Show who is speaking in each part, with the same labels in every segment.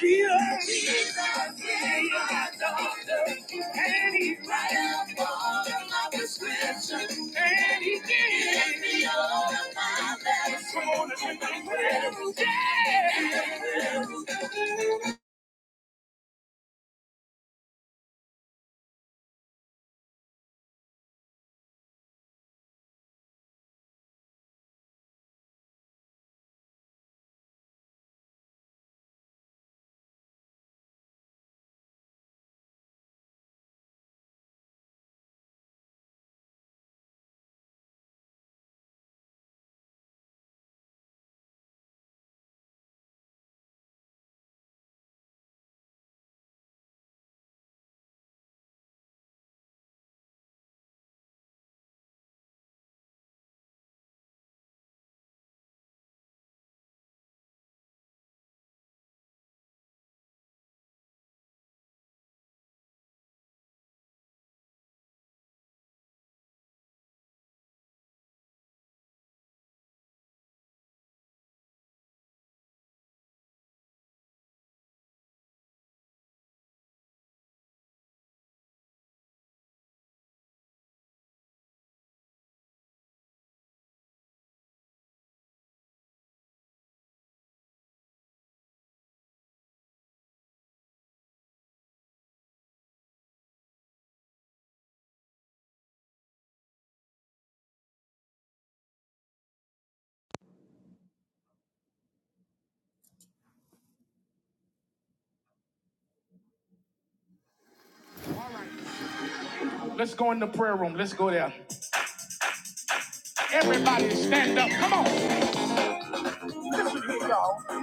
Speaker 1: He's my doctor, and he writes all of the scriptures, and he gives me all of my blessings. Let's go in the prayer room. Let's go there. Everybody stand up. Come- Listen to me, y'all. I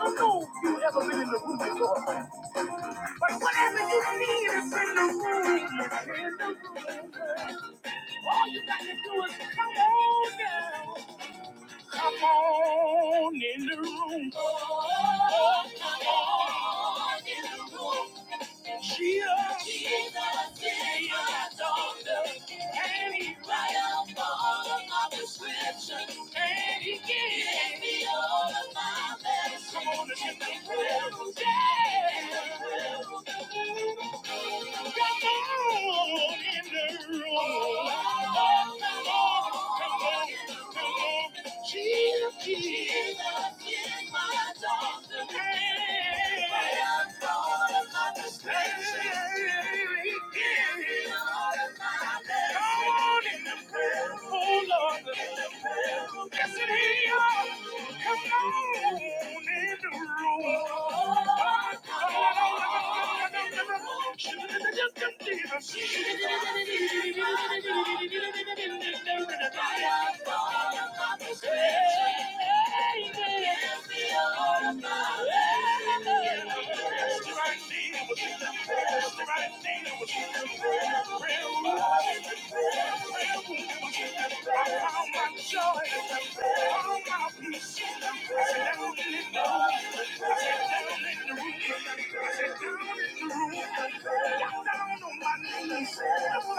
Speaker 1: don't know if you've ever been in the room before, but whatever you need is in the room. It's in the room. All you got to do is come on down. Come on in the room. Oh, come on in the room. Jesus, Jesus is my daughter. And he writes up all of my prescriptions. And he gives me all of my medicine. Come on, let's get room. down. Come on in the room. Oh, come on, come on. Come on in the room. Down on my knees, I what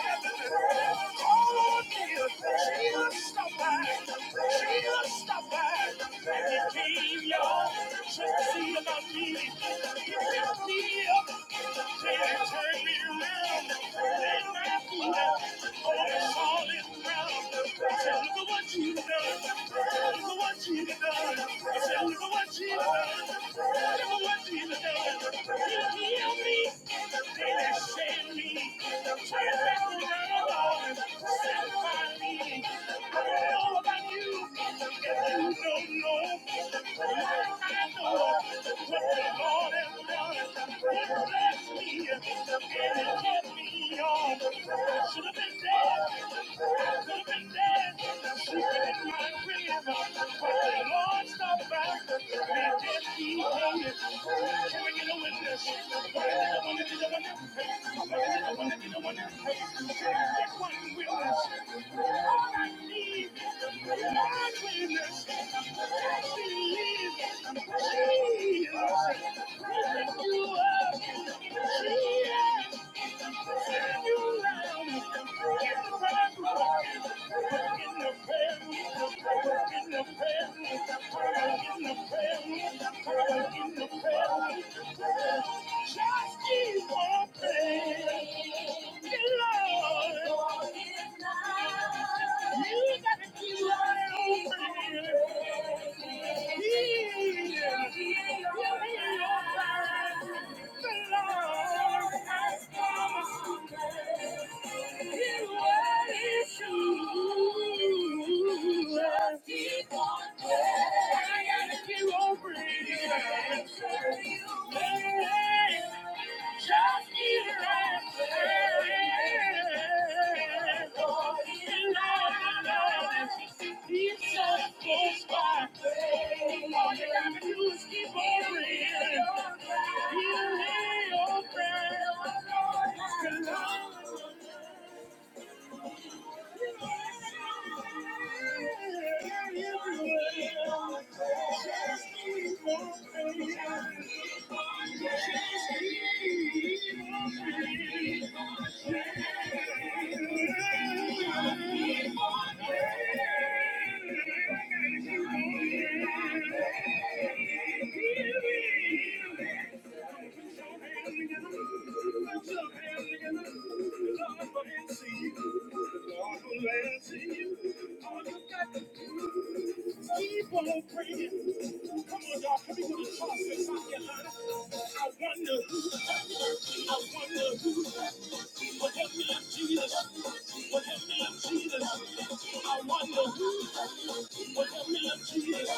Speaker 1: I'm doing. Oh, dear, she was stubborn, she was stubborn, and it came, you. about me, it was Turn back around, set my lead. I don't know about you. Thank you. Just keep walking, Lord. Thank you. Keep on praying. Come on, y'all. Come here with a and rock your I wonder. I wonder who would help me Jesus would help me Jesus. I wonder who would help me Jesus.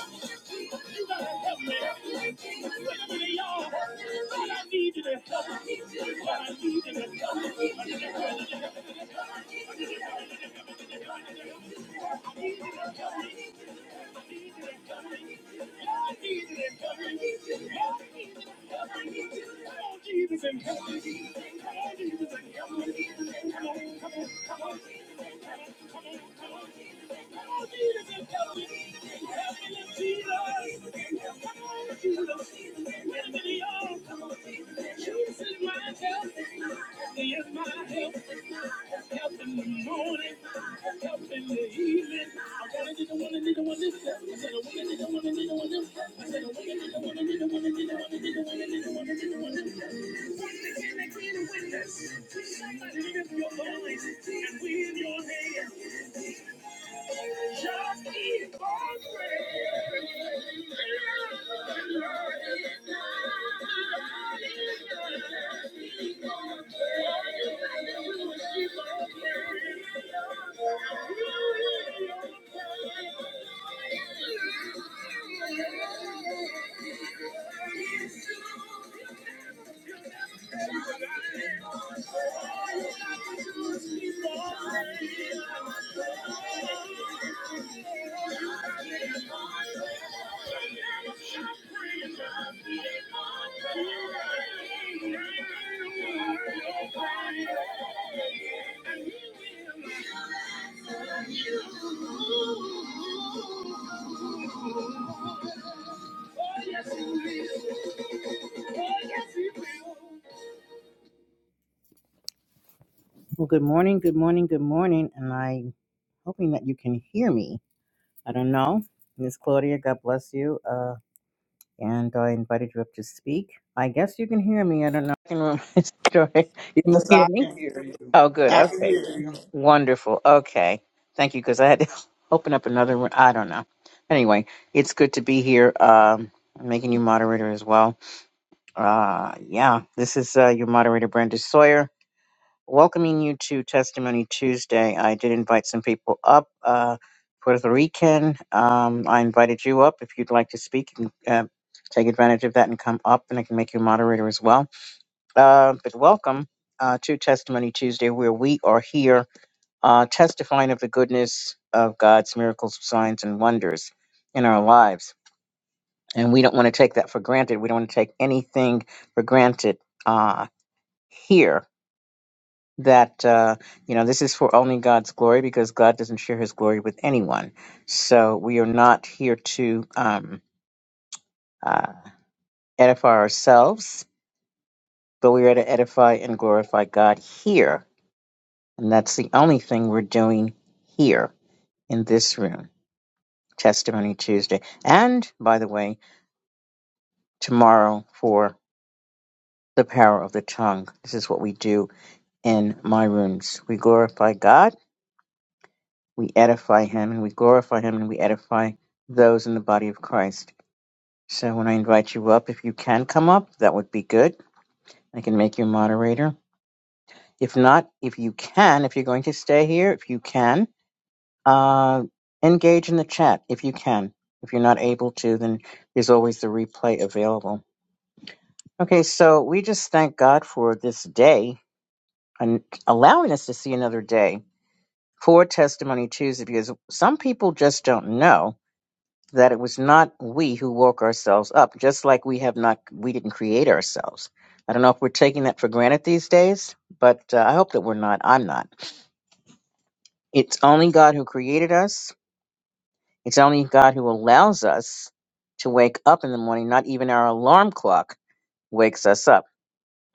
Speaker 1: You gotta help me. Wait a minute, y'all. God, I need you to help me. God, I need you to help me. I need you to help me. Help Jesus, help me. Come on, Jesus, and help me. Come on, come on, come on. Somebody lift your voice and we will. Well, good morning, good morning, good morning. And I'm hoping that you can hear me. I don't know. Miss Claudia, God bless you. Uh, and I invited you up to speak. I guess you can hear me. I don't know. Can you
Speaker 2: Yes,
Speaker 1: hear
Speaker 2: I
Speaker 1: me?
Speaker 2: can hear you.
Speaker 1: Oh, good.
Speaker 2: I can
Speaker 1: Okay.
Speaker 2: hear you.
Speaker 1: Wonderful. Okay. Thank you, because I had to open up another room. I don't know. Anyway, it's good to be here. Um, I'm making you moderator as well. Uh, yeah, this is uh, your moderator, Brenda Sawyer welcoming you to Testimony Tuesday. I did invite some people up. Uh, Puerto Rican, um, I invited you up. If you'd like to speak, you can uh, take advantage of that and come up, and I can make you a moderator as well. Uh, but welcome uh, to Testimony Tuesday, where we are here uh, testifying of the goodness of God's miracles, signs, and wonders in our lives. And we don't want to take that for granted. We don't want to take anything for granted uh, here that uh, you know this is for only God's glory because God doesn't share His glory with anyone. So we are not here to um, uh, edify ourselves, but we are to edify and glorify God here, and that's the only thing we're doing here in this room. Testimony Tuesday, and by the way, tomorrow for the power of the tongue. This is what we do in my rooms. We glorify God we edify him and we glorify him and we edify those in the body of Christ. So when I invite you up, if you can come up, that would be good. I can make you moderator. If not, if you can, if you're going to stay here, if you can, uh, engage in the chat if you can. If you're not able to, then there's always the replay available. Okay, so we just thank God for this day and allowing us to see another day for Testimony Tuesday because some people just don't know that it was not we who woke ourselves up, just like we have not, we didn't create ourselves. I don't know if we're taking that for granted these days, but uh, I hope that we're not. I'm not. It's only God who created us. It's only God who allows us to wake up in the morning. Not even our alarm clock wakes us up.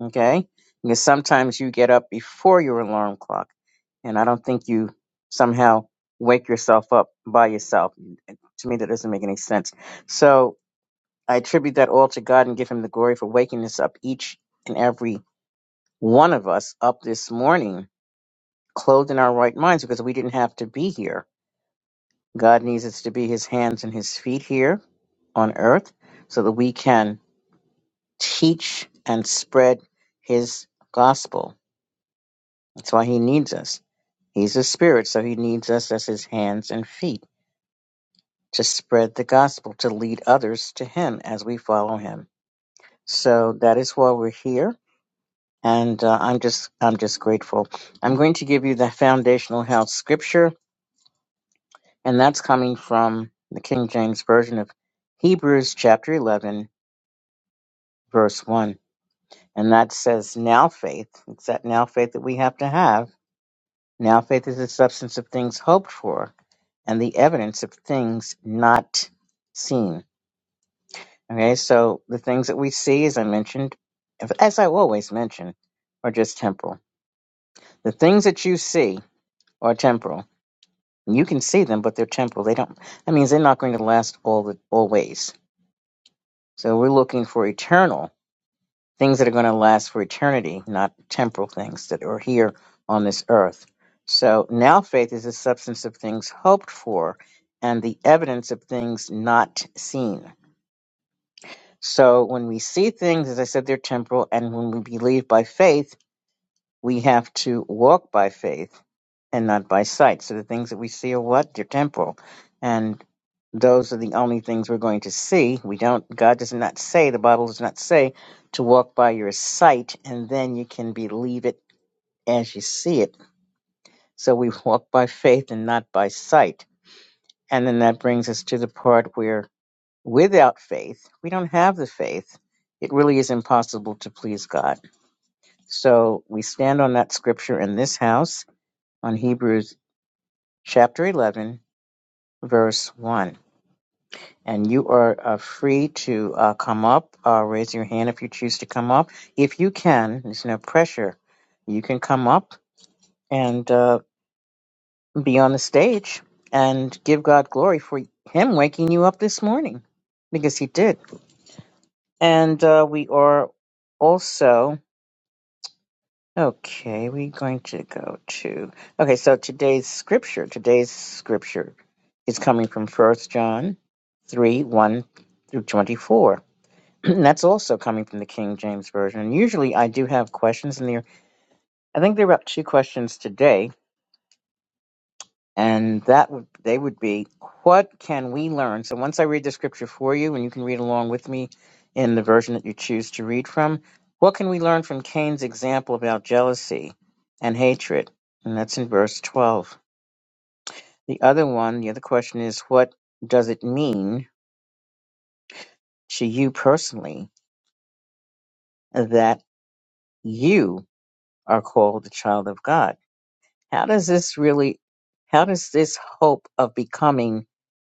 Speaker 1: Okay. Because sometimes you get up before your alarm clock, and I don't think you somehow wake yourself up by yourself. To me, that doesn't make any sense. So I attribute that all to God and give him the glory for waking us up, each and every one of us up this morning, clothed in our right minds, because we didn't have to be here. God needs us to be his hands and his feet here on earth so that we can teach and spread his gospel. That's why he needs us. He's a spirit, so he needs us as his hands and feet to spread the gospel, to lead others to him as we follow him. So that is why we're here and uh, I'm just I'm just grateful. I'm going to give you the foundational health scripture, and that's coming from the King James version of Hebrews chapter 11, verse 1, and that says, "Now faith, it's that now faith that we have to have. Now faith is the substance of things hoped for, and the evidence of things not seen." Okay, so the things that we see, as I mentioned, as I always mention, are just temporal. The things that you see are temporal You can see them, but they're temporal. They don't. That means they're not going to last all the always. So we're looking for eternal things that are going to last for eternity, not temporal things that are here on this earth. So now faith is the substance of things hoped for, and the evidence of things not seen. So when we see things, as I said, they're temporal, and when we believe by faith we have to walk by faith and not by sight. So the things that we see are what? They're temporal. And those are the only things we're going to see. We don't, God does not say, the Bible does not say to walk by your sight and then you can believe it as you see it. So we walk by faith and not by sight. And then that brings us to the part where without faith, we don't have the faith. It really is impossible to please God. So we stand on that scripture in this house on Hebrews chapter 11, verse 1. And you are uh, free to uh, come up, uh, raise your hand if you choose to come up. If you can, there's no pressure. You can come up and uh, be on the stage and give God glory for Him waking you up this morning because He did. And uh, we are also, okay, we're going to go to, okay, so today's scripture, today's scripture is coming from First John 3 1 through 24. And that's also coming from the King James Version. And usually I do have questions in there. I think there are about two questions today. And that would they would be, what can we learn? So once I read the scripture for you, and you can read along with me in the version that you choose to read from, what can we learn from Cain's example about jealousy and hatred? And that's in verse twelve. The other one, the other question is, what does it mean to you personally that you are called the child of God. How does this really, how does this hope of becoming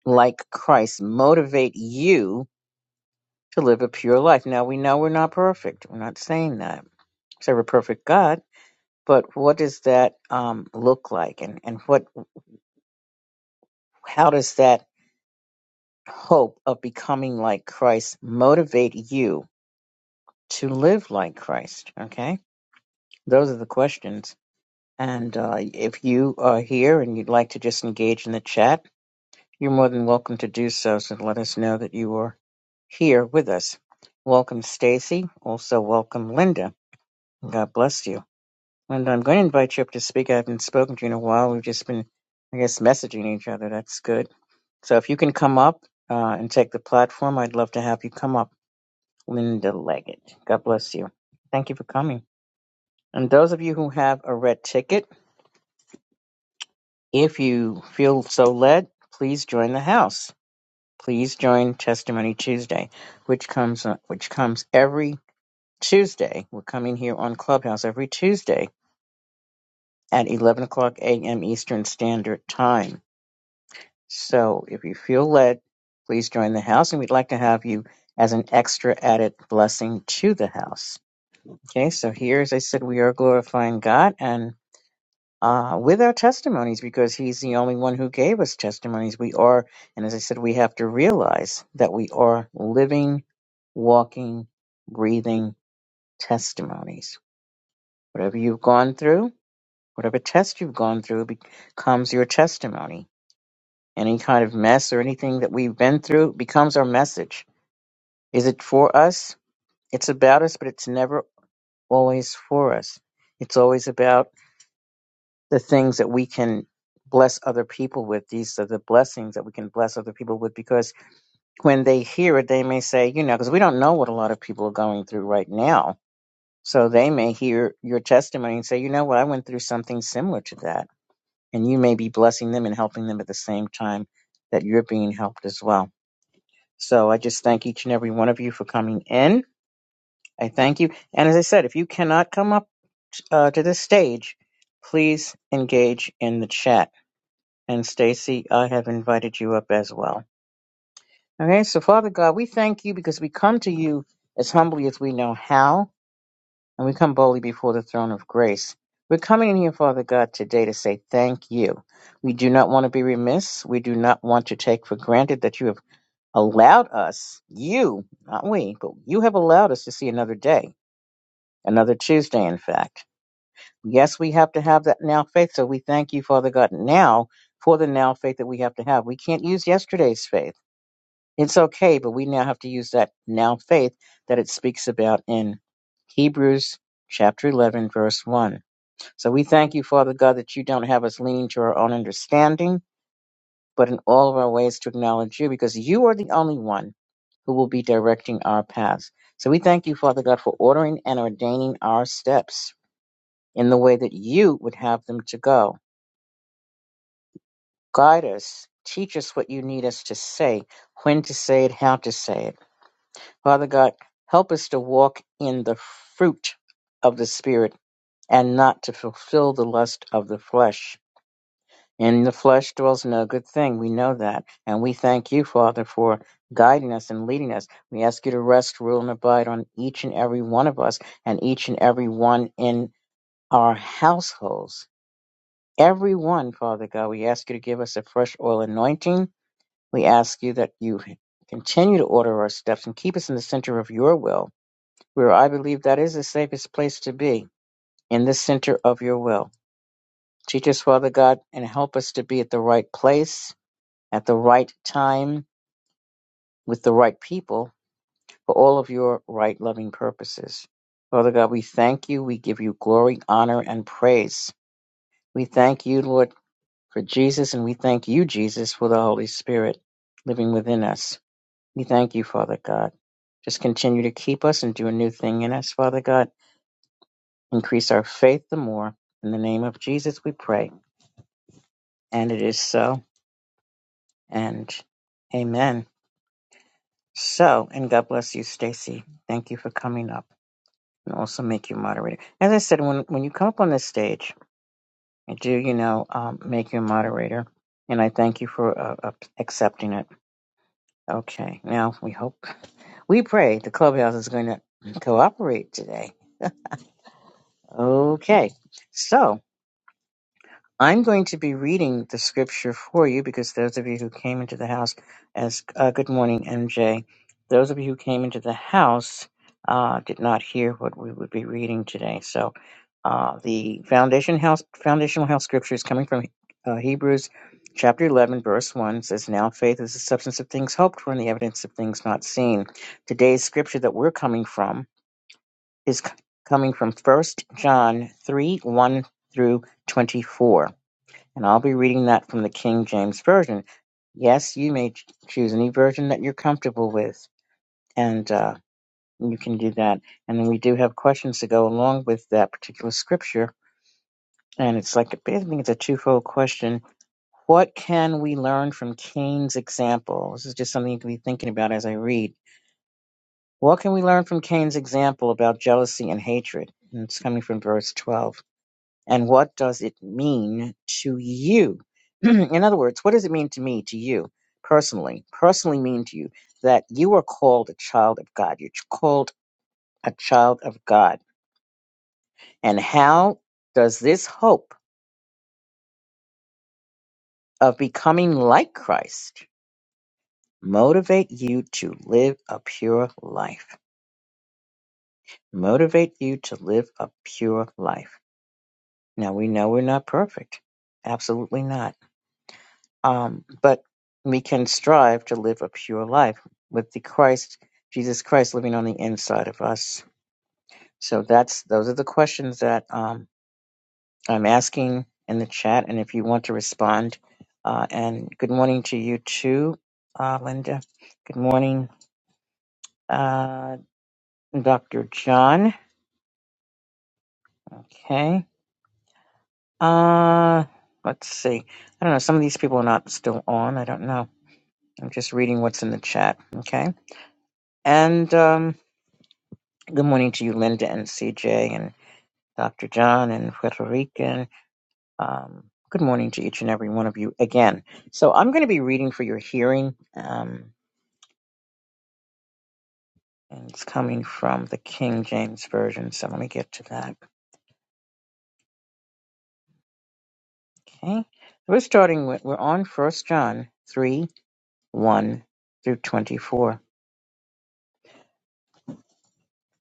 Speaker 1: like Christ motivate you to live a pure life? Now we know we're not perfect. We're not saying that. Say we're perfect God, but what does that um, look like? And, and what, how does that hope of becoming like Christ motivate you to live like Christ? Okay. Those are the questions. And uh, if you are here and you'd like to just engage in the chat, you're more than welcome to do so. So let us know that you are here with us. Welcome, Stacy. Also, welcome, Linda. God bless you. Linda, I'm going to invite you up to speak. I haven't spoken to you in a while. We've just been, I guess, messaging each other. That's good. So if you can come up uh, and take the platform, I'd love to have you come up. Linda Leggett. God bless you. Thank you for coming. And those of you who have a red ticket, If you feel so led, please join the house. Please join Testimony Tuesday, which comes uh, which comes every Tuesday. We're coming here on Clubhouse every Tuesday at 11 o'clock a.m. Eastern Standard Time. So if you feel led, please join the house, and we'd like to have you as an extra added blessing to the house. Okay, so here, as I said, we are glorifying God, and uh, with our testimonies because he's the only one who gave us testimonies. We are, and as I said, we have to realize that we are living, walking, breathing testimonies. Whatever you've gone through, whatever test you've gone through becomes your testimony. Any kind of mess or anything that we've been through becomes our message. Is it for us? It's about us, but it's never always for us. It's always about the things that we can bless other people with. These are the blessings that we can bless other people with because when they hear it, they may say, you know, because we don't know what a lot of people are going through right now. So they may hear your testimony and say, you know what, I went through something similar to that. And you may be blessing them and helping them at the same time that you're being helped as well. So I just thank each and every one of you for coming in. I thank you. And as I said, if you cannot come up uh, to this stage, please engage in the chat And Stacy, I have invited you up as well. Okay, so Father God, we thank you because we come to you as humbly as we know how, and we come boldly before the throne of grace. We're coming in here, Father God, today to say thank you. We do not want to be remiss. We do not want to take for granted that you have allowed us, you, not we, but you have allowed us to see another day, another Tuesday, in fact. Yes, we have to have that now faith. So we thank you, Father God, now for the now faith that we have to have. We can't use yesterday's faith. It's okay, but we now have to use that now faith that it speaks about in Hebrews chapter 11, verse 1. So we thank you, Father God, that you don't have us leaning to our own understanding, but in all of our ways to acknowledge you because you are the only one who will be directing our paths. So we thank you, Father God, for ordering and ordaining our steps in the way that you would have them to go. Guide us. Teach us what you need us to say, when to say it, how to say it. Father God, help us to walk in the fruit of the Spirit and not to fulfill the lust of the flesh. In the flesh dwells no good thing. We know that. And we thank you, Father, for guiding us and leading us. We ask you to rest, rule, and abide on each and every one of us and each and every one in our households. Every one, Father God, we ask you to give us a fresh oil anointing We ask you that you continue to order our steps and keep us in the center of your will, where I believe that is the safest place to be, in the center of your will. Teach us, Father God, and help us to be at the right place, at the right time, with the right people, for all of your right loving purposes. Father God, we thank you. We give you glory, honor, and praise. We thank you, Lord, for Jesus, and we thank you, Jesus, for the Holy Spirit living within us. We thank you, Father God. Just continue to keep us and do a new thing in us, Father God. Increase our faith the more. In the name of Jesus, we pray. And it is so. And amen. So, and God bless you, Stacy. Thank you for coming up and also make you moderator. As I said, when, when you come up on this stage, I do, you know, um, make you a moderator. And I thank you for uh, uh, accepting it. Okay. Now we hope, we pray the clubhouse is going to cooperate today Okay, so I'm going to be reading the scripture for you because those of you who came into the house as uh, good morning, MJ. Those of you who came into the house uh, did not hear what we would be reading today. So uh, the foundation house foundational house scripture is coming from uh, Hebrews chapter 11 verse 1 says now faith is the substance of things hoped for and the evidence of things not seen today's scripture that we're coming from is c- coming from First John 3 1 through 24. And I'll be reading that from the King James Version. Yes, you may ch- choose any version that you're comfortable with, and uh, you can do that. And then we do have questions to go along with that particular scripture. And it's like, I think it's a twofold question. What can we learn from Cain's example? This is just something you can be thinking about as I read. What can we learn from Cain's example about jealousy and hatred? And it's coming from verse 12. and what does it mean to you? In other words, what does it mean to me, to you personally? Personally mean to you that you are called a child of God. You're called a child of God. And how does this hope of becoming like Christ motivate you to live a pure life? Motivate you to live a pure life. Now we know we're not perfect. Absolutely not. Um, but we can strive to live a pure life with the Christ, Jesus Christ living on the inside of us. So that's those are the questions that um, I'm asking in the chat, and if you want to respond, uh, and good morning to you too, uh, Linda. Good morning, uh, Dr. John. Okay. Uh, let's see. I don't know. Some of these people are not still on. I don't know. I'm just reading what's in the chat. Okay. And um, Good morning to you, Linda and CJ and Dr. John and Puerto Rican. Um, good morning to each and every one of you again. So I'm going to be reading for your hearing, um, and it's coming from the King James Version. So let me get to that. Okay. We're starting with, we're on First John 3 1 through 24,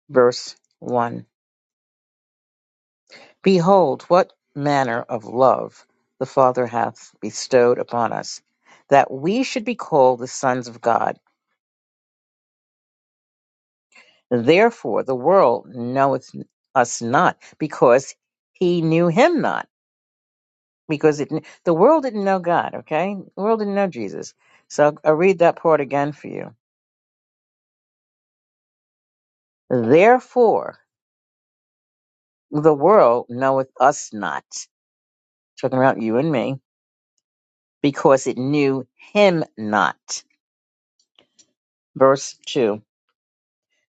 Speaker 1: verse 1. Behold, what manner of love the Father hath bestowed upon us, that we should be called the sons of God Therefore, the world knoweth us not because he knew him not. Because it, the world didn't know God, okay? The world didn't know Jesus. So I'll read that part again for you. Therefore, the world knoweth us not, talking about you and me, because it knew him not. Verse 2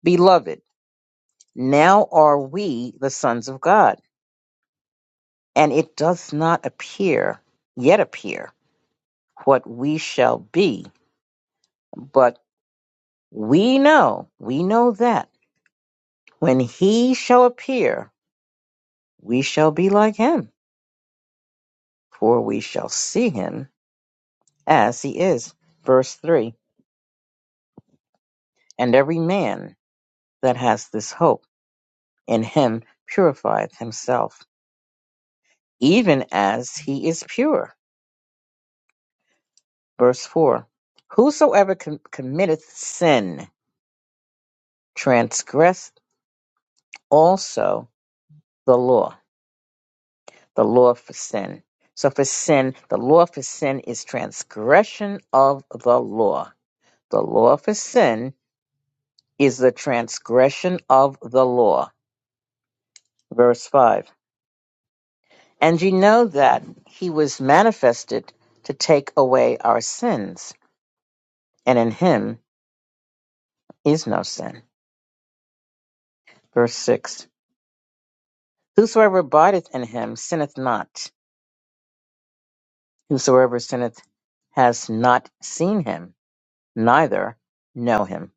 Speaker 1: Beloved, now are we the sons of God, and it does not appear, yet appear, what we shall be but We know, we know that when he shall appear, we shall be like him, for we shall see him as he is. Verse 3 And every man that has this hope in him purifieth himself, even as he is pure. Verse 4 Whosoever com- committeth sin transgresseth also the law. the law for sin. So for sin, the law for sin is transgression of the law. The law for sin is the transgression of the law. Verse 5. And ye know that he was manifested to take away our sins, and in him is no sin. Verse 6. Whosoever abideth in him sinneth not. Whosoever sinneth has not seen him, neither know him.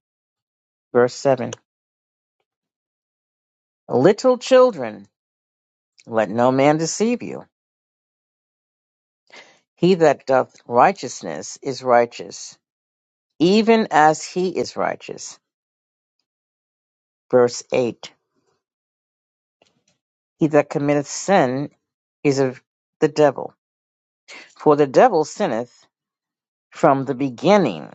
Speaker 1: Verse 7. Little children, let no man deceive you. He that doth righteousness is righteous, even as he is righteous. Verse 8 He that committeth sin is of the devil. For the devil sinneth from the beginning.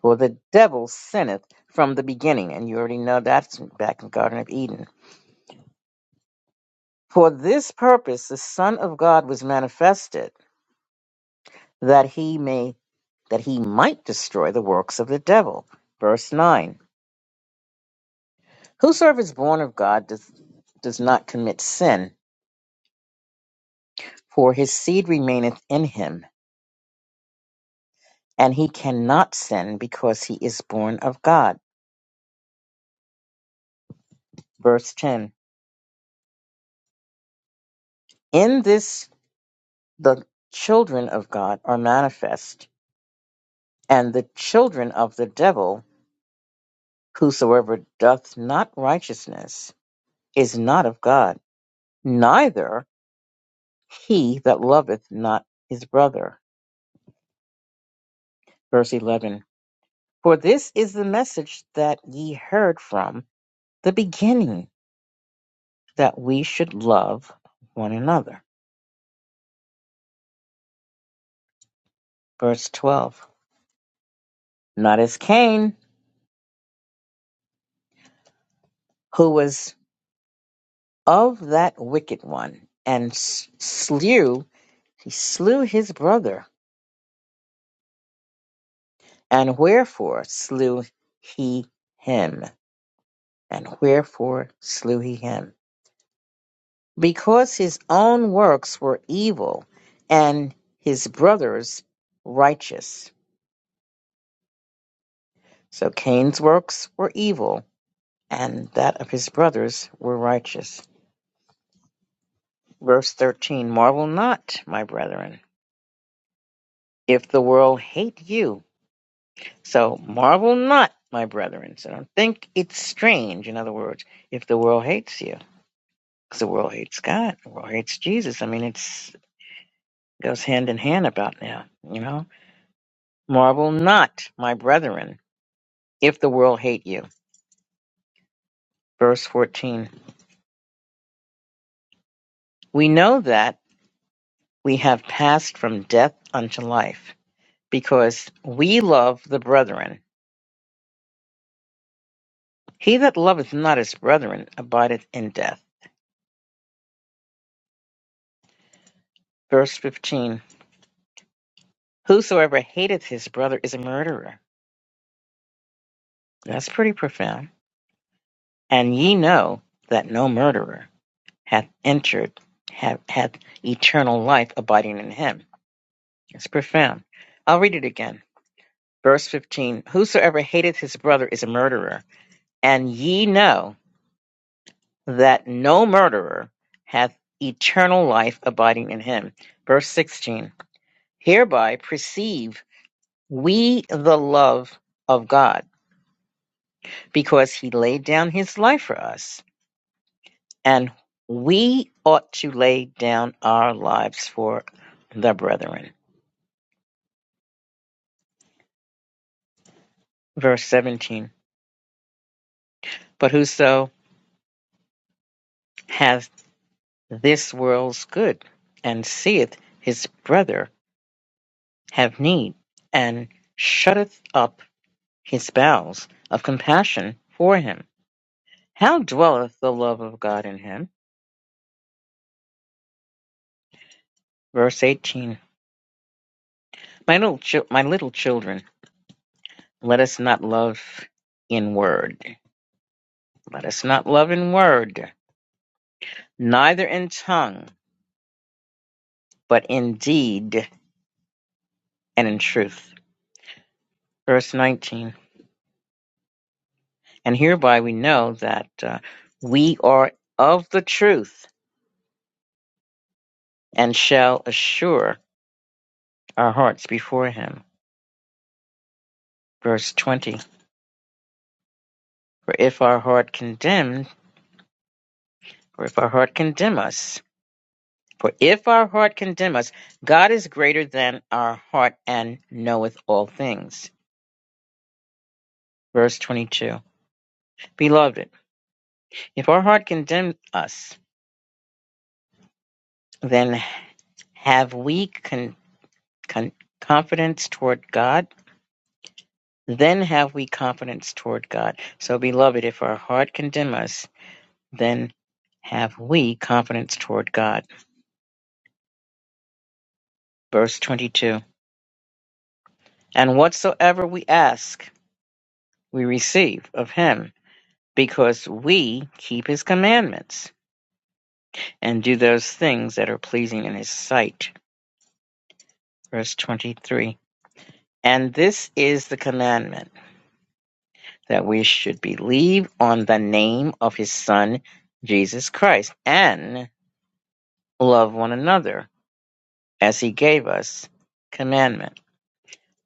Speaker 1: For the devil sinneth from the beginning. And you already know that's back in the Garden of Eden. For this purpose the Son of God was manifested, that he may that he might destroy the works of the devil. Verse 9. Whosoever is born of God does, does not commit sin, for his seed remaineth in him, and he cannot sin because he is born of God. Verse 10 In this the children of God are manifest, and the children of the devil, whosoever doth not righteousness is not of God, neither he that loveth not his brother. Verse 11 For this is the message that ye heard from the beginning that we should love one another. Verse 12 Not as Cain, who was of that wicked one, and slew, he slew his brother. And wherefore slew he him? And wherefore slew he him? Because his own works were evil, and his brother's righteous. So Cain's works were evil, and that of his brothers were righteous. Verse 13 Marvel not, my brethren, if the world hate you. So marvel not, my brethren. So don't think it's strange, in other words, if the world hates you. Because the world hates God, the world hates Jesus. I mean, it's goes hand in hand about now, you know? Marvel not, my brethren, if the world hate you. Verse 14 We know that we have passed from death unto life, because we love the brethren. He that loveth not his brethren abideth in death. Verse 15 Whosoever hateth his brother is a murderer. That's pretty profound. And ye know that no murderer hath entered, hath, hath eternal life abiding in him. It's profound. I'll read it again. Verse 15 Whosoever hateth his brother is a murderer. And ye know that no murderer hath eternal life abiding in him. Verse 16 Hereby perceive We the love of God because he laid down his life for us. And we ought to lay down our lives for the brethren. Verse 17. But whoso hath this world's good and seeth his brother have need and shutteth up his bowels of compassion for him, how dwelleth the love of God in him? Verse 18. My little, chil- my little children. Let us not love in word. Let us not love in word, neither in tongue, but in deed and in truth. Verse 19. And hereby we know that uh, we are of the truth and shall assure our hearts before him. Verse 20. For if our heart condemn, for if our heart condemn us, for if our heart condemn us, God is greater than our heart and knoweth all things. Verse 22 Beloved, if our heart condemn us, then have we con- con- confidence toward God? Then have we confidence toward God. So, beloved, if our heart condemn us, then have we confidence toward God. Verse 22 And whatsoever we ask, we receive of Him, because we keep His commandments and do those things that are pleasing in His sight. Verse 23 And this is the commandment. that we should believe on the name of his Son, Jesus Christ, and love one another as he gave us commandment.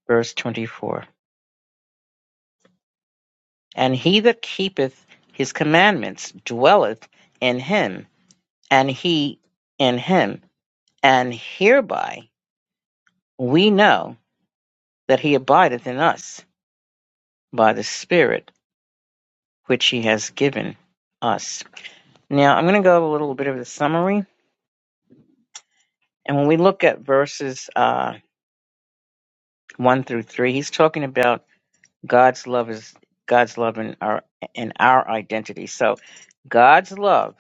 Speaker 1: Verse 24. And he that keepeth his commandments dwelleth in him, and he in him. And hereby we know that he abideth in us by the Spirit which he has given us. Now I'm going to go over a little bit of the summary. And when we look at verses uh, one through three. He's talking about God's love is God's love and our and our identity. So God's love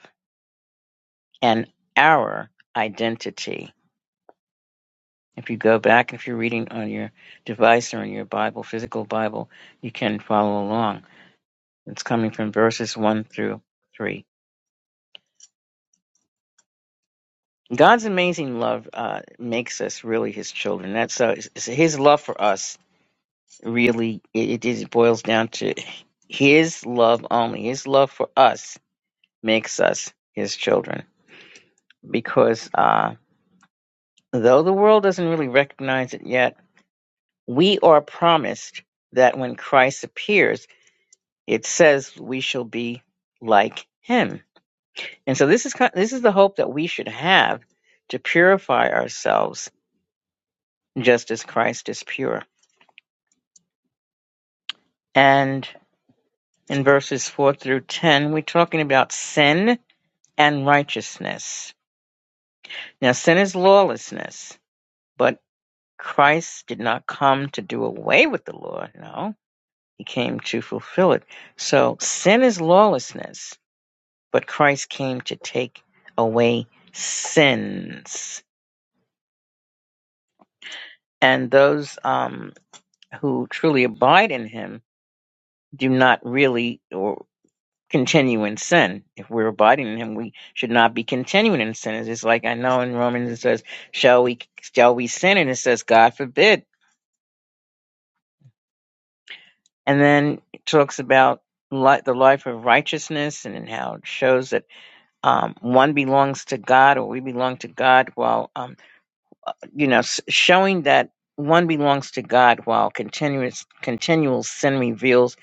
Speaker 1: and our identity. If you go back, if you're reading on your device or in your Bible, physical Bible, you can follow along. It's coming from verses one through three. God's amazing love uh, makes us really His children. That's so. it's- it's His love for us really it, it is- it boils down to His love only. His love for us makes us his children. Because uh, though the world doesn't really recognize it yet, we are promised that when Christ appears, it says we shall be like him. And so this is this is the hope that we should have to purify ourselves just as Christ is pure. And in verses 4 through 10, we're talking about sin and righteousness. Now sin is lawlessness, but Christ did not come to do away with the law. No, he came to fulfill it. So sin is lawlessness, but Christ came to take away sins. And those um, who truly abide in him do not really or continue in sin. If we're abiding in him, we should not be continuing in sin. It's just like I know in Romans it says, shall we, shall we sin? And it says, God forbid And then it talks about li- the life of righteousness and how it shows that um, one belongs to God or we belong to God while, um, you know, s- showing that one belongs to God while continuous, continual sin reveals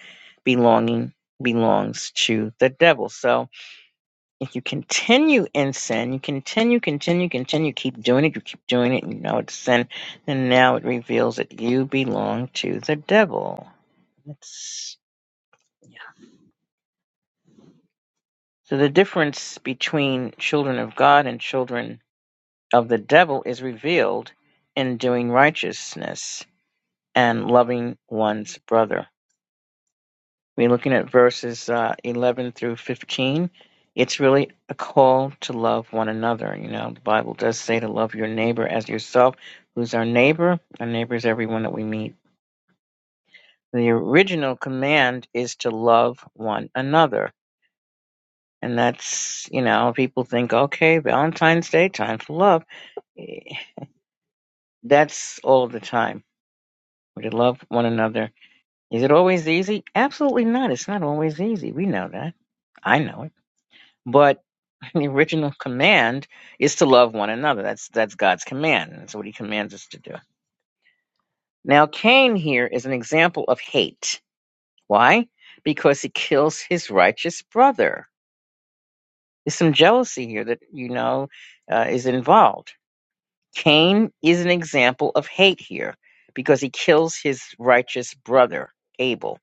Speaker 1: belonging belongs to the devil. So if you continue in sin, you continue, continue, continue, keep doing it, you keep doing it, you know it's sin, then now it reveals that you belong to the devil. That's. yeah. So the difference between children of God and children of the devil is revealed in doing righteousness and loving one's brother. We're looking at verses uh, 11 through 15. It's really a call to love one another. You know, the Bible does say to love your neighbor as yourself. Who's our neighbor? Our neighbor is everyone that we meet. The original command is to love one another. And that's, you know, people think, okay, Valentine's Day, time for love That's all the time. We to love one another. Is it always easy? Absolutely not. It's not always easy. We know that. I know it. But the original command is to love one another. That's that's God's command. That's what He commands us to do. Now, Cain here is an example of hate. Why? Because he kills his righteous brother. There's some jealousy here that you know uh, is involved Cain is an example of hate here because he kills his righteous brother Abel.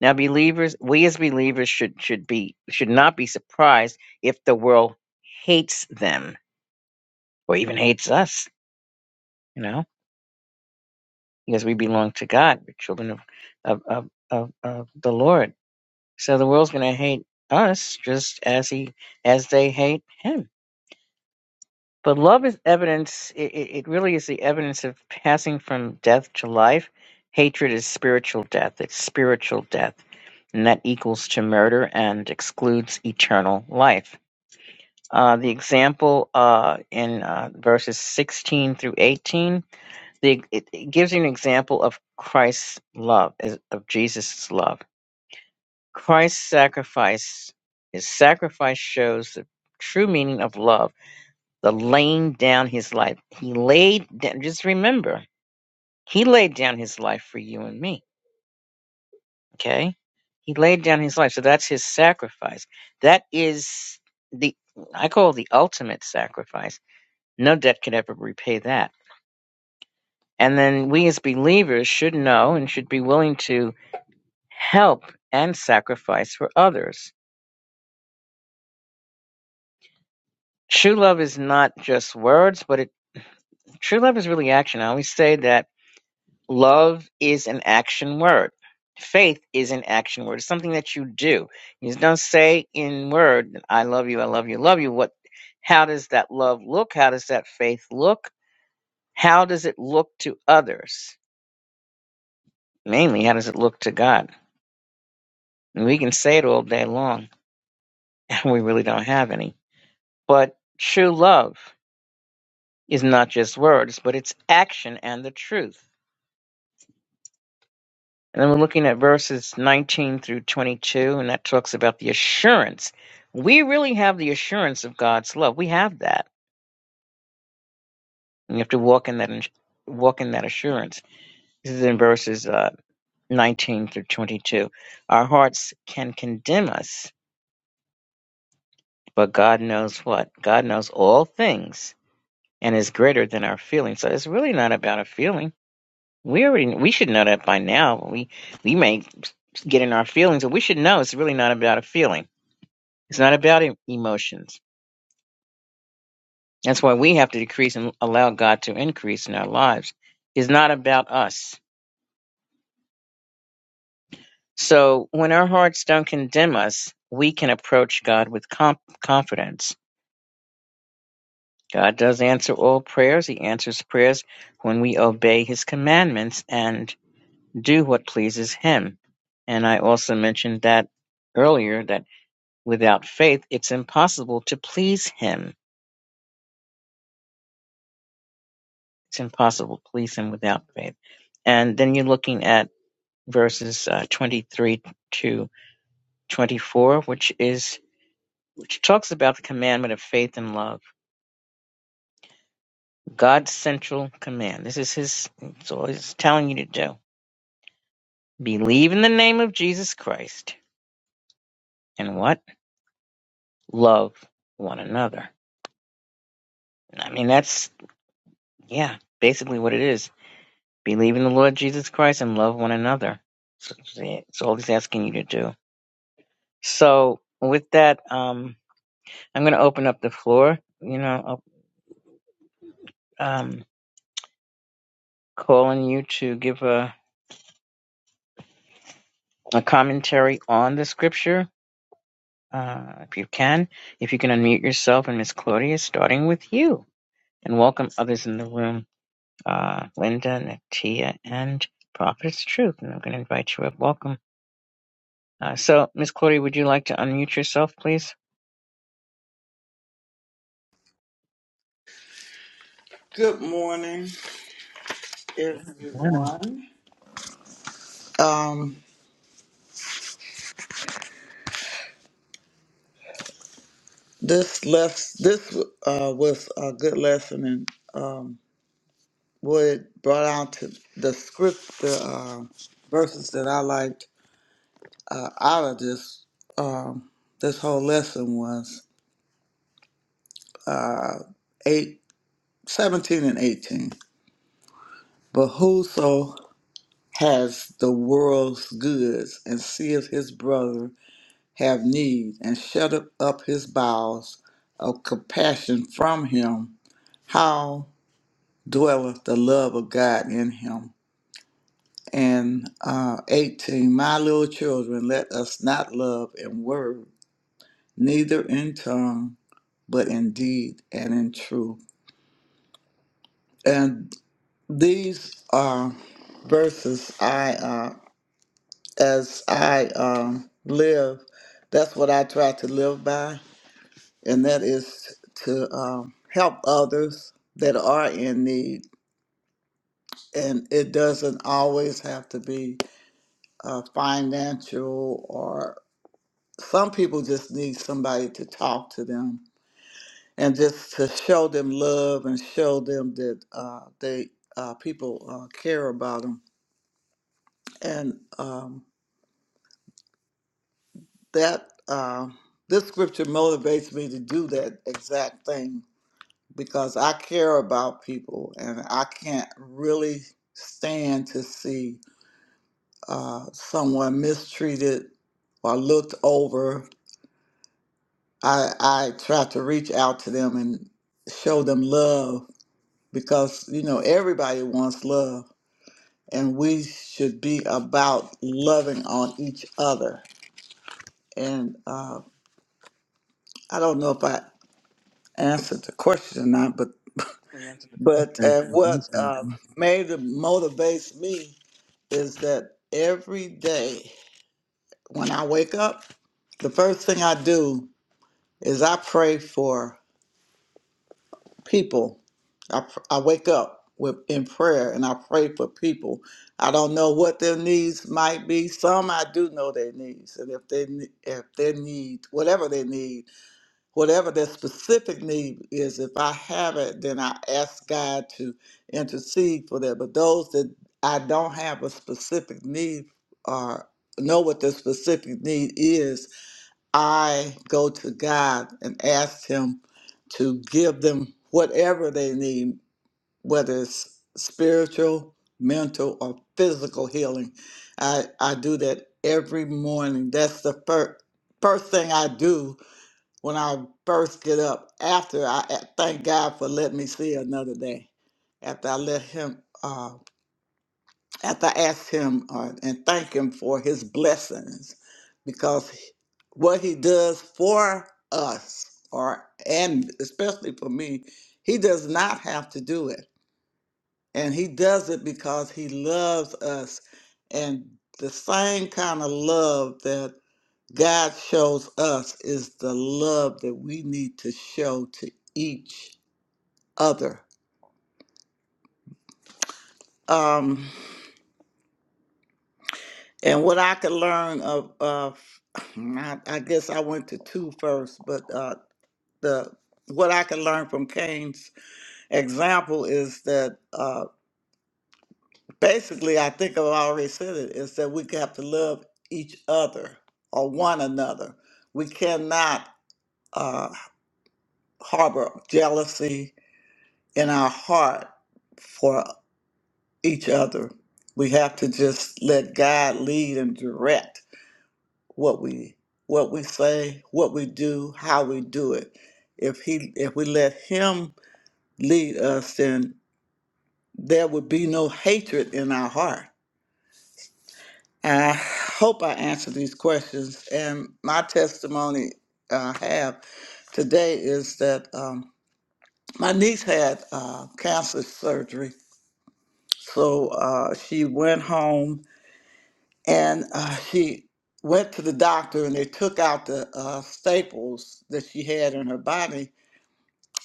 Speaker 1: Now believers we as believers should should be should not be surprised if the world hates them or even hates us, you know, because we belong to God. We're children of of of, of, of the Lord. So the world's gonna hate us just as he as they hate him But love is evidence, it, it it really is the evidence of passing from death to life. Hatred is spiritual death, it's spiritual death, and that equals to murder and excludes eternal life. Uh, the example uh, in uh, verses 16 through 18, the, it, it gives you an example of Christ's love, is- of Jesus' love. Christ's sacrifice, his sacrifice shows the true meaning of love the laying down his life. He laid down, just remember, he laid down his life for you and me. Okay. He laid down his life. So that's his sacrifice. That is the, I call it the ultimate sacrifice. No debt could ever repay that. And then we as believers should know and should be willing to help and sacrifice for others. True love is not just words, but it, true love is really action. I always say that Love is an action word. Faith is an action word. It's something that you do. You don't say in word, I love you, I love you, love you. What how does that love look? How does that faith look? How does it look to others? Mainly, how does it look to God? And we can say it all day long, and we really don't have any. But true love is not just words, but it's action and the truth. And then we're looking at verses 19 through 22, and that talks about the assurance. We really have the assurance of God's love. We have that. And you have to walk in that ins- walk in that assurance. This is in verses uh, 19 through 22. Our hearts can condemn us, but God knows what? God knows all things and is greater than our feelings. So it's really not about a feeling. We already we should know that by now. We we may get in our feelings, but we should know it's really not about a feeling It's not about em- emotions. That's why we have to decrease and allow God to increase in our lives. It's not about us. So when our hearts don't condemn us, we can approach God with com- confidence. God does answer all prayers. He answers prayers when we obey His commandments and do what pleases Him. And I also mentioned that earlier that without faith, it's impossible to please Him. It's impossible to please Him without faith. And then you're looking at verses uh, 23 to 24, which is which talks about the commandment of faith and love. God's central command. This is his. It's all he's telling you to do. Believe in the name of Jesus Christ, and what? Love one another. I mean, that's yeah, basically what it is. Believe in the Lord Jesus Christ and love one another. So so, yeah, It's all he's asking you to do. So with that, um, I'm going to open up the floor. You know, um, calling you to give a, a commentary on the scripture, uh, if you can. If you can unmute yourself, and Miss Claudia, starting with you, and welcome others in the room, uh, Linda, Natia, and Prophet's Truth. And I'm going to invite you up. Welcome. Uh, so, Miss Claudia, would you like to unmute yourself, please?
Speaker 2: Good morning,
Speaker 1: Yeah.
Speaker 2: everyone. Um, this less this uh, was a good lesson, and um, what it brought out to the script, the uh, verses that I liked uh, out of this um, this whole lesson was uh, eight, seventeen and eighteen. But whoso has the world's goods and seeth his brother have need, and shut up his bowels of compassion from him. How dwelleth the love of God in him? And uh, 18, my little children, let us not love in word, neither in tongue, but in deed and in truth. And these are verses I, uh, as I um, live, that's what I try to live by and that is to um, help others that are in need. And it doesn't always have to be uh, financial, or some people just need somebody to talk to them and just to show them love and show them that uh, they uh, people uh, care about them. And um, that uh, this scripture motivates me to do that exact thing because I care about people and I can't really stand to see uh, someone mistreated or looked over. I, I try to reach out to them and show them love because, you know, everybody wants love and we should be about loving on each other. And uh, I don't know if I answered the question or not, but,
Speaker 1: Let me answer the
Speaker 2: but
Speaker 1: question.
Speaker 2: uh,
Speaker 1: I've done
Speaker 2: what uh,
Speaker 1: something.
Speaker 2: made it motivates me is that every day when I wake up, the first thing I do is I pray for people. I, pr- I wake up with in prayer and I pray for people. I don't know what their needs might be. Some I do know their needs, and if they ne- if their need whatever they need. whatever their specific need is, if I have it, then I ask God to intercede for that. But those that I don't have a specific need or know what the specific need is, I go to God and ask Him to give them whatever they need, whether it's spiritual, mental, or physical healing. I, I do that every morning. That's the first first thing I do when I first get up. After I I thank God for letting me see another day. After I let Him, uh, after I asked Him uh, and thank Him for His blessings, because he- what He does for us, or and especially for me, He does not have to do it, and He does it because He loves us, and the same kind of love that God shows us is the love that we need to show to each other. Um, and what I could learn of, of I, I guess I went to two first, but uh, the what I could learn from Cain's example is that uh, basically, I think I've already said it, is that we have to love each other or one another. We cannot uh, harbor jealousy in our heart each other. We have to just let God lead and direct what we what we say, what we do, how we do it. If he if we let him lead us, then there would be no hatred in our heart. And I hope I answered these questions. And my testimony uh, I have today is that um, my niece had uh, cancer surgery, so uh, she went home and uh, she went to the doctor and they took out the uh, staples that she had in her body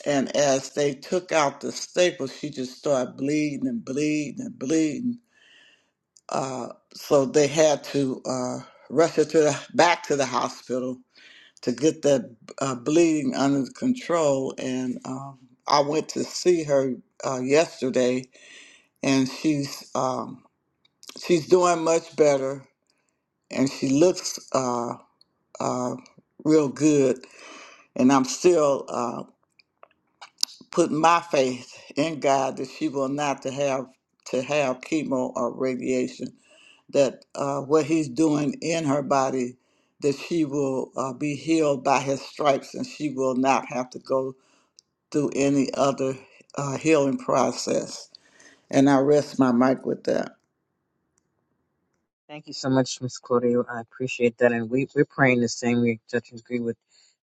Speaker 2: and as they took out the staples she just started bleeding and bleeding and bleeding uh, so they had to uh, rush her to the, back to the hospital to get that uh, bleeding under control and um, i went to see her uh, yesterday and she's um, she's doing much better and she looks Uh, uh, real good, and I'm still uh, putting my faith in God that she will not to have to have chemo or radiation. That uh, what He's doing in her body, that she will uh, be healed by His stripes, and she will not have to go through any other uh, healing process. And I rest my mic with that.
Speaker 1: Thank you so much, Miss Claudia. I appreciate that, and we, we're praying the same. We just agree with.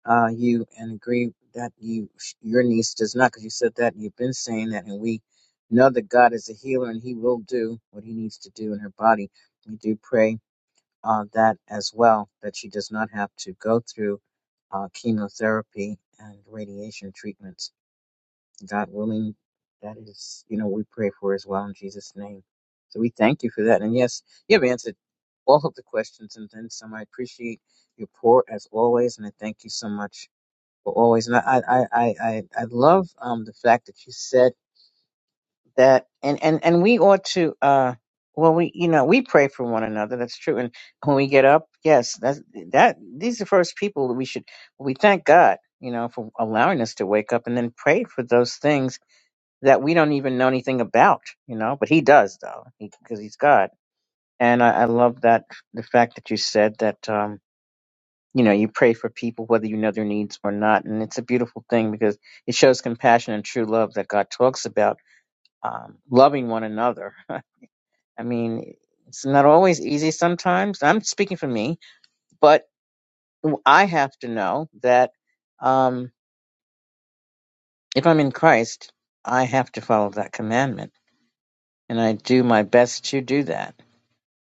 Speaker 1: uh, you and agree that you your niece does not, because you said that and you've been saying that, and we know that God is a healer and He will do what He needs to do in her body. We do pray uh, that as well that she does not have to go through uh, chemotherapy and radiation treatments. God willing, that is you know we pray for as well in Jesus' name. So we thank you for that, and yes, you have answered all of the questions and then some. I appreciate your pour as always, and I thank you so much but always, and I, I, I, I, I love um the fact that you said that, and and and we ought to, uh, well, we, you know, we pray for one another. That's true. And when we get up, yes, that's that. These are first people that we should. We thank God, you know, for allowing us to wake up and then pray for those things that we don't even know anything about, you know. But He does, though, because He's God. And I, I love that the fact that you said that. um you know, you pray for people whether you know their needs or not. And it's a beautiful thing because it shows compassion and true love that God talks about, um, loving one another. I mean, it's not always easy sometimes. I'm speaking for me, but I have to know that um, if I'm in Christ, I have to follow that commandment. And I do my best to do that,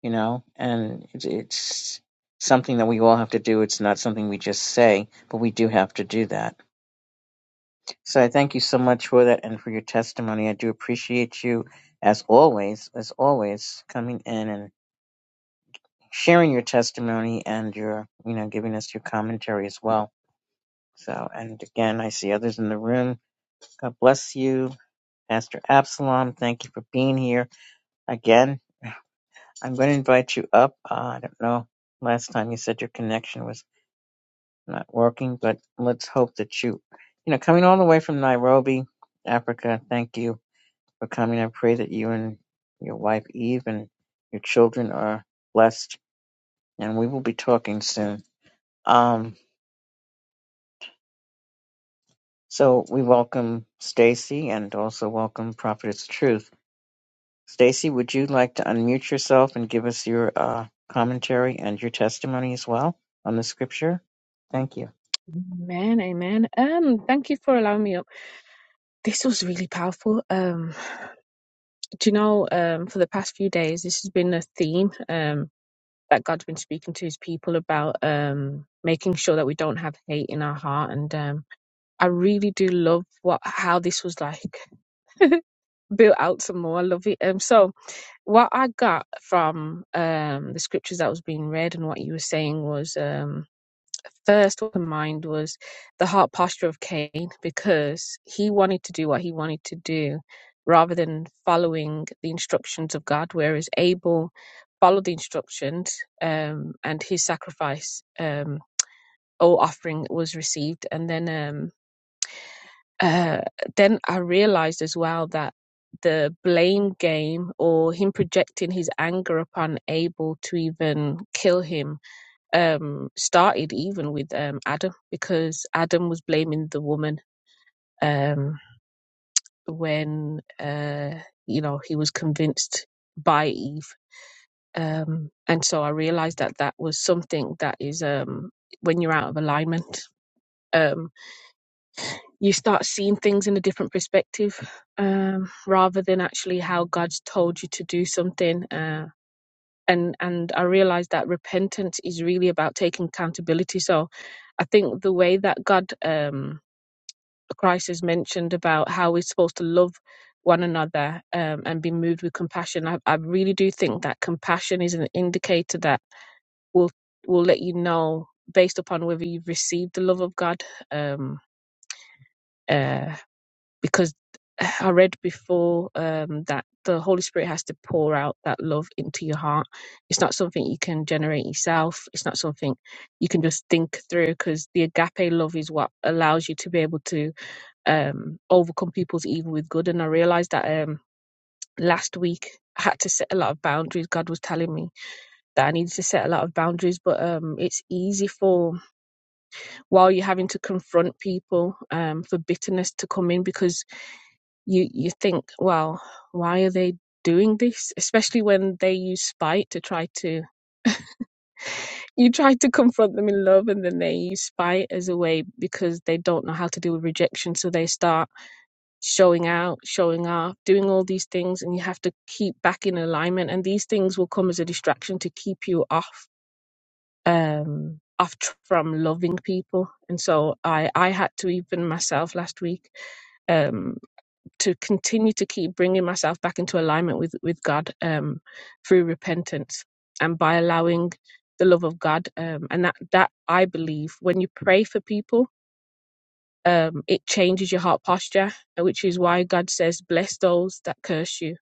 Speaker 1: you know, and it's, it's something that we all have to do. It's not something we just say, but we do have to do that So I thank you so much for that and for your testimony. I do appreciate you as always, as always, coming in and sharing your testimony and your, you know, giving us your commentary as well. So, and again, I see others in the room. God bless you. Pastor Absalom, thank you for being here. Again, I'm going to invite you up. Uh, I don't know. Last time you said your connection was not working, but let's hope that you, you know, coming all the way from Nairobi, Africa, thank you for coming. I pray that you and your wife Eve and your children are blessed, and we will be talking soon. Um, so we welcome Stacy and also welcome Prophetess Truth. Stacy, would you like to unmute yourself and give us your uh, commentary and your testimony as well on the scripture? Thank you.
Speaker 3: Amen, amen. Um, thank you for allowing me up. This was really powerful. Um, do you know, um, for the past few days, this has been a theme, um, that God's been speaking to his people about, um, making sure that we don't have hate in our heart. And, um, I really do love what, how this was like built out some more. I love it. Um, so what I got from, um, the scriptures that was being read and what you were saying was, um. first what in mind was the heart posture of Cain because he wanted to do what he wanted to do rather than following the instructions of God, whereas Abel followed the instructions um, and his sacrifice um, or offering was received. And then, um, uh, then I realized as well that the blame game or him projecting his anger upon Abel to even kill him um, started even with um, Adam because Adam was blaming the woman um, when uh, you know he was convinced by Eve, um, and so I realized that that was something that is um, when you're out of alignment. Um, you start seeing things in a different perspective um, rather than actually how God's told you to do something. Um, and and I realized that repentance is really about taking accountability. So I think the way that God um Christ has mentioned about how we're supposed to love one another um, and be moved with compassion, I, I really do think that compassion is an indicator that will will let you know based upon whether you've received the love of God. Um, uh, because I read before um, that the Holy Spirit has to pour out that love into your heart. It's not something you can generate yourself. It's not something you can just think through because the agape love is what allows you to be able to um, overcome people's evil with good. And I realized that um, last week I had to set a lot of boundaries. God was telling me that I needed to set a lot of boundaries, but um, it's easy for while you're having to confront people um, for bitterness to come in because you you think, well, why are they doing this? Especially when they use spite to try to you try to confront them in love, and then they use spite as a way because they don't know how to deal with rejection, so they start showing out, showing off, doing all these things, and you have to keep back in alignment. And these things will come as a distraction to keep you off um off tr- from loving people. And so I I had to even myself last week. um, to continue to keep bringing myself back into alignment with with God um, through repentance and by allowing the love of God. Um, and that that I believe when you pray for people, um, it changes your heart posture, uh, which is why God says, "Bless those that curse you,"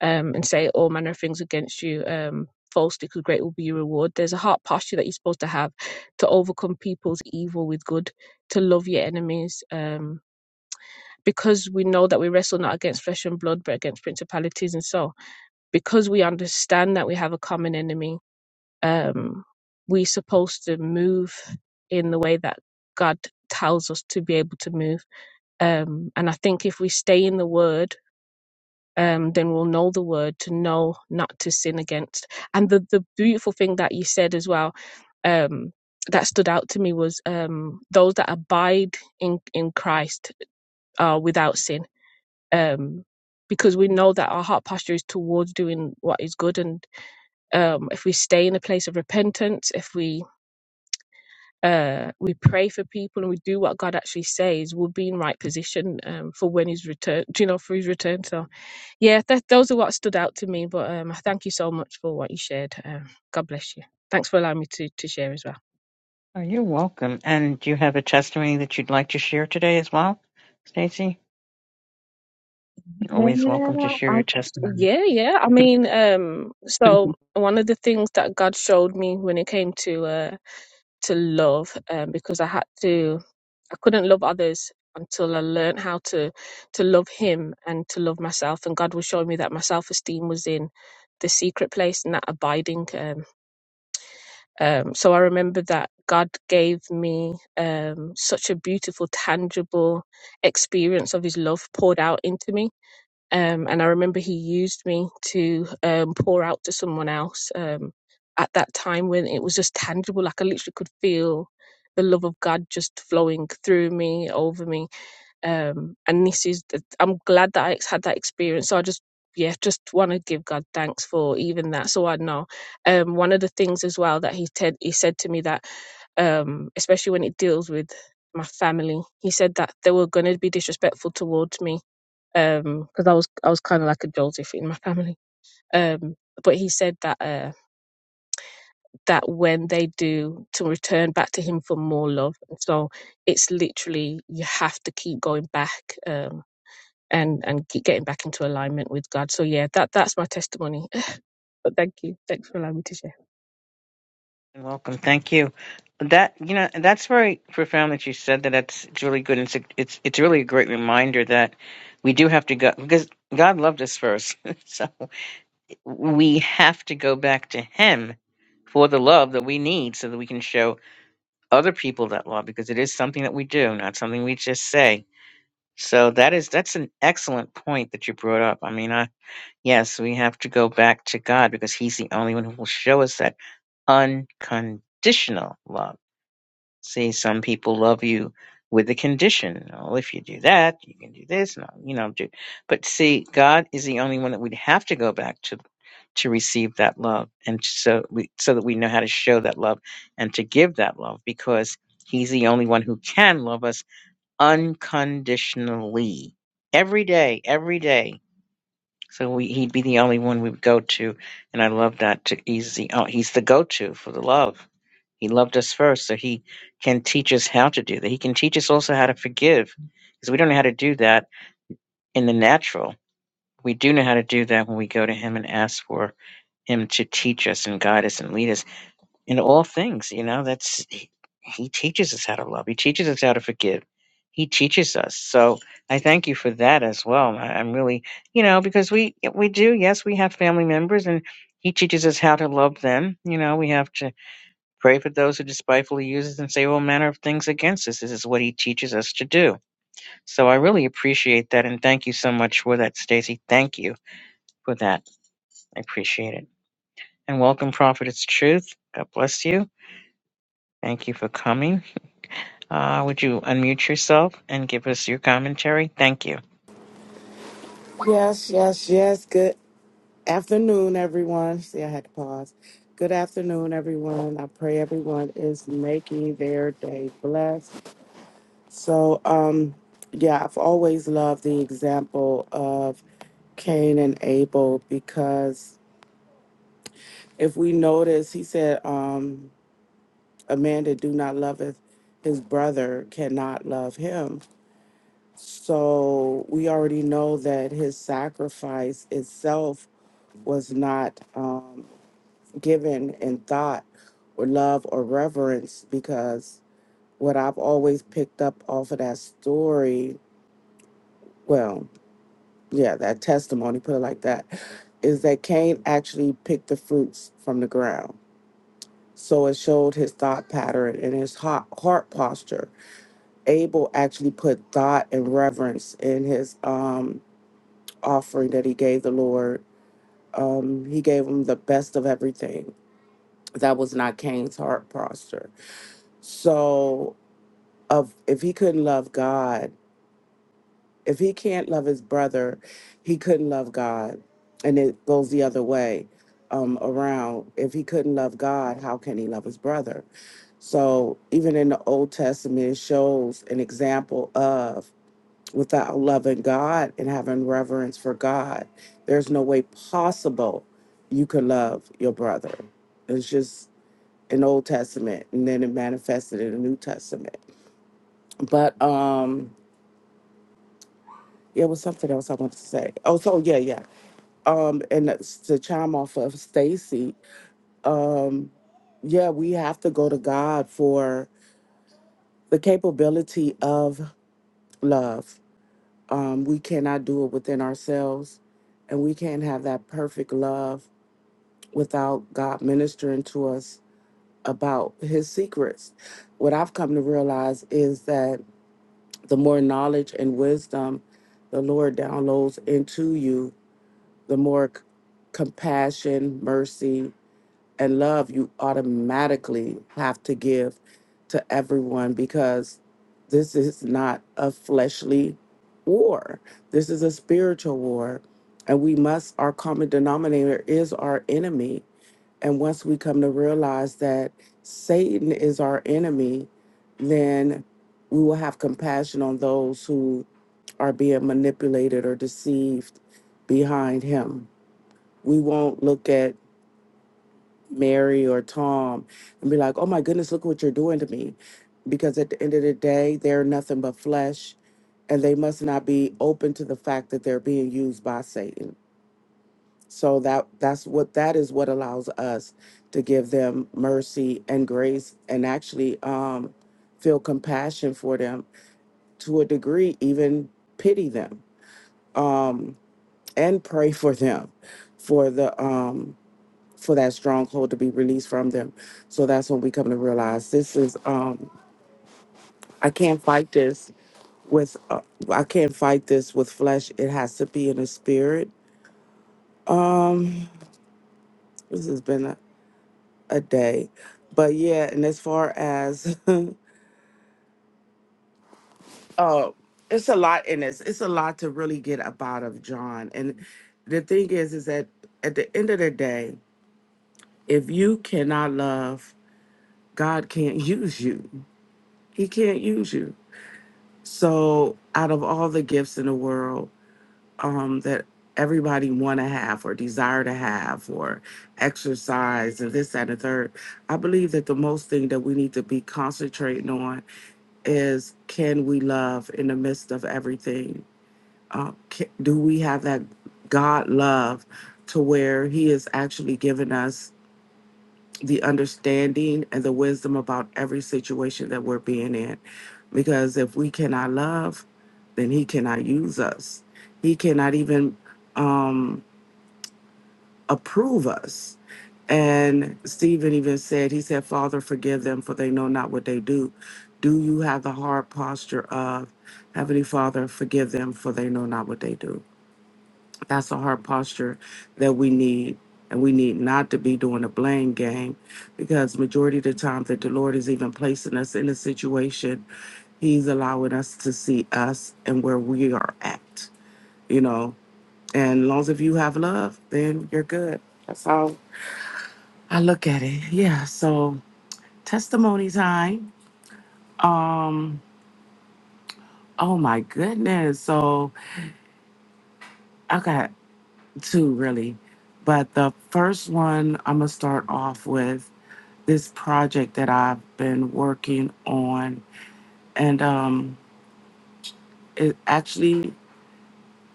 Speaker 3: um, and say all manner of things against you. Um, falsely because great will be your reward there's a heart posture that you're supposed to have to overcome people's evil with good to love your enemies um because we know that we wrestle not against flesh and blood, but against principalities and so, because we understand that we have a common enemy, um, we're supposed to move in the way that God tells us to be able to move. Um, and I think if we stay in the word, um, then we'll know the word to know not to sin against. And the, the beautiful thing that you said as well, um, that stood out to me was um, those that abide in, in Christ are without sin um, because we know that our heart posture is towards doing what is good. And um, if we stay in a place of repentance, if we uh, we pray for people and we do what God actually says, we'll be in right position um, for when His return. You know, for His return. So yeah, that, those are what stood out to me. But um, I thank you so much for what you shared. Um, God bless you. Thanks for allowing me to to share as well.
Speaker 1: Oh, you're welcome. And do you have a testimony that you'd like to share today as well, Stacy? You're always
Speaker 3: Yeah,
Speaker 1: welcome to share
Speaker 3: I,
Speaker 1: your testimony.
Speaker 3: yeah, yeah. I mean, um, so one of the things that God showed me when it came to uh to love, um, because I had to, I couldn't love others until I learned how to to love Him and to love myself. And God was showing me that my self esteem was in the secret place and that abiding. Um, um, so I remember that God gave me um such a beautiful, tangible experience of His love poured out into me um, and I remember he used me to um, pour out to someone else um, at that time when it was just tangible. Like I literally could feel the love of God just flowing through me, over me. Um, and this is, the, I'm glad that I had that experience. So I just, yeah, just want to give God thanks for even that. So I know. Um, one of the things as well that he said, he said to me that, um, especially when it deals with my family, he said that they were going to be disrespectful towards me um because i was i was kind of like a jolty in my family um but he said that uh that when they do to return back to him for more love so it's literally you have to keep going back um and and keep getting back into alignment with god so yeah that that's my testimony but thank you thanks for allowing me to share
Speaker 1: You're welcome. Thank you. That you know, that's very profound that you said that. That's it's really good. And it's a, it's it's really a great reminder that we do have to go because God loved us first, so we have to go back to Him for the love that we need, so that we can show other people that love because it is something that we do, not something we just say. So that is that's an excellent point that you brought up. I mean, I, yes, we have to go back to God because He's the only one who will show us that unconditional love See, some people love you with a condition. Well, if you do that, you can do this, and you know, do. But see, God is the only one that we'd have to go back to to receive that love, and so we, so that we know how to show that love and to give that love, because He's the only one who can love us unconditionally every day, every day. So we, He'd be the only one we would go to, and I love that. To he's the oh, He's the go to for the love. He loved us first, so He can teach us how to do that. He can teach us also how to forgive, because we don't know how to do that in the natural. We do know how to do that when we go to Him and ask for Him to teach us and guide us and lead us in all things. You know, that's He, he teaches us how to love. He teaches us how to forgive. He teaches us. So I thank you for that as well. I, I'm really, you know, because we we do. Yes, we have family members, and He teaches us how to love them. You know, we have to Pray for those who despitefully use us and say all manner of things against us. This is what he teaches us to do. So I really appreciate that, and thank you so much for that, Stacy. Thank you for that. I appreciate it. And welcome, Prophetess truth. God bless you. Thank you for coming. Uh, would you unmute yourself and give us your commentary? Thank you.
Speaker 4: Yes, yes, yes. Good afternoon, everyone. See, I had to pause. Good afternoon, everyone. I pray everyone is making their day blessed. So, um, yeah, I've always loved the example of Cain and Abel because if we notice, he said, um, a man that do not loveth his brother cannot love him. So we already know that his sacrifice itself was not um, given in thought or love or reverence because what I've always picked up off of that story, well, yeah, that testimony, put it like that, is that Cain actually picked the fruits from the ground. So it showed his thought pattern and his heart, heart posture. Abel actually put thought and reverence in his um, offering that he gave the Lord, um, he gave him the best of everything. That was not Cain's heart posture. So, of if he couldn't love God, if he can't love his brother, he couldn't love God, and it goes the other way um, around. If he couldn't love God, how can he love his brother? So, even in the Old Testament, it shows an example of without loving God and having reverence for God, there's no way possible you could love your brother. It's just an Old Testament, and then it manifested in the New Testament. But um, yeah, it was something else I wanted to say. Oh, so yeah, yeah. Um, and that's to chime off of Stacy, um, yeah, we have to go to God for the capability of love Um, we cannot do it within ourselves, and we can't have that perfect love without God ministering to us about His secrets. What I've come to realize is that the more knowledge and wisdom the Lord downloads into you, the more c- compassion, mercy, and love you automatically have to give to everyone because this is not a fleshly war. This is a spiritual war. And we must, our common denominator is our enemy. And once we come to realize that Satan is our enemy, then we will have compassion on those who are being manipulated or deceived behind him. We won't look at Mary or Tom and be like, oh my goodness, look what you're doing to me. Because at the end of the day, they're nothing but flesh and they must not be open to the fact that they're being used by Satan. So that that's what that is what allows us to give them mercy and grace and actually um, feel compassion for them to a degree, even pity them um, and pray for them for the um, for that stronghold to be released from them. So that's when we come to realize this is um I can't fight this with uh, I can't fight this with flesh. It has to be in the spirit. Um this has been a, a day. But yeah, and as far as uh it's a lot in this. It's a lot to really get up out of John. And the thing is is that at the end of the day, if you cannot love, God can't use you. He can't use you So, out of all the gifts in the world um, that everybody want to have or desire to have or exercise and this, that, and the third, I believe that the most thing that we need to be concentrating on is can we love in the midst of everything? Uh, ca do we have that God love to where He is actually giving us? the understanding and the wisdom about every situation that we're being in. Because if we cannot love, then He cannot use us. He cannot even um, approve us. And Stephen even said, He said, Father, forgive them, for they know not what they do. Do you have the hard posture of Heavenly Father, forgive them, for they know not what they do? That's a hard posture that we need. And we need not to be doing a blame game because majority of the time that the Lord is even placing us in a situation, He's allowing us to see us and where we are at, you know. And as long as if you have love, then you're good. That's how I look at it. Yeah. So testimony time. Um, oh my goodness. So I got two really. But the first one I'm gonna start off with this project that I've been working on, and um, it actually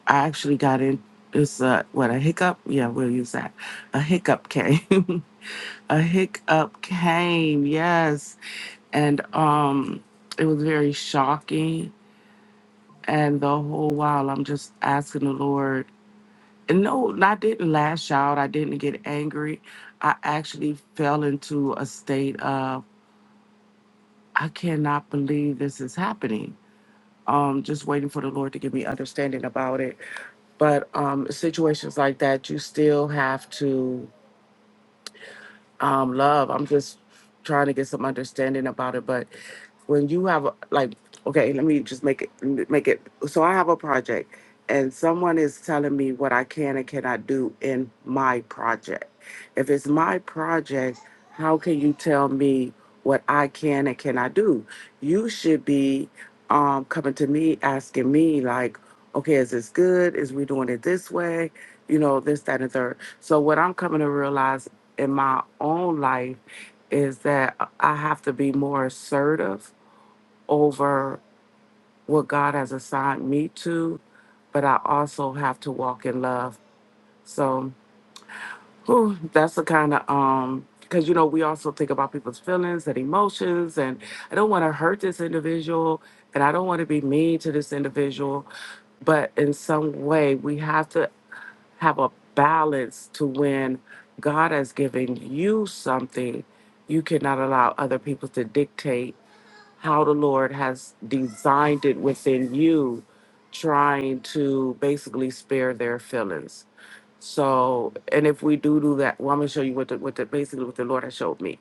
Speaker 4: I actually got in. It's a what a hiccup. Yeah, we'll use that. A hiccup came. a hiccup came. Yes, and um, it was very shocking. And the whole while I'm just asking the Lord. And no, I didn't lash out. I didn't get angry. I actually fell into a state of I cannot believe this is happening um, just waiting for the Lord to give me understanding about it. But um, situations like that, you still have to um, love. I'm just trying to get some understanding about it. But when you have a- like, okay, let me just make it make it. So I have a project, and someone is telling me what I can and cannot do in my project. If it's my project, how can you tell me what I can and cannot do? You should be um, coming to me asking me like, okay, is this good? Is we doing it this way? You know, this, that, and third. So what I'm coming to realize in my own life is that I have to be more assertive over what God has assigned me to, but I also have to walk in love. So whew, that's the kind of um because you know we also think about people's feelings and emotions and I don't want to hurt this individual and I don't want to be mean to this individual, but in some way we have to have a balance to when God has given you something, you cannot allow other people to dictate how the Lord has designed it within you, trying to basically spare their feelings. So, and if we do do that, well, I'm gonna show you what the, what the basically what the Lord has showed me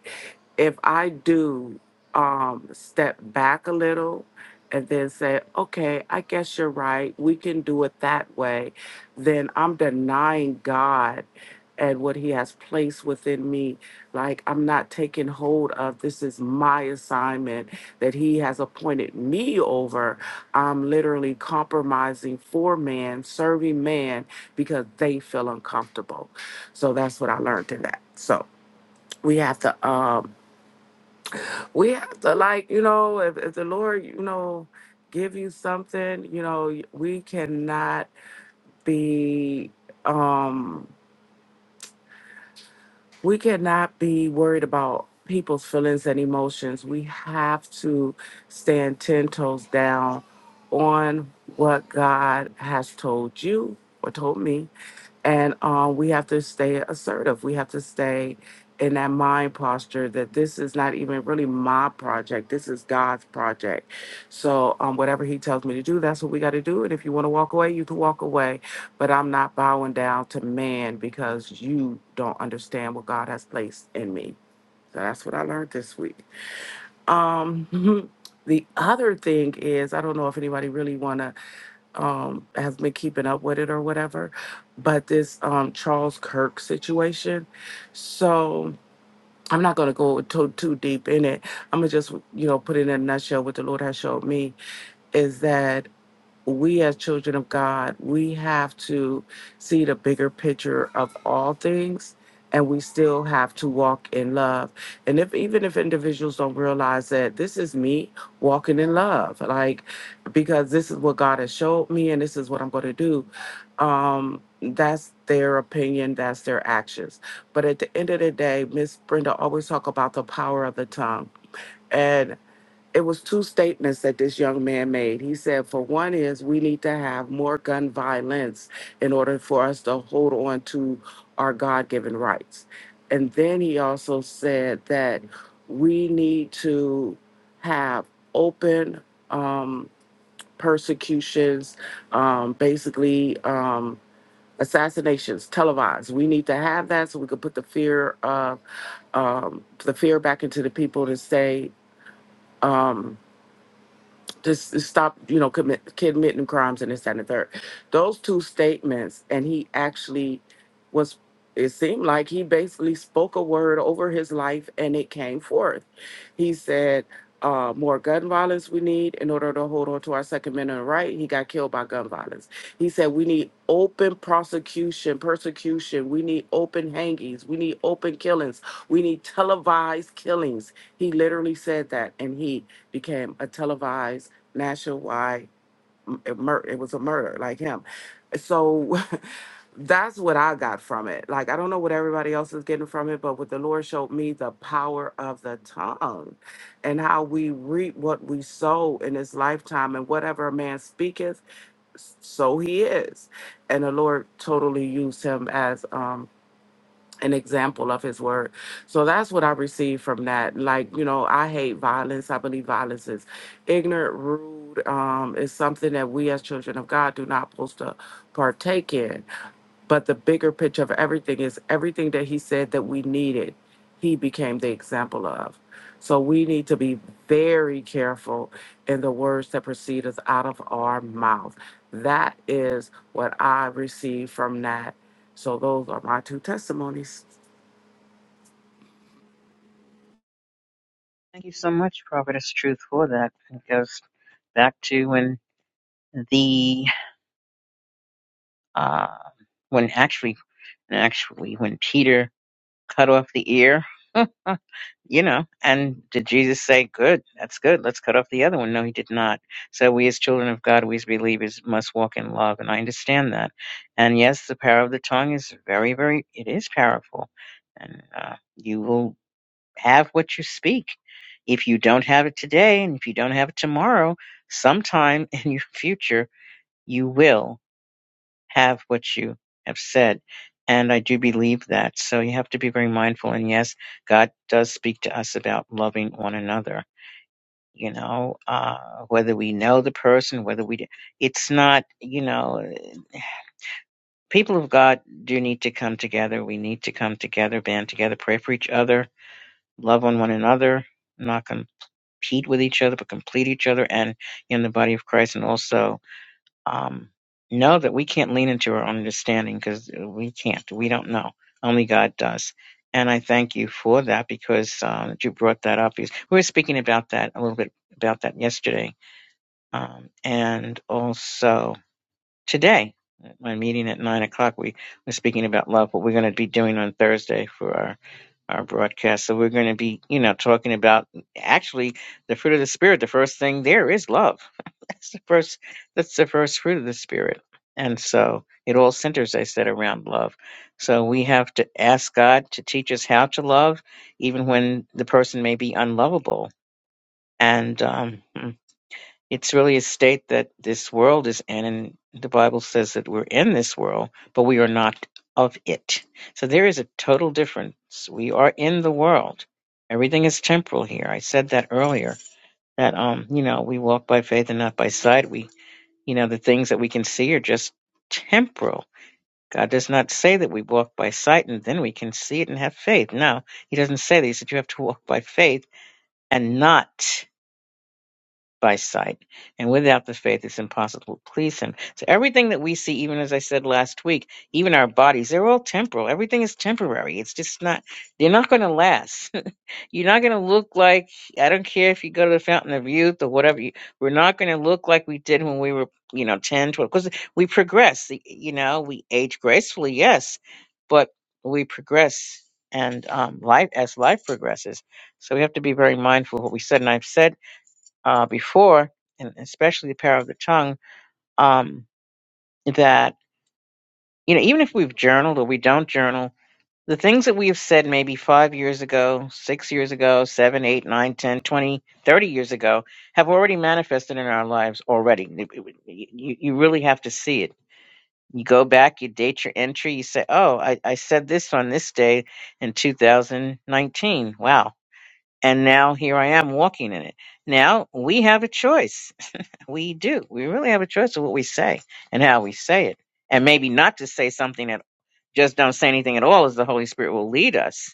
Speaker 4: if I do um, step back a little and then say, okay, I guess you're right, we can do it that way, then I'm denying God and what He has placed within me. Like I'm not taking hold of this is my assignment that He has appointed me over. I'm literally compromising for man, serving man because they feel uncomfortable. So that's what I learned in that. So we have to. Um, we have to like you know if, if the lord you know give you something you know we cannot be um we cannot be worried about people's feelings and emotions we have to stand ten toes down on what god has told you or told me and um, we have to stay assertive. We have to stay in that mind posture that this is not even really my project. This is God's project. So um, whatever He tells me to do, that's what we got to do. And if you want to walk away, you can walk away. But I'm not bowing down to man because you don't understand what God has placed in me. So that's what I learned this week. Um, the other thing is, I don't know if anybody really want to um has been keeping up with it or whatever but this um charles kirk situation so i'm not going to go too too deep in it i'm gonna just you know put it in a nutshell what the lord has showed me is that we as children of God, we have to see the bigger picture of all things and we still have to walk in love. And if even if individuals don't realize that this is me walking in love, like because this is what God has showed me and this is what I'm going to do, um that's their opinion, that's their actions. But at the end of the day, Miss Brenda always talk about the power of the tongue it was two statements that this young man made. He said, for one is we need to have more gun violence in order for us to hold on to our God-given rights. And then he also said that we need to have open um, persecutions, um, basically um, assassinations, televised. We need to have that so we could put the fear of um, the fear back into the people to say. Um, this, this stop, you know, commit, committing crimes and this that, and the third. Those two statements, and he actually was. It seemed like he basically spoke a word over his life, and it came forth. He said, uh, "More gun violence we need in order to hold on to our Second Amendment right." He got killed by gun violence. He said, "We need open prosecution, persecution. We need open hangings. We need open killings. We need televised killings." He literally said that, and he became a televised nationwide m- a mur- it was a murder like him so that's what i got from it like i don't know what everybody else is getting from it but what the lord showed me the power of the tongue and how we reap what we sow in this lifetime and whatever a man speaketh so he is and the lord totally used him as um an example of his word. So that's what I received from that. Like, you know, I hate violence. I believe violence is ignorant, rude, um, is something that we as children of God do not supposed to partake in. But the bigger picture of everything is everything that he said that we needed, he became the example of. So we need to be very careful and the words that proceedeth out of our mouth. That is what I received from that. So those are my two testimonies.
Speaker 1: Thank you so much, Prophetess Truth, for that. It goes back to when the uh, when actually actually when Peter cut off the ear Huh, you know, and did Jesus say, Good, that's good, let's cut off the other one? No, he did not. So we as children of God, we as believers must walk in love, and I understand that. And yes, the power of the tongue is very, very it is powerful. And uh, you will have what you speak. If you don't have it today, and if you don't have it tomorrow, sometime in your future, you will have what you have said. And I do believe that. So you have to be very mindful. And yes, God does speak to us about loving one another. You know, uh, whether we know the person, whether we, it's not, you know, people of God do need to come together. We need to come together, band together, pray for each other, love on one another, not compete with each other, but complete each other and in the body of Christ. And also um, know that we can't lean into our own understanding because we can't. We don't know. Only God does. And I thank you for that because um, you brought that up. We were speaking about that a little bit about that yesterday, um, and also today. at My meeting at nine o'clock. We were speaking about love. What we're going to be doing on Thursday for our our broadcast. So we're going to be, you know, talking about actually the fruit of the spirit. The first thing there is love. that's the first. That's the first fruit of the spirit. And so it all centers, I said, around love. So we have to ask God to teach us how to love, even when the person may be unlovable. And um, it's really a state that this world is in, and the Bible says that we're in this world, but we are not of it. So there is a total difference. We are in the world. Everything is temporal here. I said that earlier. That um, you know, we walk by faith and not by sight. We, you know, the things that we can see are just temporal. God does not say that we walk by sight and then we can see it and have faith. No, He doesn't say that. He said you have to walk by faith and not by sight. And without the faith, it's impossible to please Him. So everything that we see, even as I said last week, even our bodies, they're all temporal. Everything is temporary. It's just not, you're not going to last. you're not going to look like, I don't care if you go to the fountain of youth or whatever, you, we're not going to look like we did when we were, you know, 10, 12. because we progress. y- You know, we age gracefully, yes, but we progress. And um, life as life progresses, so we have to be very mindful of what we said. And I've said uh, before, and especially the power of the tongue, um, that, you know, even if we've journaled or we don't journal, the things that we have said maybe five years ago, six years ago, seven, eight, nine, ten, twenty, thirty years ago have already manifested in our lives already. It- it- You, you really have to see it. You go back, you date your entry, you say, oh, I, I said this on this day in 2019. Wow. And now here I am walking in it. Now we have a choice We do. We really have a choice of what we say and how we say it. And maybe not to say something at, just don't say anything at all, as the Holy Spirit will lead us.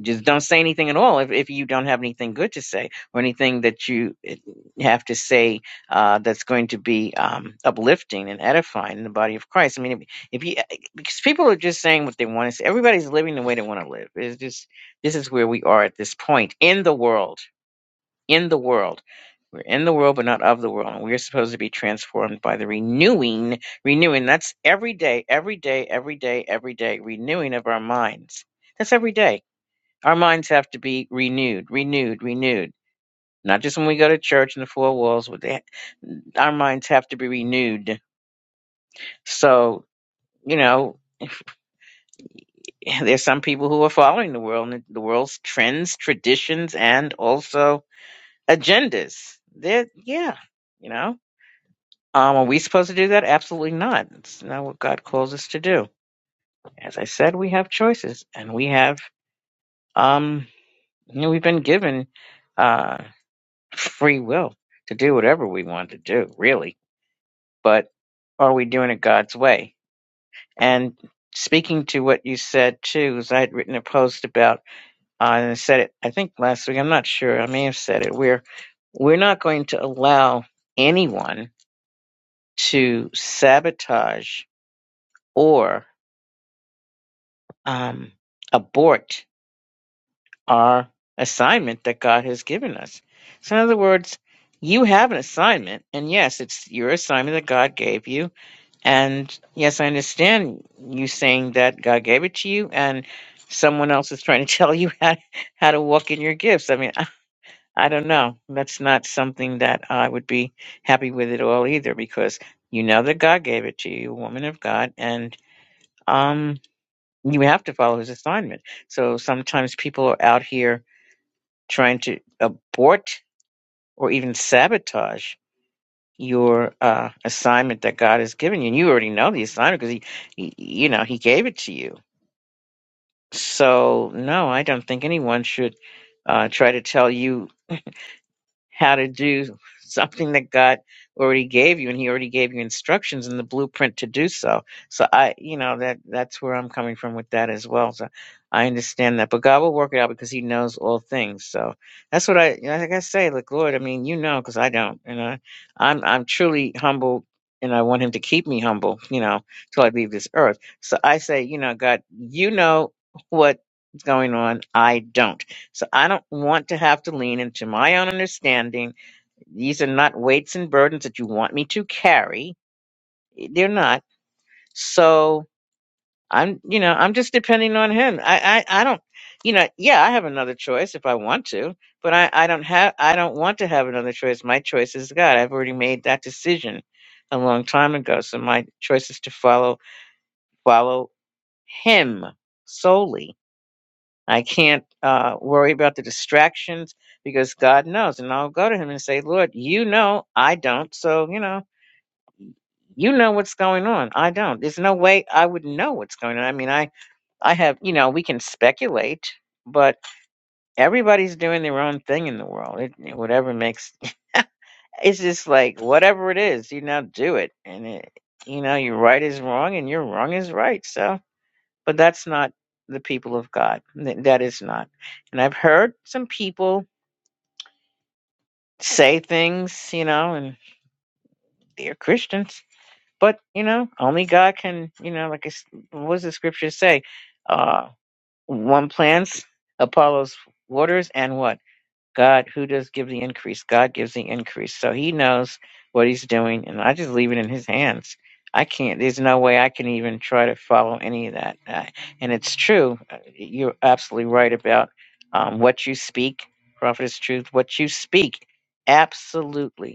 Speaker 1: Just don't say anything at all if, if you don't have anything good to say or anything that you eh, have to say uh, that's going to be um, uplifting and edifying in the body of Christ. I mean, if, if you eh, because people are just saying what they want to say, everybody's living the way they want to live. It's just this is where we are at this point in the world. In the world we're in the world, but not of the world. And we are supposed to be transformed by the renewing, renewing. That's every day, every day, every day, every day, renewing of our minds. That's every day. Our minds have to be renewed, renewed, renewed. Not just when we go to church and the four walls, but they, our minds have to be renewed. So, you know, there's some people who are following the world, and the world's trends, traditions, and also agendas. They're, yeah, you know. Um, are we supposed to do that? Absolutely not. It's not what God calls us to do. As I said, we have choices, and we have um, you know, we've been given uh, free will to do whatever we want to do, really. But are we doing it God's way? And speaking to what you said too, is I had written a post about uh, and I said it. I think last week. I'm not sure. I may have said it. We're we're not going to allow anyone to sabotage or um, abort our assignment that God has given us. So, in other words, you have an assignment, and yes, it's your assignment that God gave you. And yes, I understand you saying that God gave it to you, and someone else is trying to tell you how, how to walk in your gifts. I mean, I, I don't know. That's not something that I would be happy with at all either, because you know that God gave it to you, woman of God, and. um you have to follow his assignment. So sometimes people are out here trying to abort or even sabotage your uh, assignment that God has given you, and you already know the assignment because he, he, you know, he gave it to you. So no, I don't think anyone should uh, try to tell you how to do something that God already gave you and he already gave you instructions and the blueprint to do so. So I, you know, that that's where I'm coming from with that as well. So I understand that, but God will work it out because he knows all things. So that's what I, you know, like I say, like, Lord, I mean, you know, cause I don't, and I, I'm, I'm truly humbled and I want him to keep me humble, you know, till I leave this earth. So I say, you know, God, you know what's going on. I don't. So I don't want to have to lean into my own understanding. These are not weights and burdens that you want me to carry. They're not. So I'm, you know, I'm just depending on him. I, I, I don't, you know, yeah, I have another choice if I want to, but I, I don't have, I don't want to have another choice. My choice is God. I've already made that decision a long time ago. So my choice is to follow, follow him solely I can't uh, worry about the distractions because God knows. And I'll go to Him and say, Lord, you know I don't. So, you know, you know what's going on. I don't. There's no way I would know what's going on. I mean, I, I have, you know, we can speculate, but everybody's doing their own thing in the world. It, whatever makes it's just like whatever it is, you now do it. And it, you know, your right is wrong and your wrong is right. So, but that's not the people of God. Th- That is not. And I've heard some people say things, you know, and they're Christians. But, you know, only God can, you know, like, it's- what does the scripture say? Uh, one plants, Apollo's waters, and what? God, who does give the increase? God gives the increase. So he knows what he's doing, and I just leave it in his hands. I can't, there's no way I can even try to follow any of that. Uh, and it's true. Uh, You're absolutely right about um, what you speak, prophet is truth, what you speak. Absolutely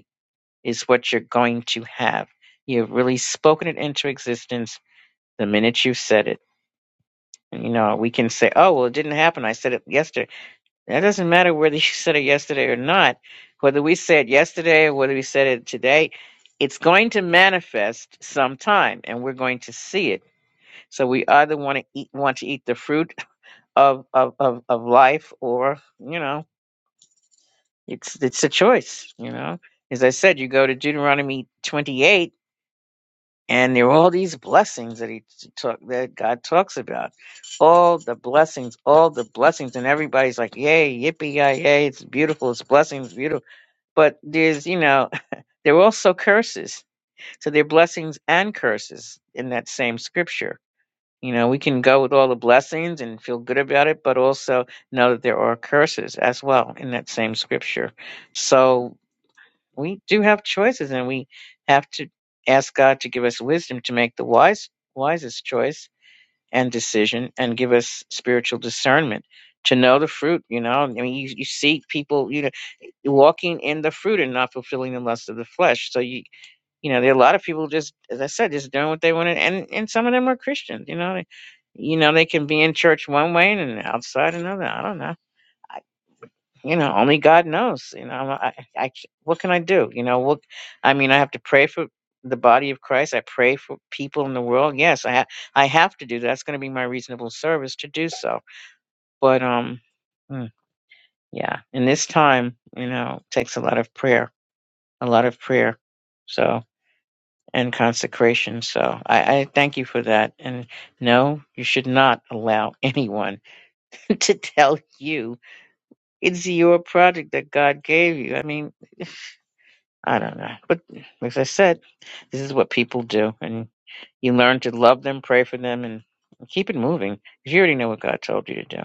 Speaker 1: is what you're going to have. You have really spoken it into existence the minute you said it. And you know, we can say, oh, well, it didn't happen. I said it yesterday. That doesn't matter whether you said it yesterday or not. Whether we said it yesterday or whether we said it today, it's going to manifest sometime and we're going to see it. So we either want to eat, want to eat the fruit of, of, of, of life or, you know, it's, it's a choice, you know as I said, you go to Deuteronomy 28 and there were all these blessings that he t- took that God talks about, all the blessings, all the blessings, and everybody's like, "Yay, yippee, yay, yay! It's beautiful, it's blessings, beautiful." But there's, you know, there were also curses. So there are blessings and curses in that same scripture. You know, we can go with all the blessings and feel good about it, but also know that there are curses as well in that same scripture. So we do have choices and we have to ask God to give us wisdom to make the wise wisest choice and decision and give us spiritual discernment to know the fruit you know i mean you, you see people you know walking in the fruit and not fulfilling the lust of the flesh so you you know there are a lot of people just as i said just doing what they want to and and some of them are christians you know they, you know they can be in church one way and outside another i don't know you know, only God knows. You know, I, I, I- what can I do? You know, what I mean, I have to pray for the body of Christ. I pray for people in the world. Yes, I ha- I have to do that. That's going to be my reasonable service to do so. But um, mm, yeah, in this time, you know, it takes a lot of prayer, a lot of prayer, so and consecration. So I, I thank you for that. And no, you should not allow anyone to tell you it's your project that God gave you. I mean I don't know. But as I said, this is what people do. And you learn to love them, pray for them, and keep it moving. 'Cause you already know what God told you to do.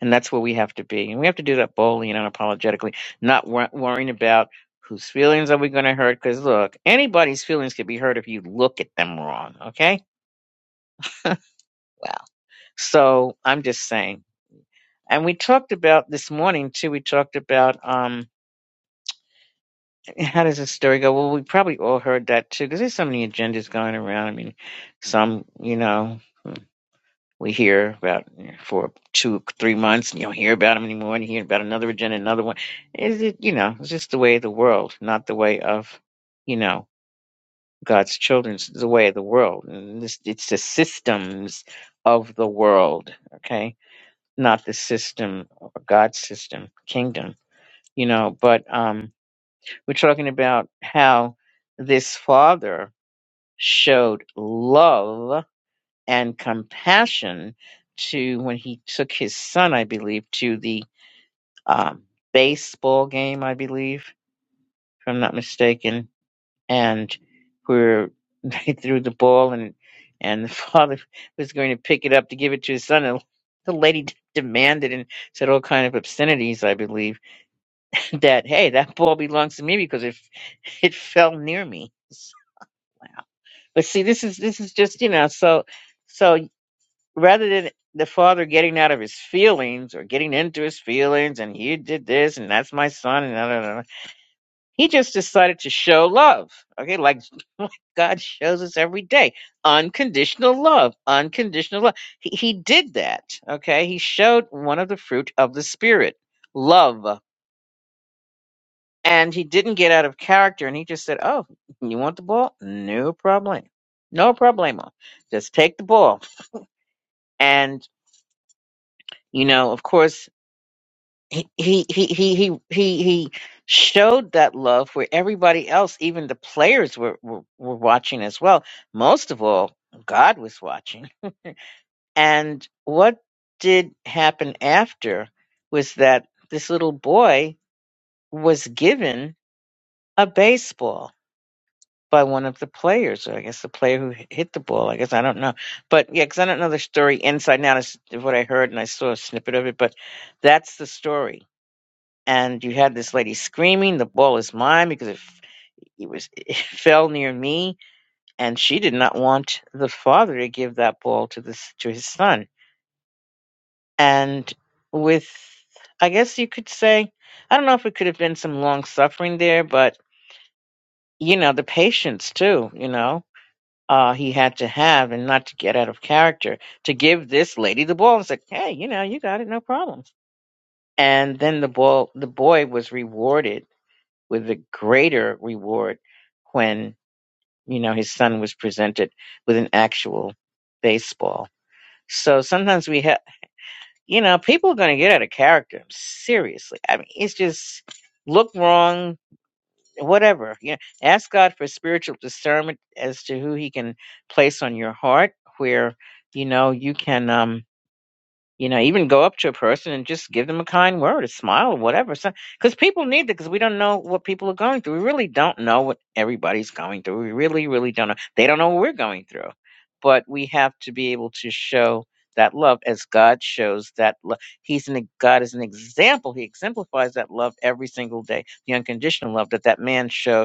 Speaker 1: And that's where we have to be. And we have to do that boldly and unapologetically, not wor- worrying about whose feelings are we going to hurt. Because look, anybody's feelings can be hurt if you look at them wrong. Okay? Wow. So I'm just saying. And we talked about this morning, too, we talked about. um. How does the story go? Well, we probably all heard that too, because there's so many agendas going around. I mean, some, you know, we hear about for two, three months, and you don't hear about them anymore, and you hear about another agenda, another one. Is it, you know, it's just the way of the world, not the way of, you know, God's children. It's the way of the world, and this, it's the systems of the world, okay, not the system, God's system, kingdom, you know. But um, we're talking about how this father showed love and compassion to when he took his son, I believe, to the um, baseball game, I believe, if I'm not mistaken, and where they threw the ball and and the father was going to pick it up to give it to his son, and the lady d- demanded and said all kind of obscenities, I believe, that hey, that ball belongs to me because it it fell near me. So, wow. But see, this is this is just you know, so so rather than the father getting out of his feelings or getting into his feelings, and he did this, and that's my son, and da, da, da, da, he just decided to show love. Okay, like God shows us every day, unconditional love, unconditional love. He he did that. Okay, he showed one of the fruit of the spirit, love, and he didn't get out of character, and he just said, "Oh, you want the ball? No problem, no problemo." Just take the ball. and you know of course he he he he he he he showed that love where everybody else even the players were, were were watching as well most of all god was watching and what did happen after was that this little boy was given a baseball by one of the players or i guess the player who hit the ball i guess i don't know but yeah because i don't know the story inside and out is what i heard and i saw a snippet of it but that's the story and you had this lady screaming, "The ball is mine!" because it, it was it fell near me, and she did not want the father to give that ball to this to his son. And with, I guess you could say, I don't know if it could have been some long suffering there, but you know the patience too. You know, uh, he had to have, and not to get out of character, to give this lady the ball and say, "Hey, you know, you got it, no problem." And then the ball, the boy was rewarded with a greater reward when you know his son was presented with an actual baseball. So sometimes we have, you know, people are going to get out of character. Seriously, I mean, it's just look wrong, whatever. You know, ask God for spiritual discernment as to who He can place on your heart, where you know you can. um you know, even go up to a person and just give them a kind word, a smile, or whatever. So, Because people need that because we don't know what people are going through. We really don't know what everybody's going through. We really, really don't know. They don't know what we're going through. But we have to be able to show that love as God shows that love. He's an, e-, God is an example. He exemplifies that love every single day, the unconditional love that that man showed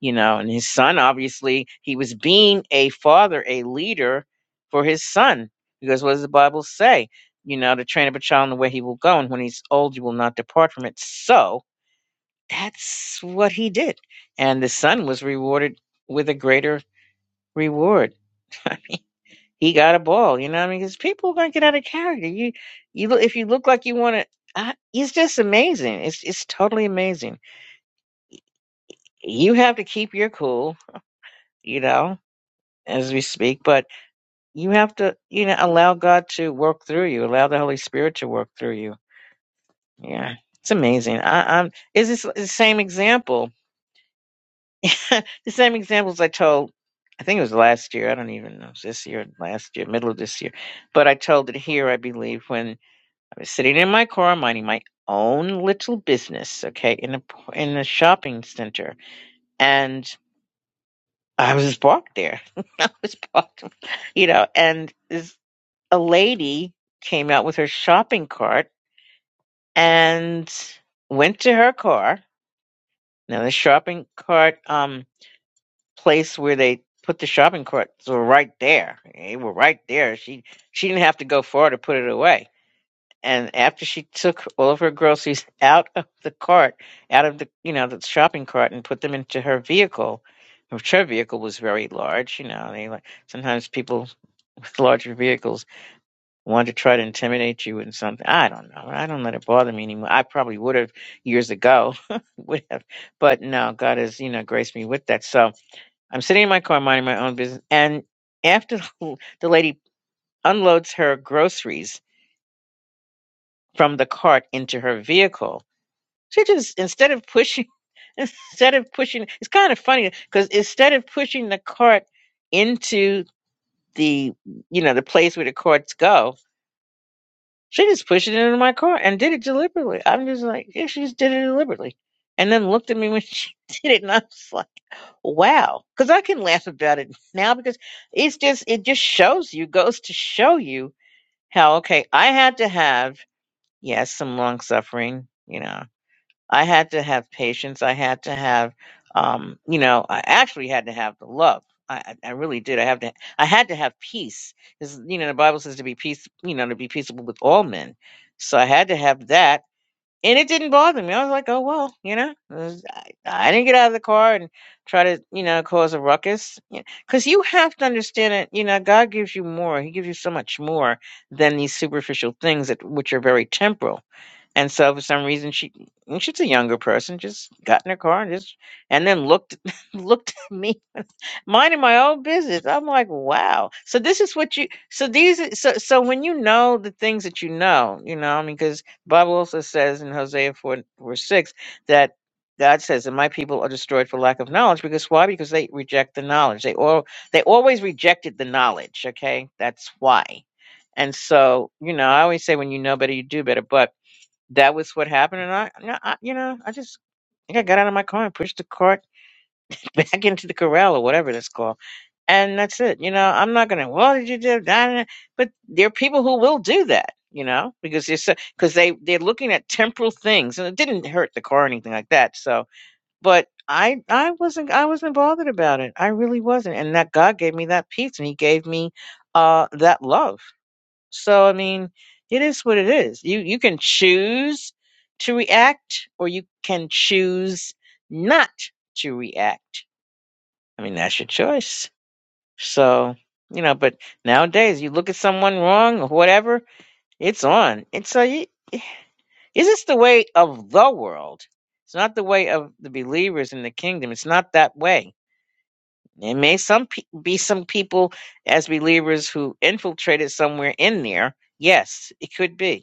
Speaker 1: you know, and his son, obviously, he was being a father, a leader for his son. Because what does the Bible say? You know, to train up a child in the way he will go, and when he's old, you will not depart from it. So that's what he did. And the son was rewarded with a greater reward. He got a ball, you know what I mean? Because people are going to get out of character. You, you, look if you look like you want to, I it's just amazing. It's, it's totally amazing. You have to keep your cool, you know, as we speak, but you have to you know allow god to work through you allow the holy spirit to work through you yeah it's amazing i i'm is this the same example the same examples i told i think it was last year i don't even know it was this year last year middle of this year but i told it here i believe when i was sitting in my car minding my own little business okay in a in a shopping center and i was parked there i was parked you know and this a lady came out with her shopping cart and went to her car. Now the shopping cart um place where they put the shopping carts were right there. They were right there. She she didn't have to go far to put it away. And after she took all of her groceries out of the cart, out of the you know the shopping cart, and put them into her vehicle, which her vehicle was very large. You know, they like sometimes people with larger vehicles Want to try to intimidate you with something. I don't know. I don't let it bother me anymore. I probably would have years ago, would have, but no, God has you know graced me with that. So I'm sitting in my car minding my own business, and after the the lady unloads her groceries from the cart into her vehicle, she just instead of pushing, instead of pushing, it's kind of funny because instead of pushing the cart into the you know the place where the carts go, She just pushed it into my car and did it deliberately. I'm just like, yeah, she just did it deliberately. And then looked at me when she did it, and I was like, wow. Because I can laugh about it now because it's just, it just shows you, goes to show you how, okay, I had to have, yes, some long suffering, you know, I had to have patience. I had to have, um, you know, I actually had to have the love. I, I I really did. I have to. I had to have peace, because you know the Bible says to be peace. You know, to be peaceable with all men. So I had to have that, and it didn't bother me. I was like, oh well, you know, it was- I, I didn't get out of the car and try to, you know, cause a ruckus, because you have to understand it. You know, God gives you more. He gives you so much more than these superficial things that which are very temporal and so for some reason she well, she's a younger person, just got in her car and just and then looked looked at me, minding my own business. I'm like, wow. So this is what you so these are- so so when you know the things that you know, you know, I mean, because Bible also says in Hosea 4 4 6 that God says that my people are destroyed for lack of knowledge because why? Because they reject the knowledge. They all they always rejected the knowledge. Okay. That's why. And so, you know, I always say when you know better, you do better. But that was what happened. And I, no, I you know, I just I think I got out of my car and pushed the cart back into the corral or whatever that's called. And that's it. You know, I'm not gonna. Well, did you do that? But there are people who will do that. You know, because they're so because they they're looking at temporal things, and it didn't hurt the car or anything like that. So, but I I wasn't I wasn't bothered about it. I really wasn't. And that God gave me that peace, and He gave me uh that love so I mean, it is what it is. You you can choose to react or you can choose not to react. I mean, that's your choice. So, you know, but nowadays you look at someone wrong or whatever, it's on. It's a is this the way of the world? It's not the way of the believers in the kingdom. It's not that way. There may some pe- be some people as believers who infiltrated somewhere in there. Yes, it could be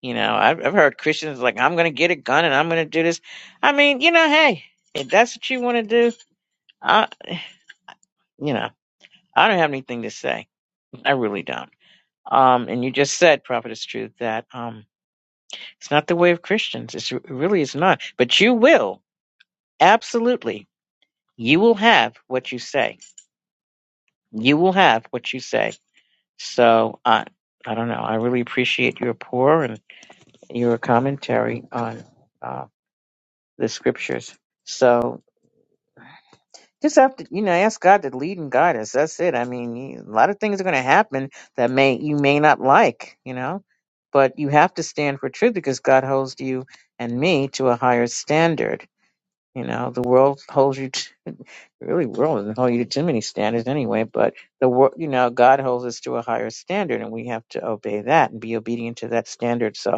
Speaker 1: You know, I've, I've heard Christians like, I'm going to get a gun and I'm going to do this. I mean, you know, hey, if that's what you want to do, I, you know, I don't have anything to say. I really don't. Um, and you just said, prophetess truth, that um, it's not the way of Christians. It's, it really is not. But you will, absolutely, you will have what you say. You will have what you say. So I, I don't know. I really appreciate your pour and your commentary on uh, the scriptures. So just have to you know ask god to lead and guide us that's it i mean you, a lot of things are going to happen that may you may not like you know but you have to stand for truth because god holds you and me to a higher standard you know the world holds you to, really world doesn't hold you to too many standards anyway but the world you know god holds us to a higher standard and we have to obey that and be obedient to that standard so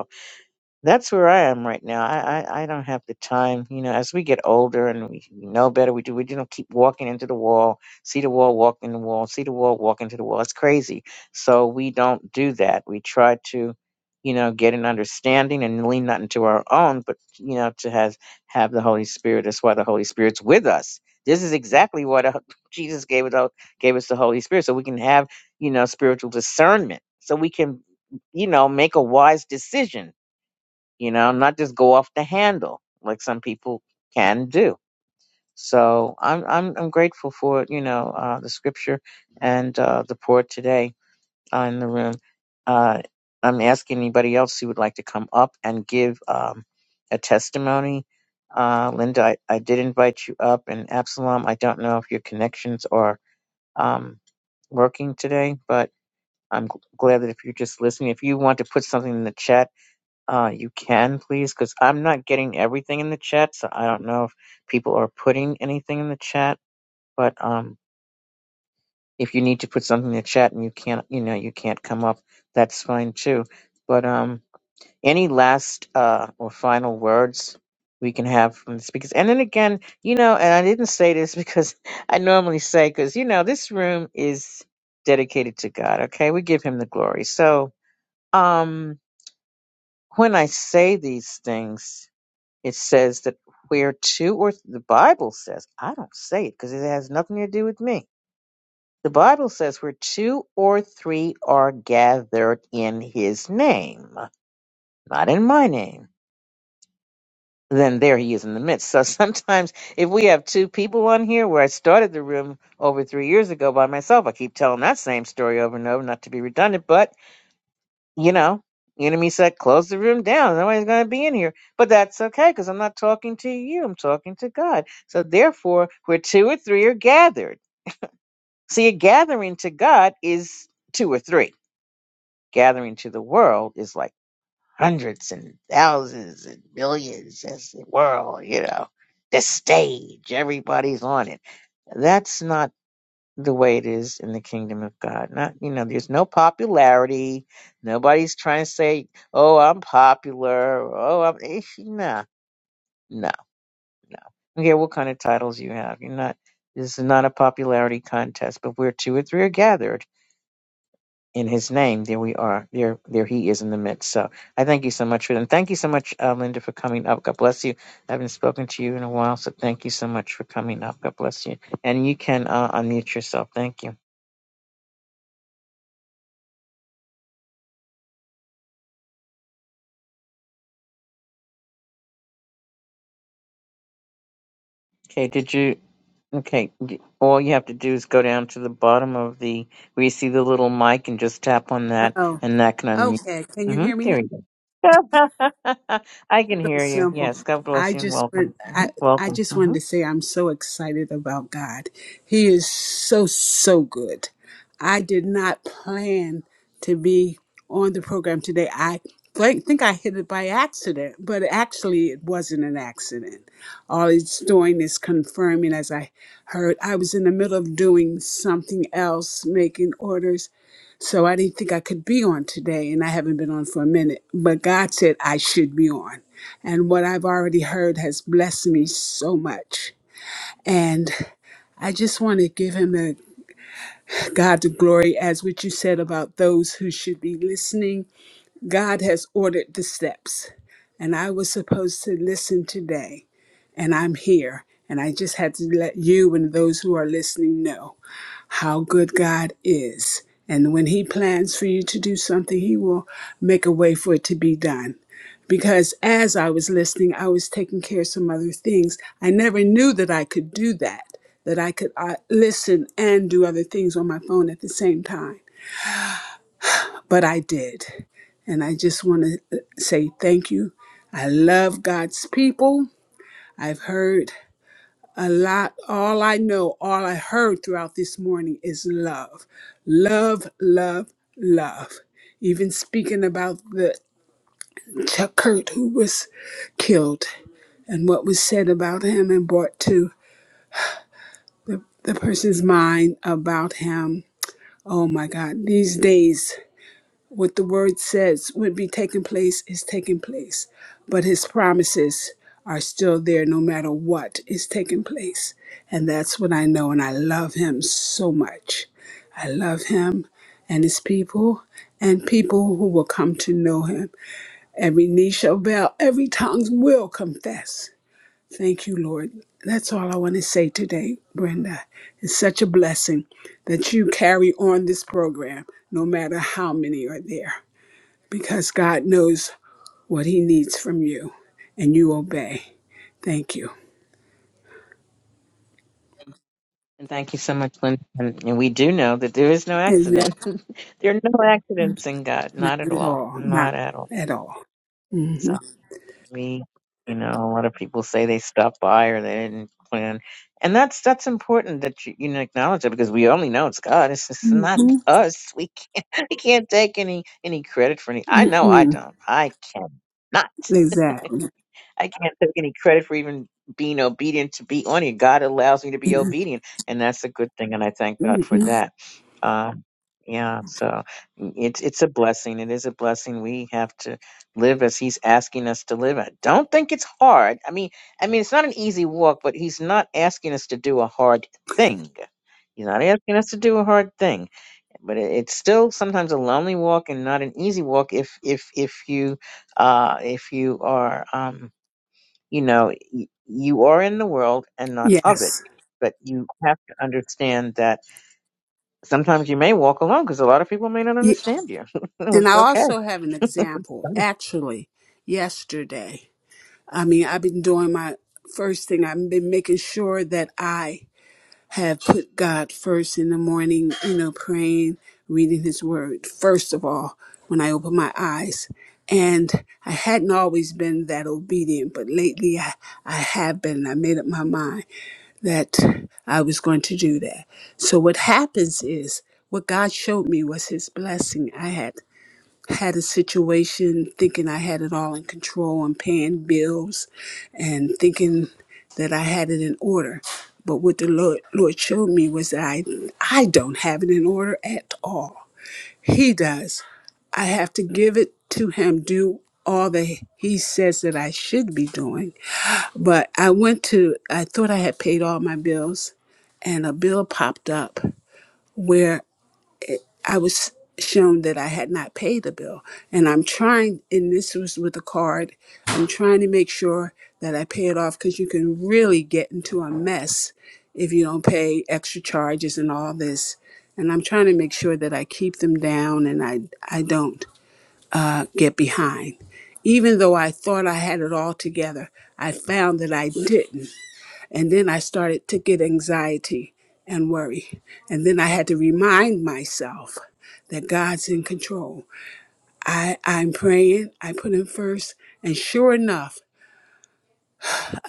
Speaker 1: that's where I am right now. I, I, I don't have the time. You know, as we get older and we know better, we do. We don't keep walking into the wall, see the wall, walk in the wall, see the wall, walk into the wall. It's crazy. So we don't do that. We try to, you know, get an understanding and lean not into our own, but you know, to has have the Holy Spirit. That's why the Holy Spirit's with us. This is exactly what uh, Jesus gave us. out- Gave us the Holy Spirit, so we can have you know spiritual discernment, so we can you know make a wise decision you know, not just go off the handle like some people can do. So I'm I'm I'm grateful for you know uh, the scripture and uh, the pour today uh, in the room. Uh, I'm asking anybody else who would like to come up and give um, a testimony. Uh, Linda, I, I did invite you up, and Absalom, I don't know if your connections are um, working today, but I'm g- glad that if you're just listening, if you want to put something in the chat uh, you can please, because I'm not getting everything in the chat, so I don't know if people are putting anything in the chat. But um, if you need to put something in the chat and you can't, you know, you can't come up, that's fine too. But um, any last uh or final words we can have from the speakers, and then again, you know, and I didn't say this because I normally say, because you know, this room is dedicated to God. Okay, we give Him the glory. So um, when I say these things. It says that where two or th- the Bible says, I don't say it because it has nothing to do with me. The Bible says where two or three are gathered in his name, not in my name, then there he is in the midst. So sometimes if we have two people on here where I started the room over three years ago by myself, I keep telling that same story over and over, not to be redundant, but you know, the enemy said, close the room down. Nobody's going to be in here. But that's okay because I'm not talking to you. I'm talking to God. So therefore, where two or three are gathered. See, a gathering to God is two or three. Gathering to the world is like hundreds and thousands and millions. That's the world, you know, the stage. Everybody's on it. That's not the way it is in the kingdom of God. Not, you know, there's no popularity. Nobody's trying to say, "Oh, I'm popular." or, Oh, I'm eh, nah, no, no. Okay, what kind of titles you have? You're not. This is not a popularity contest. But where two or three are gathered in His name, there we are. There, there He is in the midst. So I thank you so much for that. And thank you so much, uh, Linda, for coming up. God bless you. I haven't spoken to you in a while, so thank you so much for coming up. God bless you. And you can uh, unmute yourself. Thank you. Okay, did you? Okay, y- all you have to do is go down to the bottom of the where you see the little mic and just tap on that,
Speaker 5: Oh,
Speaker 1: and that can unmute.
Speaker 5: okay. Can you
Speaker 1: hmm
Speaker 5: hear me now?
Speaker 1: There you go. I can
Speaker 5: so
Speaker 1: hear you.
Speaker 5: simple.
Speaker 1: Yes, God bless
Speaker 5: I
Speaker 1: you and
Speaker 5: just
Speaker 1: welcome.
Speaker 5: want- I I
Speaker 1: Welcome.
Speaker 5: just wanted
Speaker 1: hmm
Speaker 5: to say I'm so excited about God. He is so so good. I did not plan to be on the program today. I think think I hit it by accident, but actually it wasn't an accident. All it's doing is confirming as I heard I was in the middle of doing something else, making orders, so I didn't think I could be on today, and I haven't been on for a minute. But God said I should be on. And what I've already heard has blessed me so much. And I just want to give him the God the glory as what you said about those who should be listening. God has ordered the steps. And I was supposed to listen today. And I'm here. And I just had to let you and those who are listening know how good God is. And when He plans for you to do something, He will make a way for it to be done. Because as I was listening, I was taking care of some other things. I never knew that I could do that, that I could uh, listen and do other things on my phone at the same time. But I did. And I just want to say thank you. I love God's people. I've heard a lot, all I know, all I heard throughout this morning is love. Love, love, love. Even speaking about the Chuck Kurt who was killed and what was said about him and brought to the, the person's mind about him. Oh my God, these days what the word says would be taking place is taking place, but his promises are still there no matter what is taking place. And that's what I know, and I love him so much. I love him and his people and people who will come to know him. Every knee shall bow, every tongue will confess. Thank you, Lord. That's all I want to say today, Brenda. It's such a blessing that you carry on this program, no matter how many are there because God knows what He needs from you and you obey. Thank you.
Speaker 1: And thank you so much, Linda. And, and we do know that there is no
Speaker 5: And
Speaker 1: accident.
Speaker 5: that's
Speaker 1: there are no accidents in God.
Speaker 5: not
Speaker 1: Not at
Speaker 5: at
Speaker 1: all.
Speaker 5: all. Not
Speaker 1: Not at all.
Speaker 5: at all. hmm
Speaker 1: So, we you know a lot of people say they stopped by or they didn't plan and that's that's important that you, you know, acknowledge it because we only know it's god it's, it's not
Speaker 5: hmm
Speaker 1: us we can't we can't take any any credit for any i know i
Speaker 5: Mm-mm.
Speaker 1: don't i cannot.
Speaker 5: Exactly.
Speaker 1: I can't take any credit for even being obedient to be on here. God allows me to be obedient, and that's a good thing, and I thank God for
Speaker 5: hmm
Speaker 1: that. Uh, yeah, so mm, it's it's a blessing. It is a blessing. We have to live as He's asking us to live. I don't think it's hard. I mean, I mean, it's not an easy walk, but He's not asking us to do a hard thing. He's not asking us to do a hard thing, but it- it's still sometimes a lonely walk and not an easy walk if if if you uh if you are um you know, y- you are in the world and not of it.
Speaker 5: Yes.
Speaker 1: But you have to understand that sometimes you may walk alone because a lot of people may not
Speaker 5: Ye-
Speaker 1: understand you.
Speaker 5: And I
Speaker 1: it's okay.
Speaker 5: also have an example. Actually, yesterday, I mean, I've been doing my first thing, I've been making sure that I have put God first in the morning, you know, praying, reading His Word, first of all, when I open my eyes. And I hadn't always been that obedient, but lately I, I have been. I made up my mind that I was going to do that. So what happens is, what God showed me was His blessing I had had a situation thinking I had it all in control and paying bills and thinking that I had it in order. But what the Lord, Lord showed me was that I, I don't have it in order at all. He does. I have to give it to Him, do all that He says that I should be doing. But I went to, I thought I had paid all my bills, and a bill popped up where I was shown that I had not paid the bill. And I'm trying, and this was with a card, I'm trying to make sure that I pay it off because you can really get into a mess if you don't pay extra charges and all this. And I'm trying to make sure that I keep them down and I, I don't uh, get behind. Even though I thought I had it all together, I found that I didn't. And then I started to get anxiety and worry. And then I had to remind myself that God's in control. I, I'm praying, I put him first, and sure enough,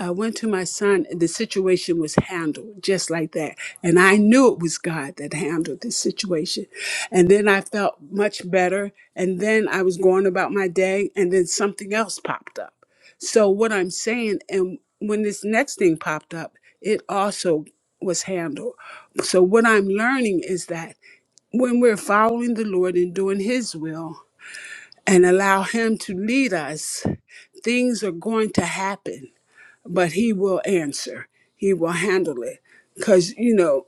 Speaker 5: I went to my son, and the situation was handled just like that. And I knew it was God that handled this situation. And then I felt much better. And then I was going about my day, and then something else popped up. So, what I'm saying, and when this next thing popped up, it also was handled. So, what I'm learning is that when we're following the Lord and doing His will and allow Him to lead us, things are going to happen but he will answer. He will handle it. Cause you know,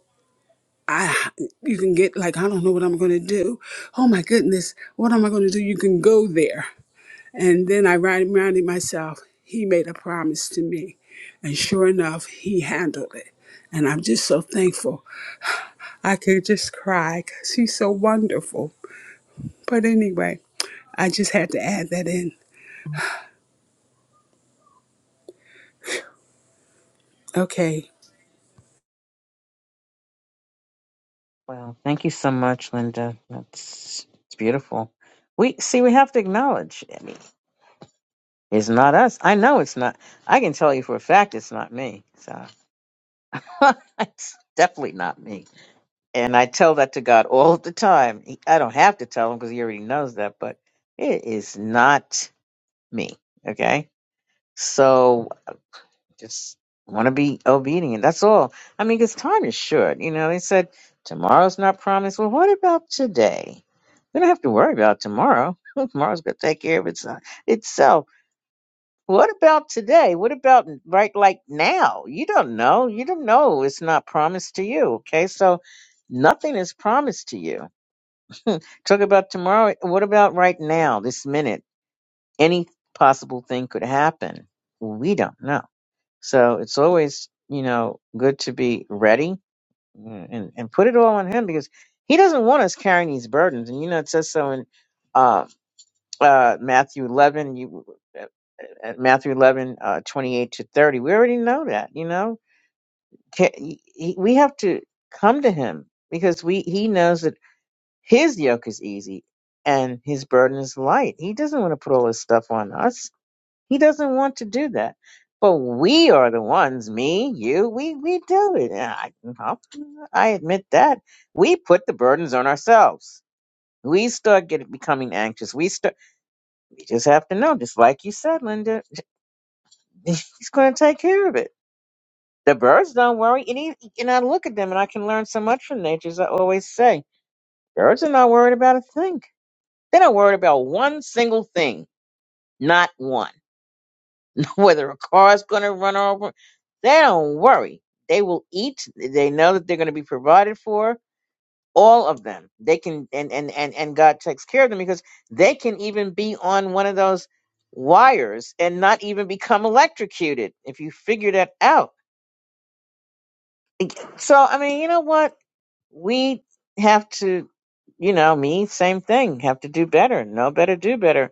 Speaker 5: I you can get like, I don't know what I'm gonna do. Oh my goodness, what am I gonna do? You can go there. And then I reminded myself, he made a promise to me. And sure enough, he handled it. And I'm just so thankful. I could just cry because he's so wonderful. But anyway, I just had to add that in. Okay.
Speaker 1: Well, thank you so much, Linda. That's it's beautiful. We see we have to acknowledge. I mean, it's not us. I know it's not. I can tell you for a fact it's not me. So it's definitely not me. And I tell that to God all the time. He- I don't have to tell him because he already knows that. But it is not. me. Okay. So just want to be obedient. That's all. I mean, because time is short. You know, they said tomorrow's not promised. Well, what about today? We don't have to worry about tomorrow. Tomorrow's going to take care of itself. itself. What about today? What about right like now? You don't know. You don't know. It's not promised to you. Okay. So nothing is promised to you. Talk about tomorrow. What about right now, this minute? Any possible thing could happen. We don't know. So it's always, you know, good to be ready uh, and, and put it all on him because he doesn't want us carrying these burdens. And, you know, it says so in uh, uh, Matthew 11, you, uh, at Matthew 11, uh, 28 to 30. We already know that, you know, Ca- he- he- we have to come to him because we, he knows that his yoke is easy and his burden is light. He doesn't want to put all his stuff on us he doesn't want to do that. But we are the ones, me, you, we, we do it. And I, I'll- I admit that. We put the burdens on ourselves. We start getting becoming anxious. We start we just have to know, just like you said, Linda, he's gonna take care of it. The birds don't worry, and, he, and I look at them and I can learn so much from nature, as I always say. Birds are not worried about a thing. They're not worried about one single thing. Not one. whether a car's going to run over. They don't worry. They will eat. They know that they're going to be provided for. All of them. They can, and, and, and, and God takes care of them because they can even be on one of those wires and not even become electrocuted if you figure that out. So, I mean, you know what? We have to, you know, me, same thing, have to do better, know better, do better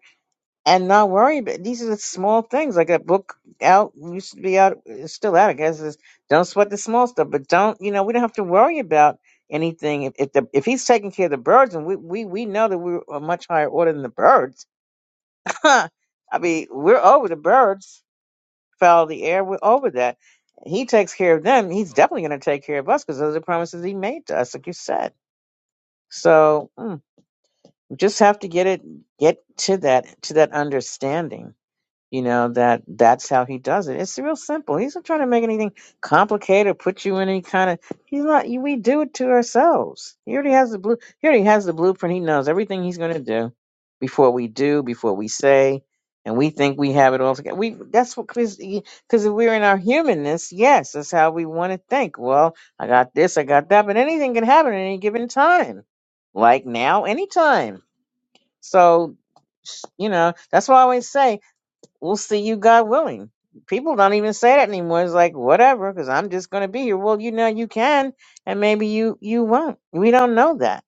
Speaker 1: and not worry. But these are the small things. Like a book out used to be out, it's still out, I guess. Is don't sweat the small stuff, but don't you know we don't have to worry about anything. If if, the, if he's taking care of the birds, and we we we know that we're a much higher order than the birds. I mean, we're over the birds. Foul the air, we're over that. He takes care of them. He's definitely going to take care of us because those are the promises he made to us, like you said. So mm, we just have to get it, get to that, to that understanding you know that that's how he does it it's real simple he's not trying to make anything complicated put you in any kind of he's not you- we do it to ourselves he already has the blue he already has the blueprint he knows everything he's going to do before we do before we say and we think we have it all together we that's what because if we're in our humanness yes that's how we want to think well i got this i got that but anything can happen at any given time like now anytime so you know that's why i always say we'll see you God willing. People don't even say that anymore. It's like whatever, because I'm just going to be here. Well, you know you can, and maybe you you won't. We don't know that.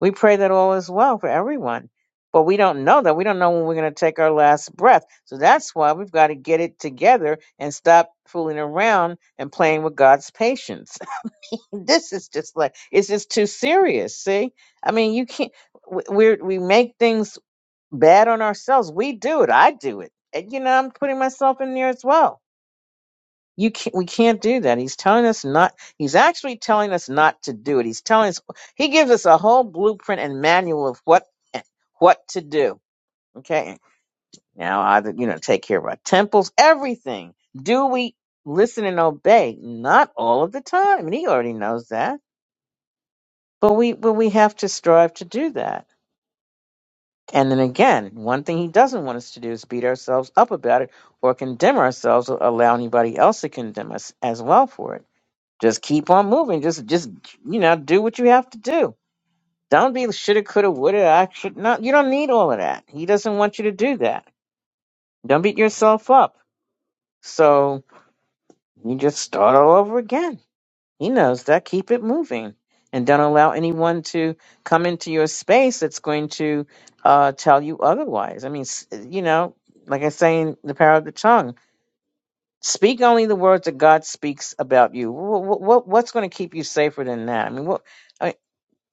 Speaker 1: We pray that all is well for everyone, but we don't know that. We don't know when we're going to take our last breath. So that's why we've got to get it together and stop fooling around and playing with God's patience. this is just like it's just too serious. See, I mean, you can't. We we're- we make things bad on ourselves. We do it. I do it. And, you know, I'm putting myself in there as well. You can't, we can't do that. He's telling us not, he's actually telling us not to do it. He's telling us, he gives us a whole blueprint and manual of what, eh, what to do. Okay. Now, either, you know, take care of our temples, everything. Do we listen and obey? Not all of the time. And he already knows that, but we, but we have to strive to do that And then again, one thing he doesn't want us to do is beat ourselves up about it or condemn ourselves or allow anybody else to condemn us as well for it. Just keep on moving. Just just you know, do what you have to do. Don't be shoulda, coulda, woulda, I should not you don't need all of that. He doesn't want you to do that. Don't beat yourself up. So you just start all over again He knows that. Keep it moving. And don't allow anyone to come into your space that's going to uh, tell you otherwise. I mean, s- you know, like I say in The Power of the Tongue, speak only the words that God speaks about you. What, what, what's going to keep you safer than that? I mean, what, I, mean,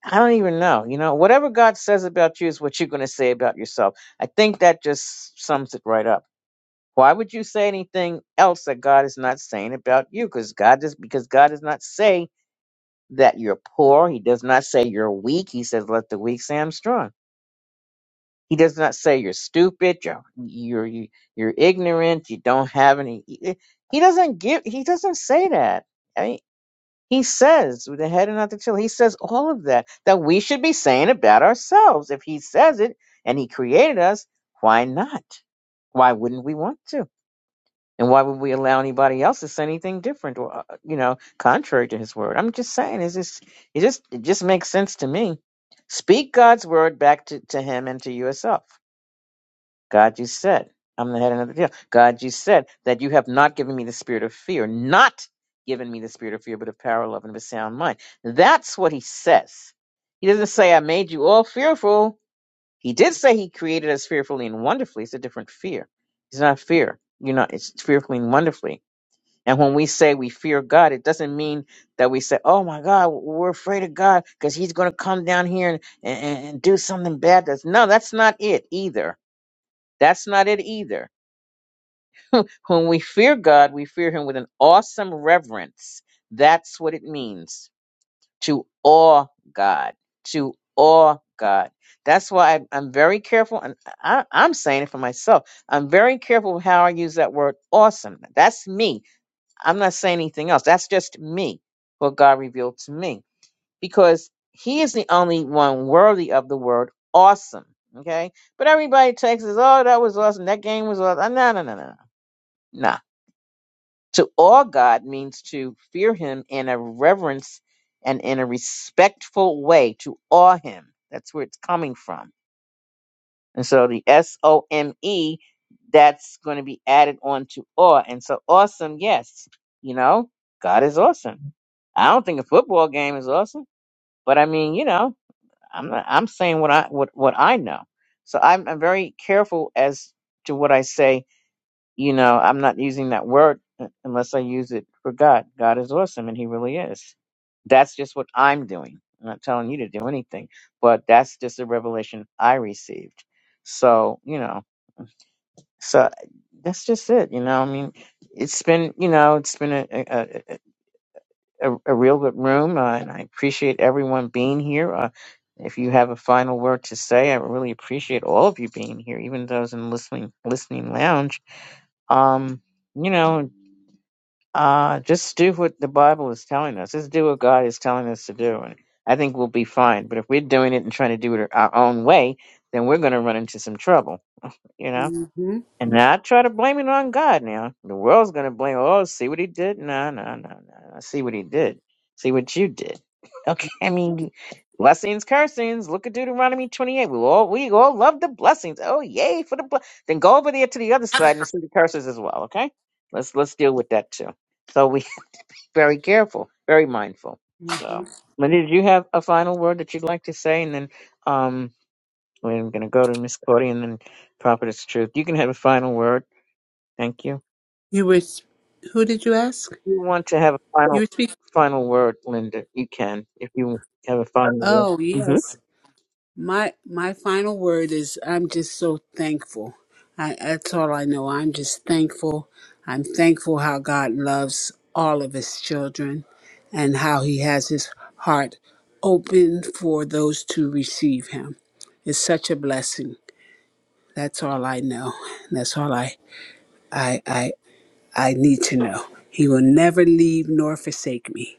Speaker 1: I don't even know. You know, whatever God says about you is what you're going to say about yourself. I think that just sums it right up. Why would you say anything else that God is not saying about you? Because God is because God does not say that you're poor. He does not say you're weak. He says, "Let the weak say I'm strong." He does not say you're stupid. You're you're you're ignorant. You don't have any. He doesn't give. He doesn't say that. I mean, he says with the head and not the tail. He says all of that that we should be saying about ourselves. If he says it and he created us, why not? Why wouldn't we want to? And why would we allow anybody else to say anything different or, uh, you know, contrary to his word? I'm just saying, it's just, it just, it just makes sense to me. Speak God's word back to, to him and to yourself. God, you said, I'm the head and not the tail. God, you said that you have not given me the spirit of fear, not given me the spirit of fear, but of power, love, and of a sound mind. That's what he says. He doesn't say, I made you all fearful. He did say he created us fearfully and wonderfully. It's a different fear. It's not fear. You're not, it's fearfully and wonderfully and when we say we fear God, it doesn't mean that we say, oh my God, we're afraid of God because he's going to come down here and, and, and do something bad. That's, no, that's not it either. That's not it either. When we fear God, we fear him with an awesome reverence. That's what it means to awe God, to awe God. That's why I, I'm very careful, and I, I'm saying it for myself. I'm very careful with how I use that word awesome. That's me. I'm not saying anything else. That's just me, what God revealed to me, because He is the only one worthy of the word awesome. Okay, but everybody takes us. Oh, that was awesome. That game was awesome. No, no, no, no, no. Nah. To awe God means to fear Him in a reverence and in a respectful way. To awe Him. That's where it's coming from and so the S O M E, that's going to be added on to awe. And so awesome, yes. You know, God is awesome. I don't think a football game is awesome, but I mean, you know, I'm not, I'm saying what I what what I know. So I'm, I'm very careful as to what I say you know, I'm not using that word unless I use it for God. God is awesome and he really is. That's just what I'm doing. I'm not telling you to do anything, but that's just a revelation I received. So, you know, so that's just it. You know, I mean, it's been, you know, it's been a, a, a, a a real good room, uh, and I appreciate everyone being here. Uh, if you have a final word to say, I really appreciate all of you being here, even those in listening listening lounge. Um, you know. Uh, just do what the Bible is telling us. Just do what God is telling us to do. And I think we'll be fine. But if we're doing it and trying to do it our own way, then we're going to run into some trouble, you know?
Speaker 5: hmm
Speaker 1: And not try to blame it on God now. The world's going to blame, oh, see what he did? No, no, no, no. no. See what he did. See what you did. Okay. I mean, blessings, cursings. Look at Deuteronomy 28. We all, we all love the blessings. Oh, yay for the blessings. Then go over there to the other side and see the curses as well, okay? Let's, let's deal with that too. So we very careful, very mindful. So, Linda, did you have a final word that you'd like to say? And then um, we're going to go to Miss Claudia and then Prophetess Truth. You can have a final word. Thank you.
Speaker 5: You were, s- who did you ask?
Speaker 1: If you want to have a
Speaker 5: You
Speaker 1: final
Speaker 5: were speaking.
Speaker 1: final word, Linda, you can. If you have a final word.
Speaker 5: Oh,
Speaker 1: hmm
Speaker 5: yes. My my final word is I'm just so thankful. I, that's all I know. I'm just thankful. I'm thankful how God loves all of his children and how he has his heart open for those to receive him. It's such a blessing. That's all I know. That's all I I I, I need to know. He will never leave nor forsake me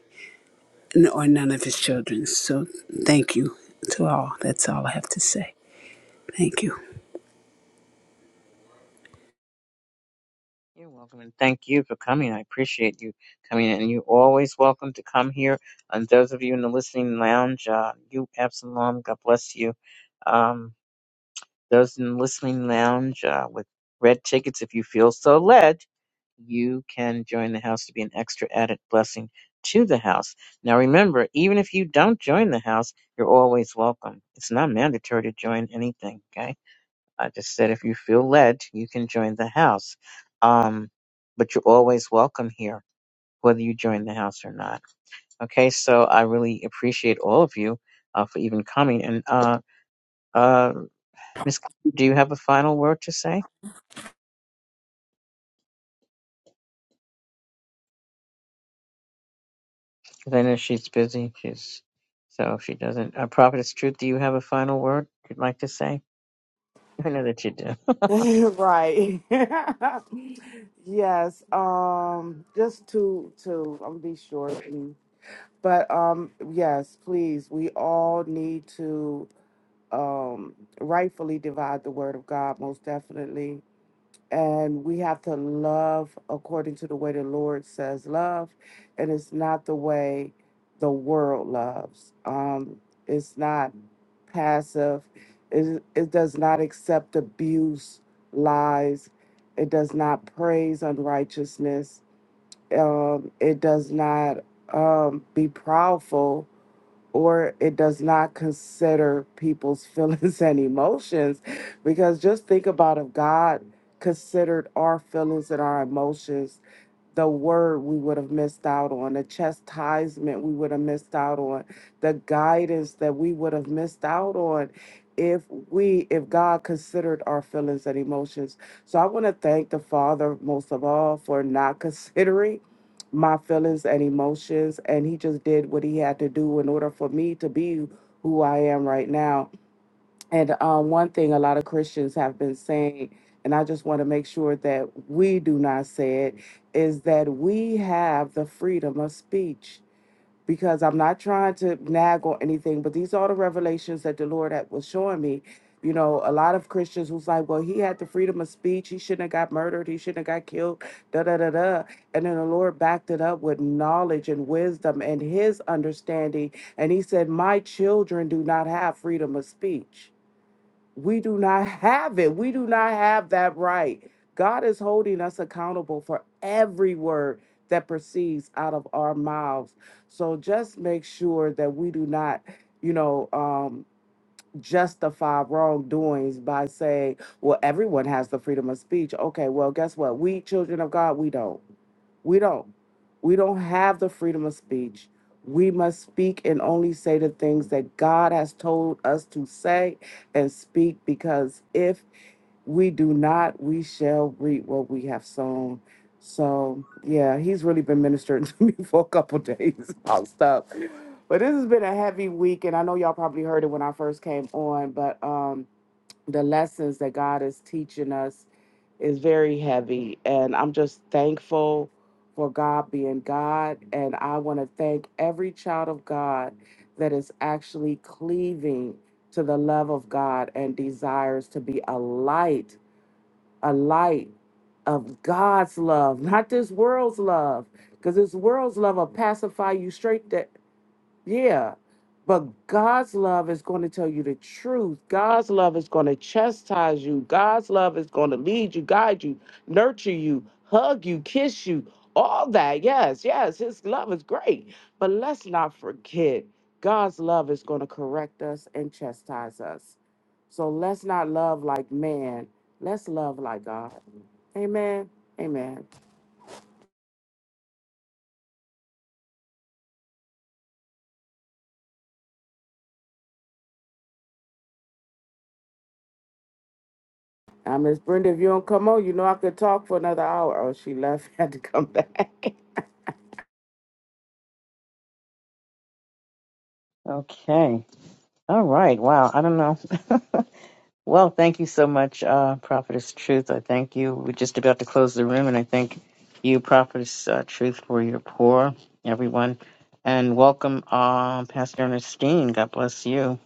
Speaker 5: n- or none of his children. So thank you to all. That's all I have to say. Thank you.
Speaker 1: You're welcome, and thank you for coming. I appreciate you coming, and you're always welcome to come here. And those of you in the listening lounge, uh, you, Absalom, God bless you. Um, Those in the listening lounge uh, with red tickets, if you feel so led, you can join the house to be an extra added blessing to the house. Now remember, even if you don't join the house, you're always welcome. It's not mandatory to join anything, okay? I just said if you feel led, you can join the house. Um, but you're always welcome here, whether you join the house or not. Okay, so I really appreciate all of you uh, for even coming. And uh, uh, Miss, Clem, do you have a final word to say? Because I know she's busy. She's so if she doesn't. Uh, Prophetess Truth, do you have a final word you'd like to say? I know that you do.
Speaker 4: right. yes. Um. Just to to I'm gonna be short, please. But um. Yes, please. We all need to um rightfully divide the word of God. Most definitely. And we have to love according to the way the Lord says love. And it's not the way the world loves. Um, it's not passive. It, it does not accept abuse, lies. It does not praise unrighteousness. Um, it does not um, be proudful or it does not consider people's feelings and emotions. Because just think about if God considered our feelings and our emotions the word we would have missed out on, the chastisement we would have missed out on, the guidance that we would have missed out on if we if God considered our feelings and emotions. So I want to thank the Father most of all for not considering my feelings and emotions and he just did what he had to do in order for me to be who I am right now. And um, one thing a lot of Christians have been saying, and I just want to make sure that we do not say it, is that we have the freedom of speech. Because I'm not trying to nag or anything, but these are the revelations that the Lord had, was showing me. You know, a lot of Christians was like, well, he had the freedom of speech. He shouldn't have got murdered. He shouldn't have got killed. Da da da da. And then the Lord backed it up with knowledge and wisdom and his understanding. And he said, My children do not have freedom of speech we do not have it. We do not have that right. God is holding us accountable for every word that proceeds out of our mouths. So just make sure that we do not, you know, um, justify wrongdoings by saying, well, everyone has the freedom of speech. Okay, well, guess what? We, children of God, we don't. We don't. We don't have the freedom of speech. We must speak and only say the things that God has told us to say and speak because if we do not, we shall reap what we have sown. So yeah, he's really been ministering to me for a couple days about stuff. But this has been a heavy week, and I know y'all probably heard it when I first came on, but um the lessons that God is teaching us is very heavy. And I'm just thankful for God being God. And I want to thank every child of God that is actually cleaving to the love of God and desires to be a light a light of God's love, not this world's love, because this world's love will pacify you straight That. Yeah. But God's love is going to tell you the truth. God's love is going to chastise you. God's love is going to lead you, guide you, nurture you, hug you, kiss you, all that. Yes, yes, His love is great. But let's not forget, God's love is going to correct us and chastise us. So let's not love like man. Let's love like God. Amen. Amen. Now, Miss Brenda, if you don't come on, you know I could talk for another hour. Oh, she left, had to come back.
Speaker 1: Okay. All right. Wow. I don't know. Well, thank you so much, uh, Prophetess Truth. I thank you. We're just about to close the room, and I thank you, Prophetess uh, Truth, for your pour, everyone. And welcome, uh, Pastor Ernestine. God bless you.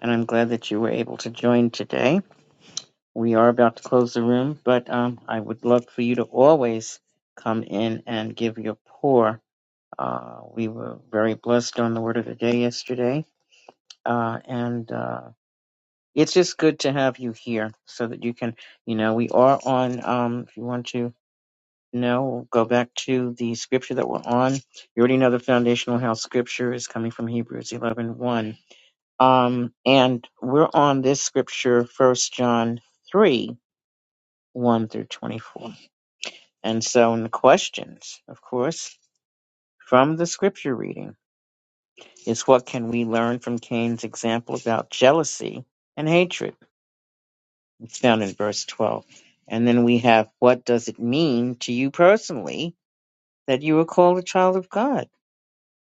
Speaker 1: And I'm glad that you were able to join today. We are about to close the room, but um, I would love for you to always come in and give your pour. Uh, we were very blessed on the word of the day yesterday, uh, and. uh, it's just good to have you here so that you can, you know, we are on, um, if you want to know, go back to the scripture that we're on. You already know the foundational house scripture is coming from Hebrews eleven one. Um, and we're on this scripture, First John 3 1 through 24. And so, in the questions, of course, from the scripture reading is what can we learn from Cain's example about jealousy and hatred? It's found in verse 12. And then we have what does it mean to you personally that you are called a child of God?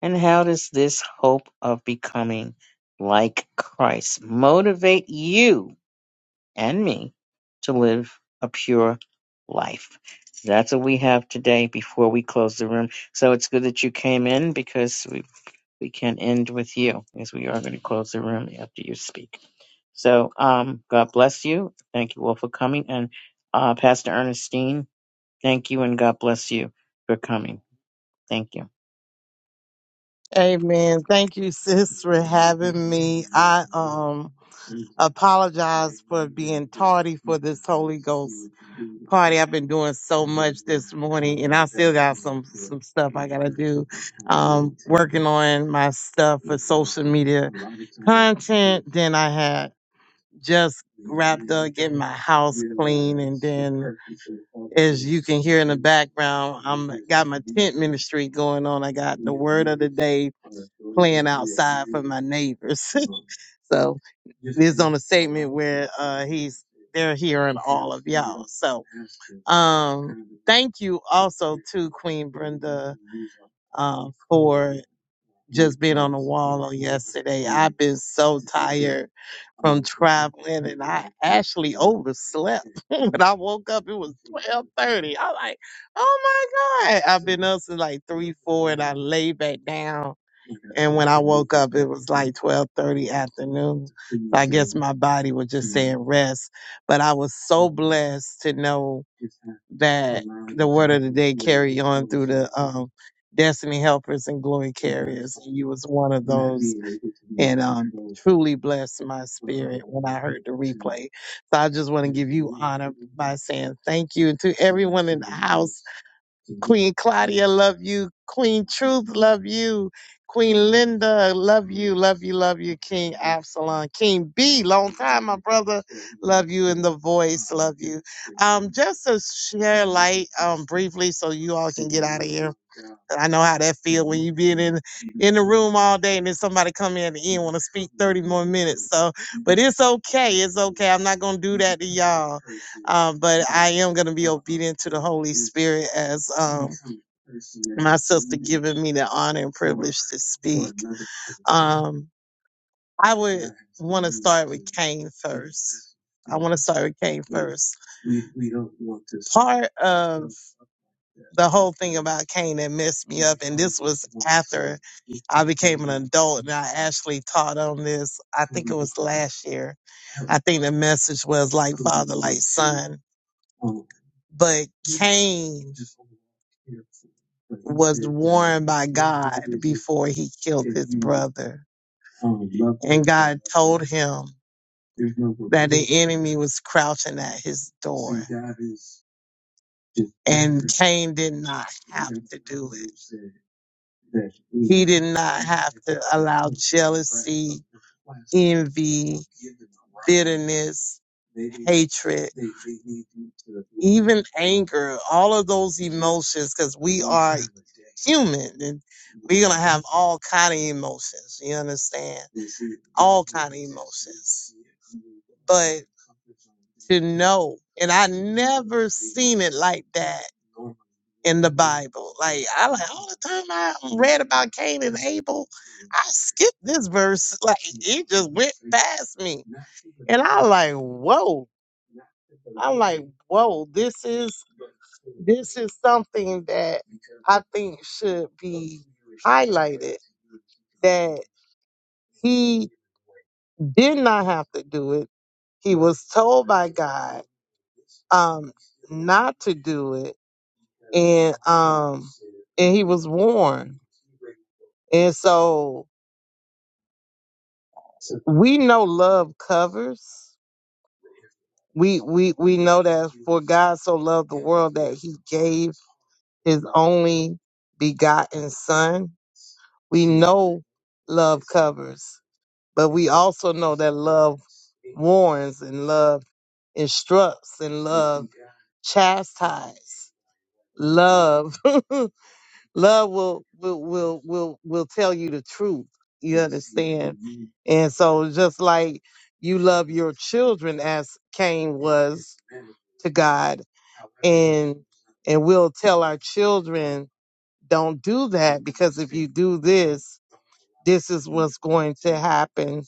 Speaker 1: And how does this hope of becoming like Christ motivate you? and me to live a pure life. That's what we have today before we close the room. So it's good that you came in because we we can end with you as we are going to close the room after you speak. So um, God bless you. Thank you all for coming. And uh, Pastor Ernestine, thank you and God bless you for coming. Thank you.
Speaker 6: Amen. Thank you, sis, for having me. I um apologize for being tardy for this Holy Ghost party. I've been doing so much this morning, and I still got some some stuff I gotta do. Um, working on my stuff for social media content. Then I had just wrapped up getting my house clean and then as you can hear in the background i'm got my tent ministry going on i got the word of the day playing outside for my neighbors so this is on a segment where uh he's they're hearing all of y'all so um thank you also to queen brenda uh, for just being on the wall on yesterday. I've been so tired from traveling and I actually overslept. when I woke up, it was twelve thirty. I'm like, oh my God. I've been up since like three, four and I lay back down. And when I woke up it was like twelve thirty afternoon. So I guess my body was just saying rest. But I was so blessed to know that the word of the day carry on through the um, destiny helpers and glory carriers. And you was one of those and um, truly blessed my spirit when I heard the replay. So I just want to give you honor by saying thank you. And to everyone in the house, Queen Claudia, love you. Queen Truth, love you. Queen Linda, love you, love you, love you. King Absalom, King B, long time, my brother. Love you in the voice. Love you. Um, just to share light um briefly so you all can get out of here. I know how that feel when you been in in the room all day and then somebody come in at the end want to speak 30 more minutes. So but it's okay. It's okay. I'm not gonna do that to y'all. Um, but I am gonna be obedient to the Holy Spirit as um my sister giving me the honor and privilege to speak. Um, I would want to start with Cain first. I want to start with Cain first. Part of the whole thing about Cain that messed me up, and this was after I became an adult and I actually taught on this. I think it was last year. I think the message was like father, like son. But Cain was warned by God before he killed his brother. And God told him. that the enemy was crouching at his door. And Cain did not have to do it. He did not have to allow jealousy, envy, bitterness, hatred, even anger, all of those emotions, because we are human and we're gonna have all kind of emotions. You understand? All kind of emotions. But to know, and I never seen it like that in the Bible. Like I like all the time I read about Cain and Abel, I skipped this verse. Like it just went past me. And I like, whoa. I'm like, whoa, this is this is something that I think should be highlighted. That he did not have to do it. He was told by God um not to do it. And um and he was warned. And so we know love covers. We we we know that for God so loved the world that he gave his only begotten son. We know love covers, but we also know that love warns and love instructs and love chastise. Love Love will will will will will tell you the truth. You understand? And so just like you love your children as Cain was to God and and we'll tell our children don't do that because if you do this, this is what's going to happen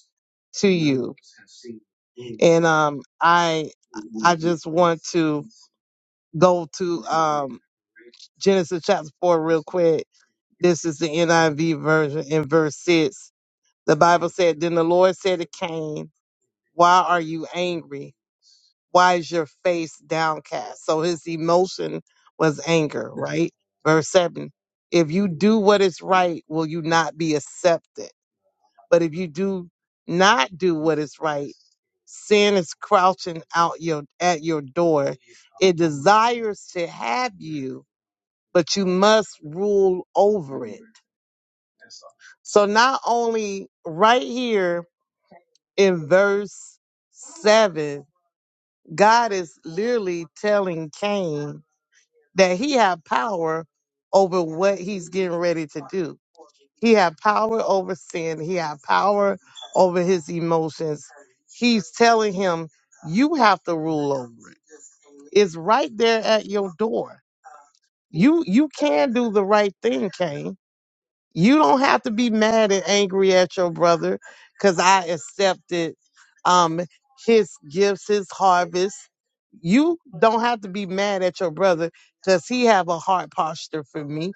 Speaker 6: to you. And um I I just want to go to um Genesis chapter 4 real quick This is the NIV version in verse 6. The Bible said, Then the Lord said to Cain, Why are you angry? Why is your face downcast? So his emotion was anger, right? Verse 7. If you do what is right, will you not be accepted? But if you do not do what is right, sin is crouching out your at your door. It desires to have you, but you must rule over it. So not only right here in verse 7, God is literally telling Cain that he had power over what he's getting ready to do. He had power over sin, he had power over his emotions. He's telling him you have to rule over it. It's right there at your door. You you can do the right thing, Cain you don't have to be mad and angry at your brother because I accepted um his gifts, his harvest. You don't have to be mad at your brother because he have a heart posture for me.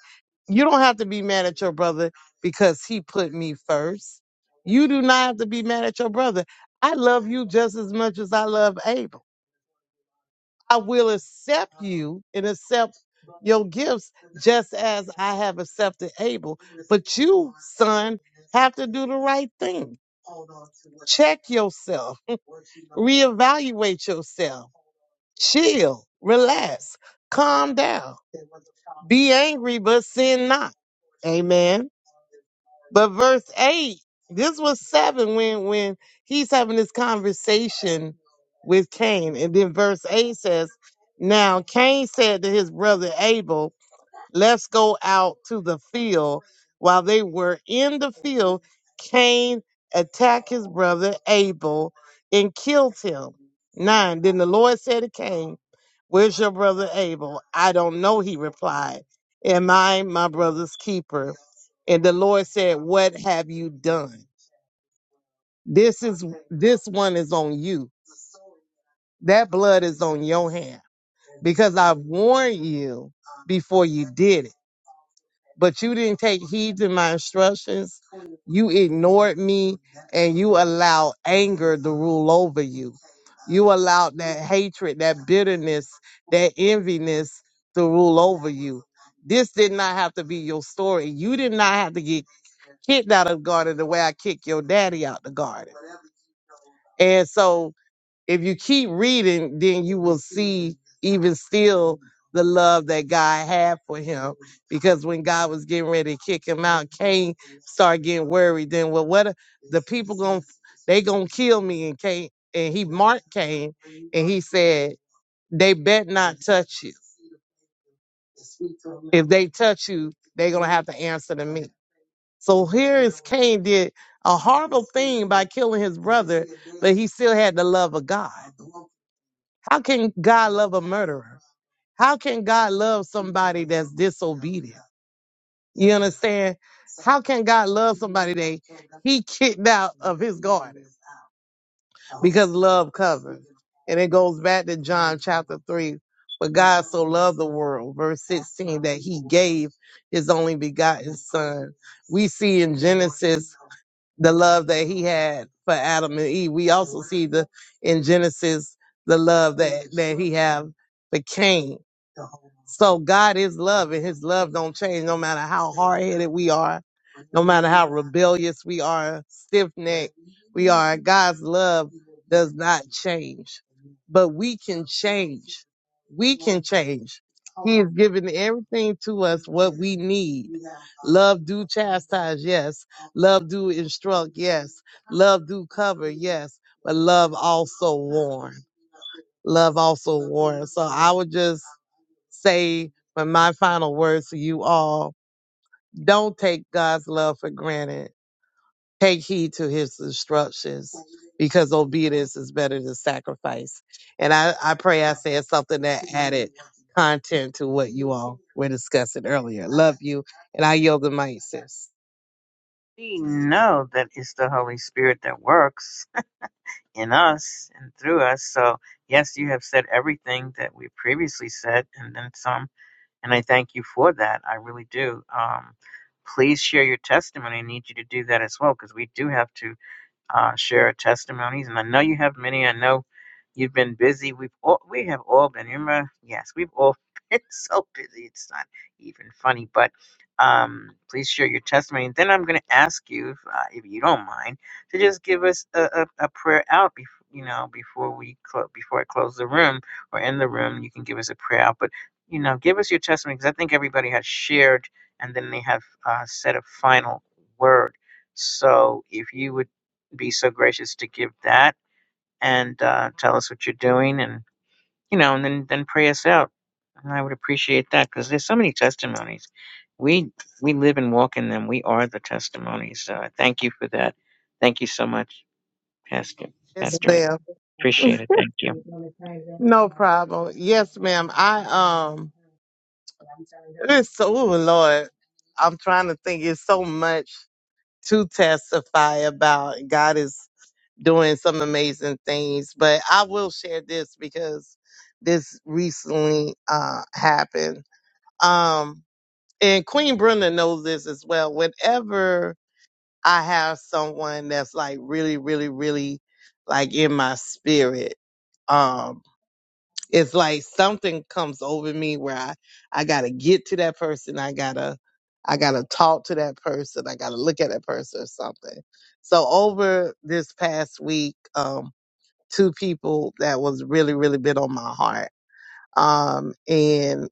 Speaker 6: You don't have to be mad at your brother because he put me first. You do not have to be mad at your brother. I love you just as much as I love Abel. I will accept you and accept your gifts just as I have accepted Abel. But you, son, have to do the right thing. Check yourself, reevaluate yourself, chill, relax, calm down, be angry, but sin not. Amen. But verse eight, this was seven when when he's having this conversation with Cain, and then verse eight says, "Now Cain said to his brother Abel." let's go out to the field. While they were in the field, Cain attacked his brother Abel and killed him. Nine. Then the Lord said to Cain, Where's your brother Abel? I don't know, he replied. Am I my brother's keeper? And the Lord said, What have you done? This is this one is on you. That blood is on your hand. Because I warned you before you did it. but you didn't take heed to my instructions. You ignored me and you allowed anger to rule over you. You allowed that hatred, that bitterness, that enviness to rule over you. This did not have to be your story. You did not have to get kicked out of the garden the way I kicked your daddy out the garden. And so if you keep reading, then you will see even still the love that God had for him. Because when God was getting ready to kick him out, Cain started getting worried. Then, well, what are, the people going to they gonna kill me and Cain and he marked Cain and he said, They bet not touch you. If they touch you, they are gonna have to answer to me. So here is Cain did a horrible thing by killing his brother, but he still had the love of God. How can God love a murderer? How can God love somebody that's disobedient? You understand? How can God love somebody that he kicked out of his garden? Because love covers. And it goes back to John chapter 3. But God so loved the world, verse 16, that he gave his only begotten son. We see in Genesis the love that he had for Adam and Eve. We also see the in Genesis the love that, that he had for Cain so God is love and his love don't change no matter how hard headed we are, no matter how rebellious we are, stiff necked we are. God's love does not change, but we can change. We can change. He has given everything to us what we need. Love do chastise, yes. Love do instruct, yes. Love do cover, yes. But love also warn. Love also warn. So I would just say for my final words to you all don't take God's love for granted. Take heed to his instructions because obedience is better than sacrifice. And I, I pray I said something that added content to what you all were discussing earlier. Love you. And I yield the mic, sis.
Speaker 1: We know that it's the Holy Spirit that works. in us and through us. So, yes, you have said everything that we previously said and then some. And I thank you for that. I really do. Um, please share your testimony. I need you to do that as well because we do have to uh, share testimonies. And I know you have many. I know you've been busy. We've all, we have all been. Remember, yes, we've all been so busy. It's not even funny. But um, please share your testimony. And then I'm going to ask you, if, uh, if you don't mind, to just give us a, a, a prayer out. Before, you know, before we clo- before I close the room or in the room, you can give us a prayer out. But you know, give us your testimony because I think everybody has shared and then they have uh, said a final word. So if you would be so gracious to give that and uh, tell us what you're doing and you know and then then pray us out and i would appreciate that because there's so many testimonies we we live and walk in them we are the testimonies so i thank you for that thank you so much pastor
Speaker 6: Yes,
Speaker 1: pastor Nick.
Speaker 6: ma'am.
Speaker 1: appreciate it thank you
Speaker 6: No problem. Yes, ma'am. I um it's so oh, Lord. I'm trying to think. It's so much. to testify about. God is doing some amazing things. But I will share this because this recently uh, happened. Um, and Queen Brenda knows this as well. Whenever I have someone that's like really, really, really like in my spirit, um, it's like something comes over me where I, I gotta get to that person. I gotta, I gotta talk to that person. I gotta look at that person or something. So over this past week, um, two people that was really, really been on my heart. Um, and,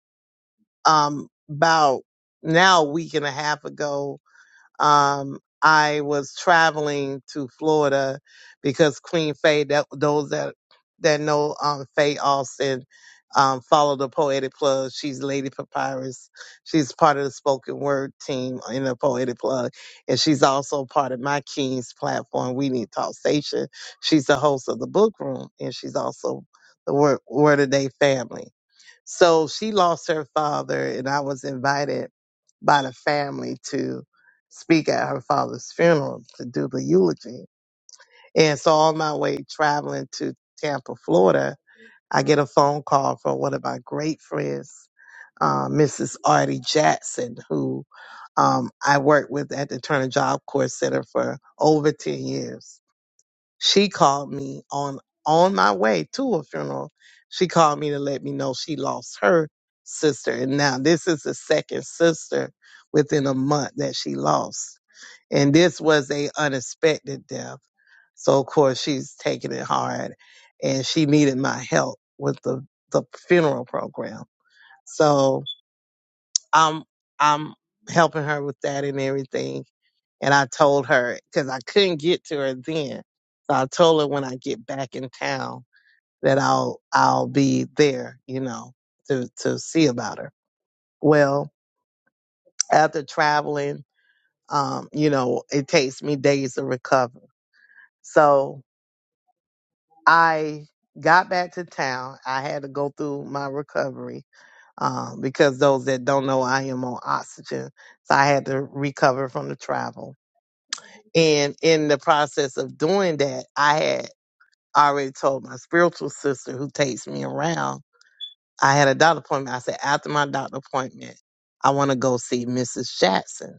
Speaker 6: um, about now a week and a half ago, um, I was traveling to Florida because Queen Faye, that, those that, that know um, Faye Austin, um, follow the Poetic Plug. She's Lady Papyrus. She's part of the spoken word team in the Poetic Plug. And she's also part of my King's platform, We Need Talk Station. She's the host of the book room, and she's also the Word, word of Day family. So she lost her father, and I was invited by the family to speak at her father's funeral to do the eulogy. And so on my way traveling to Tampa, Florida, I get a phone call from one of my great friends, uh, Mrs. Artie Jackson, who um, I worked with at the Turner Job Corps Center for over 10 years. She called me on, on my way to a funeral. She called me to let me know she lost her sister. And now this is the second sister within a month that she lost. And this was a unexpected death. So of course she's taking it hard and she needed my help with the, the funeral program. So I'm I'm helping her with that and everything. And I told her because I couldn't get to her then. So I told her when I get back in town that I'll I'll be there, you know, to to see about her. Well, after traveling, um, you know, it takes me days to recover. So I got back to town. I had to go through my recovery um, because those that don't know, I am on oxygen. So I had to recover from the travel. And in the process of doing that, I had already told my spiritual sister who takes me around, I had a doctor appointment. I said, after my doctor appointment, I want to go see Mrs. Jackson.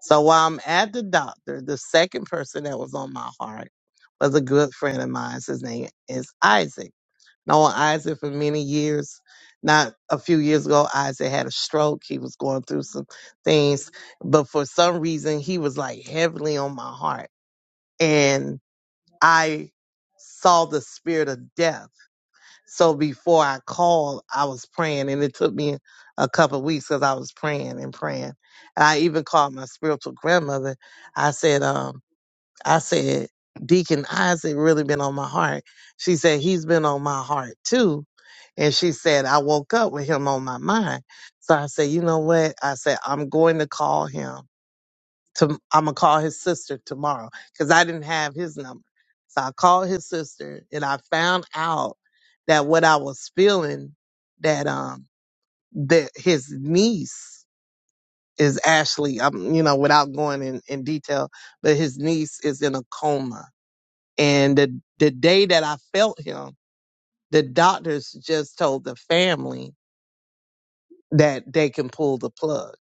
Speaker 6: So while I'm at the doctor, the second person that was on my heart was a good friend of mine. His name is Isaac. Known Isaac for many years. Not a few years ago, Isaac had a stroke. He was going through some things, but for some reason, he was like heavily on my heart. And I saw the spirit of death. So before I called, I was praying, and it took me a couple of weeks because I was praying and praying. And I even called my spiritual grandmother. I said, um, I said, Deacon Isaac really been on my heart. She said, he's been on my heart too. And she said, I woke up with him on my mind. So I said, you know what? I said, I'm going to call him. To, I'm going to call his sister tomorrow because I didn't have his number. So I called his sister and I found out that what I was feeling that, um, that his niece is actually, um, you know, without going in, in detail, but his niece is in a coma and the, the day that I felt him, the doctors just told the family that they can pull the plug,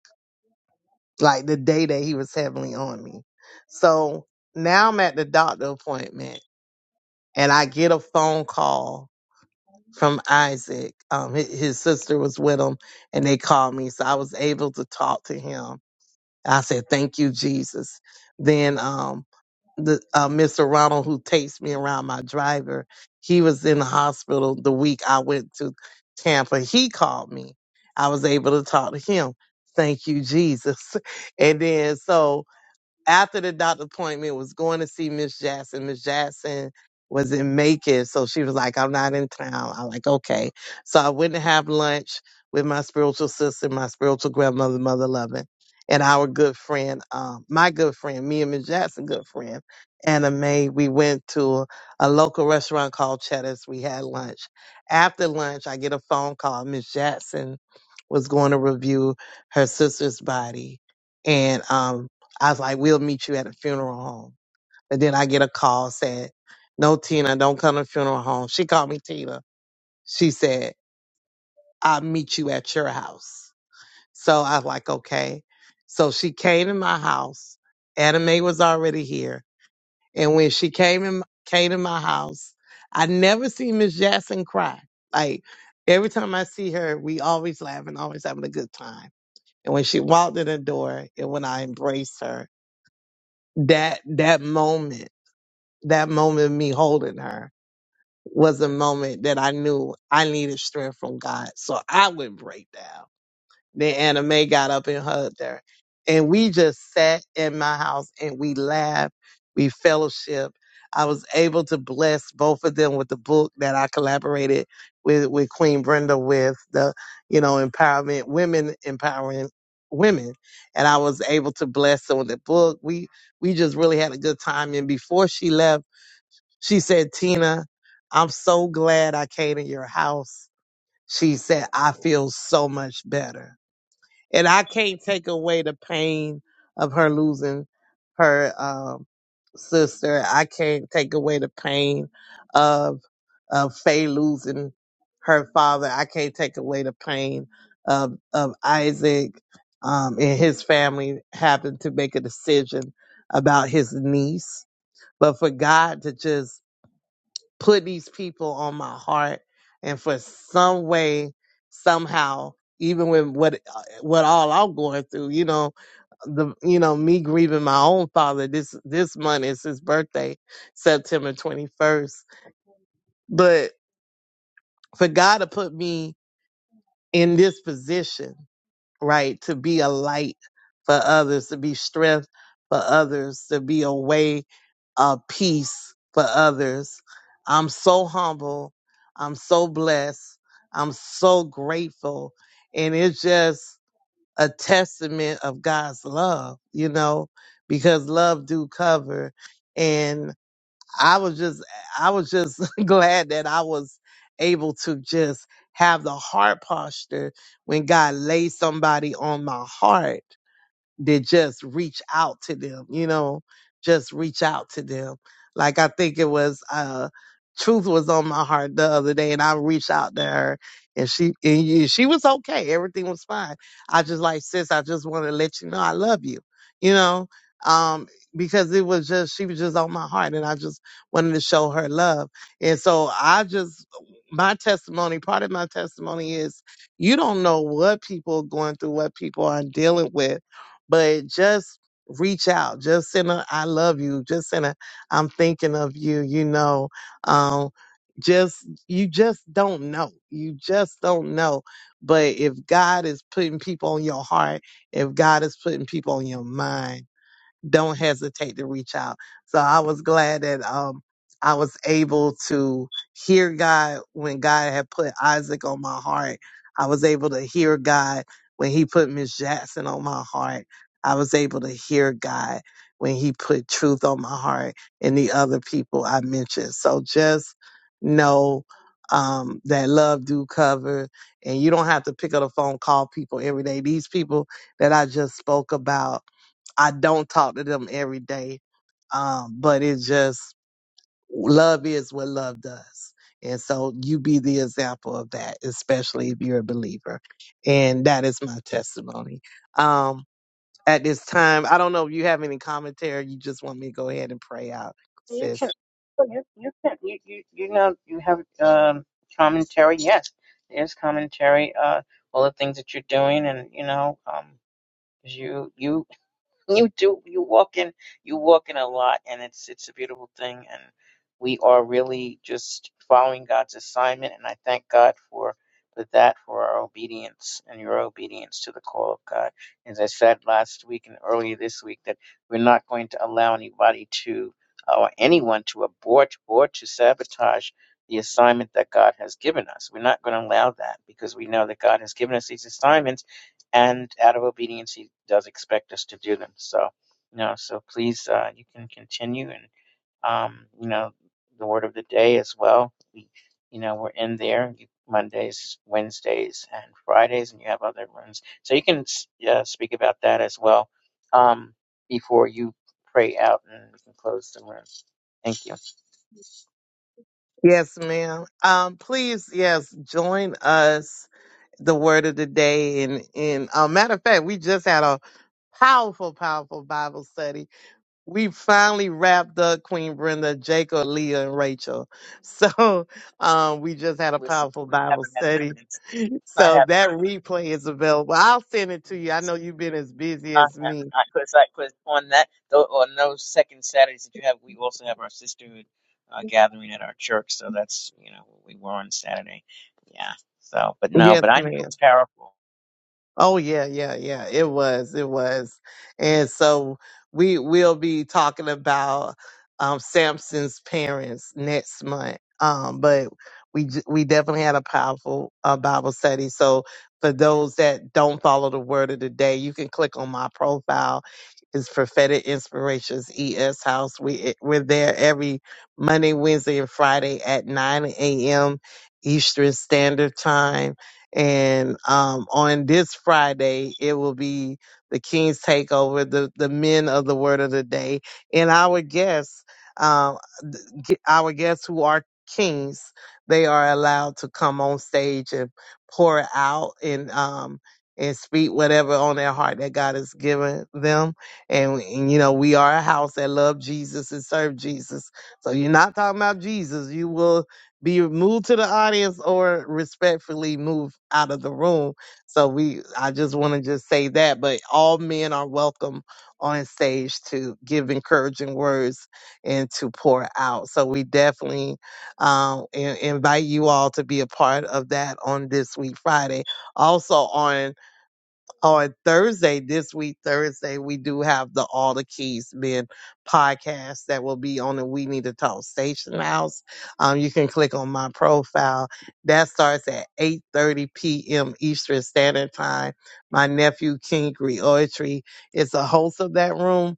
Speaker 6: like the day that he was heavily on me. So now I'm at the doctor appointment and I get a phone call from Isaac. Um, his, his sister was with him and they called me. So I was able to talk to him. I said, thank you, Jesus. Then, um, the uh, Mr. Ronald who takes me around my driver, he was in the hospital the week I went to Tampa. He called me. I was able to talk to him. Thank you, Jesus. And then so after the doctor appointment was going to see Miss Jackson. Miss Jackson was in Macon, so she was like, I'm not in town. I'm like, okay. So I went to have lunch with my spiritual sister, my spiritual grandmother, Mother Loving, and our good friend, um, my good friend, me and Miss Jackson, good friend, Anna Mae. We went to a local restaurant called Cheddar's. We had lunch. After lunch, I get a phone call. Miss Jackson was going to review her sister's body. And um, I was like, we'll meet you at a funeral home. And then I get a call saying, no, Tina, don't come to the funeral home. She called me Tina. She said, I'll meet you at your house. So I was like, okay. So she came to my house. Anime was already here. And when she came in, came to my house, I never seen Miss Jackson cry. Like every time I see her, we always laughing, always having a good time. And when she walked in the door and when I embraced her, that that moment that moment of me holding her was a moment that I knew I needed strength from God. So I would break down. Then Anna Mae got up and hugged her. And we just sat in my house and we laughed. We fellowship. I was able to bless both of them with the book that I collaborated with, with Queen Brenda with the, you know, empowerment, women empowering women. And I was able to bless them with the book. We we just really had a good time. And before she left, she said, Tina, I'm so glad I came to your house. She said, I feel so much better. And I can't take away the pain of her losing her um, sister. I can't take away the pain of, of Faye losing her father. I can't take away the pain of, of Isaac um, and his family having to make a decision about his niece. But for God to just put these people on my heart and for some way somehow even with what what all i'm going through you know the you know me grieving my own father this this month is his birthday september 21st but for god to put me in this position right? To be a light for others, to be strength for others, to be a way of peace for others. I'm so humble. I'm so blessed. I'm so grateful. And it's just a testament of God's love, you know, because love do cover. I was just, I was just glad that I was able to just have the heart posture when God laid somebody on my heart that just reach out to them, you know, just reach out to them. Like I think it was uh Truth was on my heart the other day and I reached out to her and she and you- she was okay. Everything was fine. I just like sis, I just want to let you know I love you, you know? Um because it was just she was just on my heart and I just wanted to show her love. And so I just my testimony, part of my testimony is you don't know what people are going through, what people are dealing with but just reach out just send a i love you just send a i'm thinking of you you know um just you just don't know you just don't know but if god is putting people on your heart if god is putting people on your mind don't hesitate to reach out. So I was glad that um I was able to hear God when God had put Isaac on my heart. I was able to hear God when he put Miss Jackson on my heart. I was able to hear God when he put truth on my heart and the other people I mentioned. So just know um, that love do cover and you don't have to pick up the phone, call people every day. These people that I just spoke about, I don't talk to them every day. Um, but it's just love is what love does. And so you be the example of that, especially if you're a believer. And that is my testimony. Um, at this time, I don't know if you have any commentary. You just want me to go ahead and pray out,
Speaker 1: You
Speaker 6: sis.
Speaker 1: can, so you, you can, you, you, you know, you have um, commentary. Yes, there's commentary. Uh, all the things that you're doing, and you know, um, 'cause you, you you do you walk in you walk in a lot and it's it's a beautiful thing and we are really just following god's assignment and i thank god for for that for our obedience and your obedience to the call of god as i said last week and earlier this week that we're not going to allow anybody to or anyone to abort or to sabotage the assignment that god has given us we're not going to allow that because we know that god has given us these assignments and out of obedience he does expect us to do them so you know so please uh, you can continue and um, you know the word of the day as well we, you know we're in there you- mondays wednesdays and fridays and you have other rooms so you can s- yeah, speak about that as well um, before you pray out and we can close the room thank you
Speaker 6: Yes, ma'am. Um, please, yes, join us the word of the day and and uh, matter of fact we just had a powerful powerful bible study we finally wrapped up Queen Brenda, Jacob, Leah, and Rachel. So um, we just had a
Speaker 1: listen
Speaker 6: powerful
Speaker 1: I
Speaker 6: Bible
Speaker 1: haven't had
Speaker 6: study.
Speaker 1: a chance i
Speaker 6: So that replay is available. I'll send it to you.
Speaker 1: haven't
Speaker 6: I know you've been as busy
Speaker 1: I
Speaker 6: as me.
Speaker 1: haven't. I because I because on that tho- on those second Saturdays that you have, we also have our sisterhood uh, gathering at our church. So that's you know we were on Saturday. Yeah. So, but no,
Speaker 6: Yes,
Speaker 1: but I know
Speaker 6: ma'am.
Speaker 1: it's powerful.
Speaker 6: Oh yeah, yeah, yeah. It was, it was. And so we will be talking about um Samson's parents next month. Um but we j- we definitely had a powerful uh, Bible study. So for those that don't follow the word of the day, you can click on my profile. It's Prophetic Inspirations ES House. We we're there every Monday, Wednesday, and Friday at 9 a.m. Eastern Standard Time and um, on this Friday, it will be the King's Takeover, the, the men of the word of the day, and our guests, um, th- g- our guests who are kings, they are allowed to come on stage and pour out and um, and speak whatever on their heart that God has given them. And, and you know, we are a house that love Jesus and serve Jesus. So you're not talking about Jesus. You will be moved to the audience or respectfully move out of the room. So we, I just want to just say that, but all men are welcome on stage to give encouraging words and to pour out. So we definitely um, in- invite you all to be a part of that on this week Friday. Also on on Thursday, this week, Thursday, we do have the All the Keys Men podcast that will be on the We Need to Talk Station House. Um, you can click on my profile. That starts at 8.30 p.m. Eastern Standard Time. My nephew, King Griotry, is the host of that room,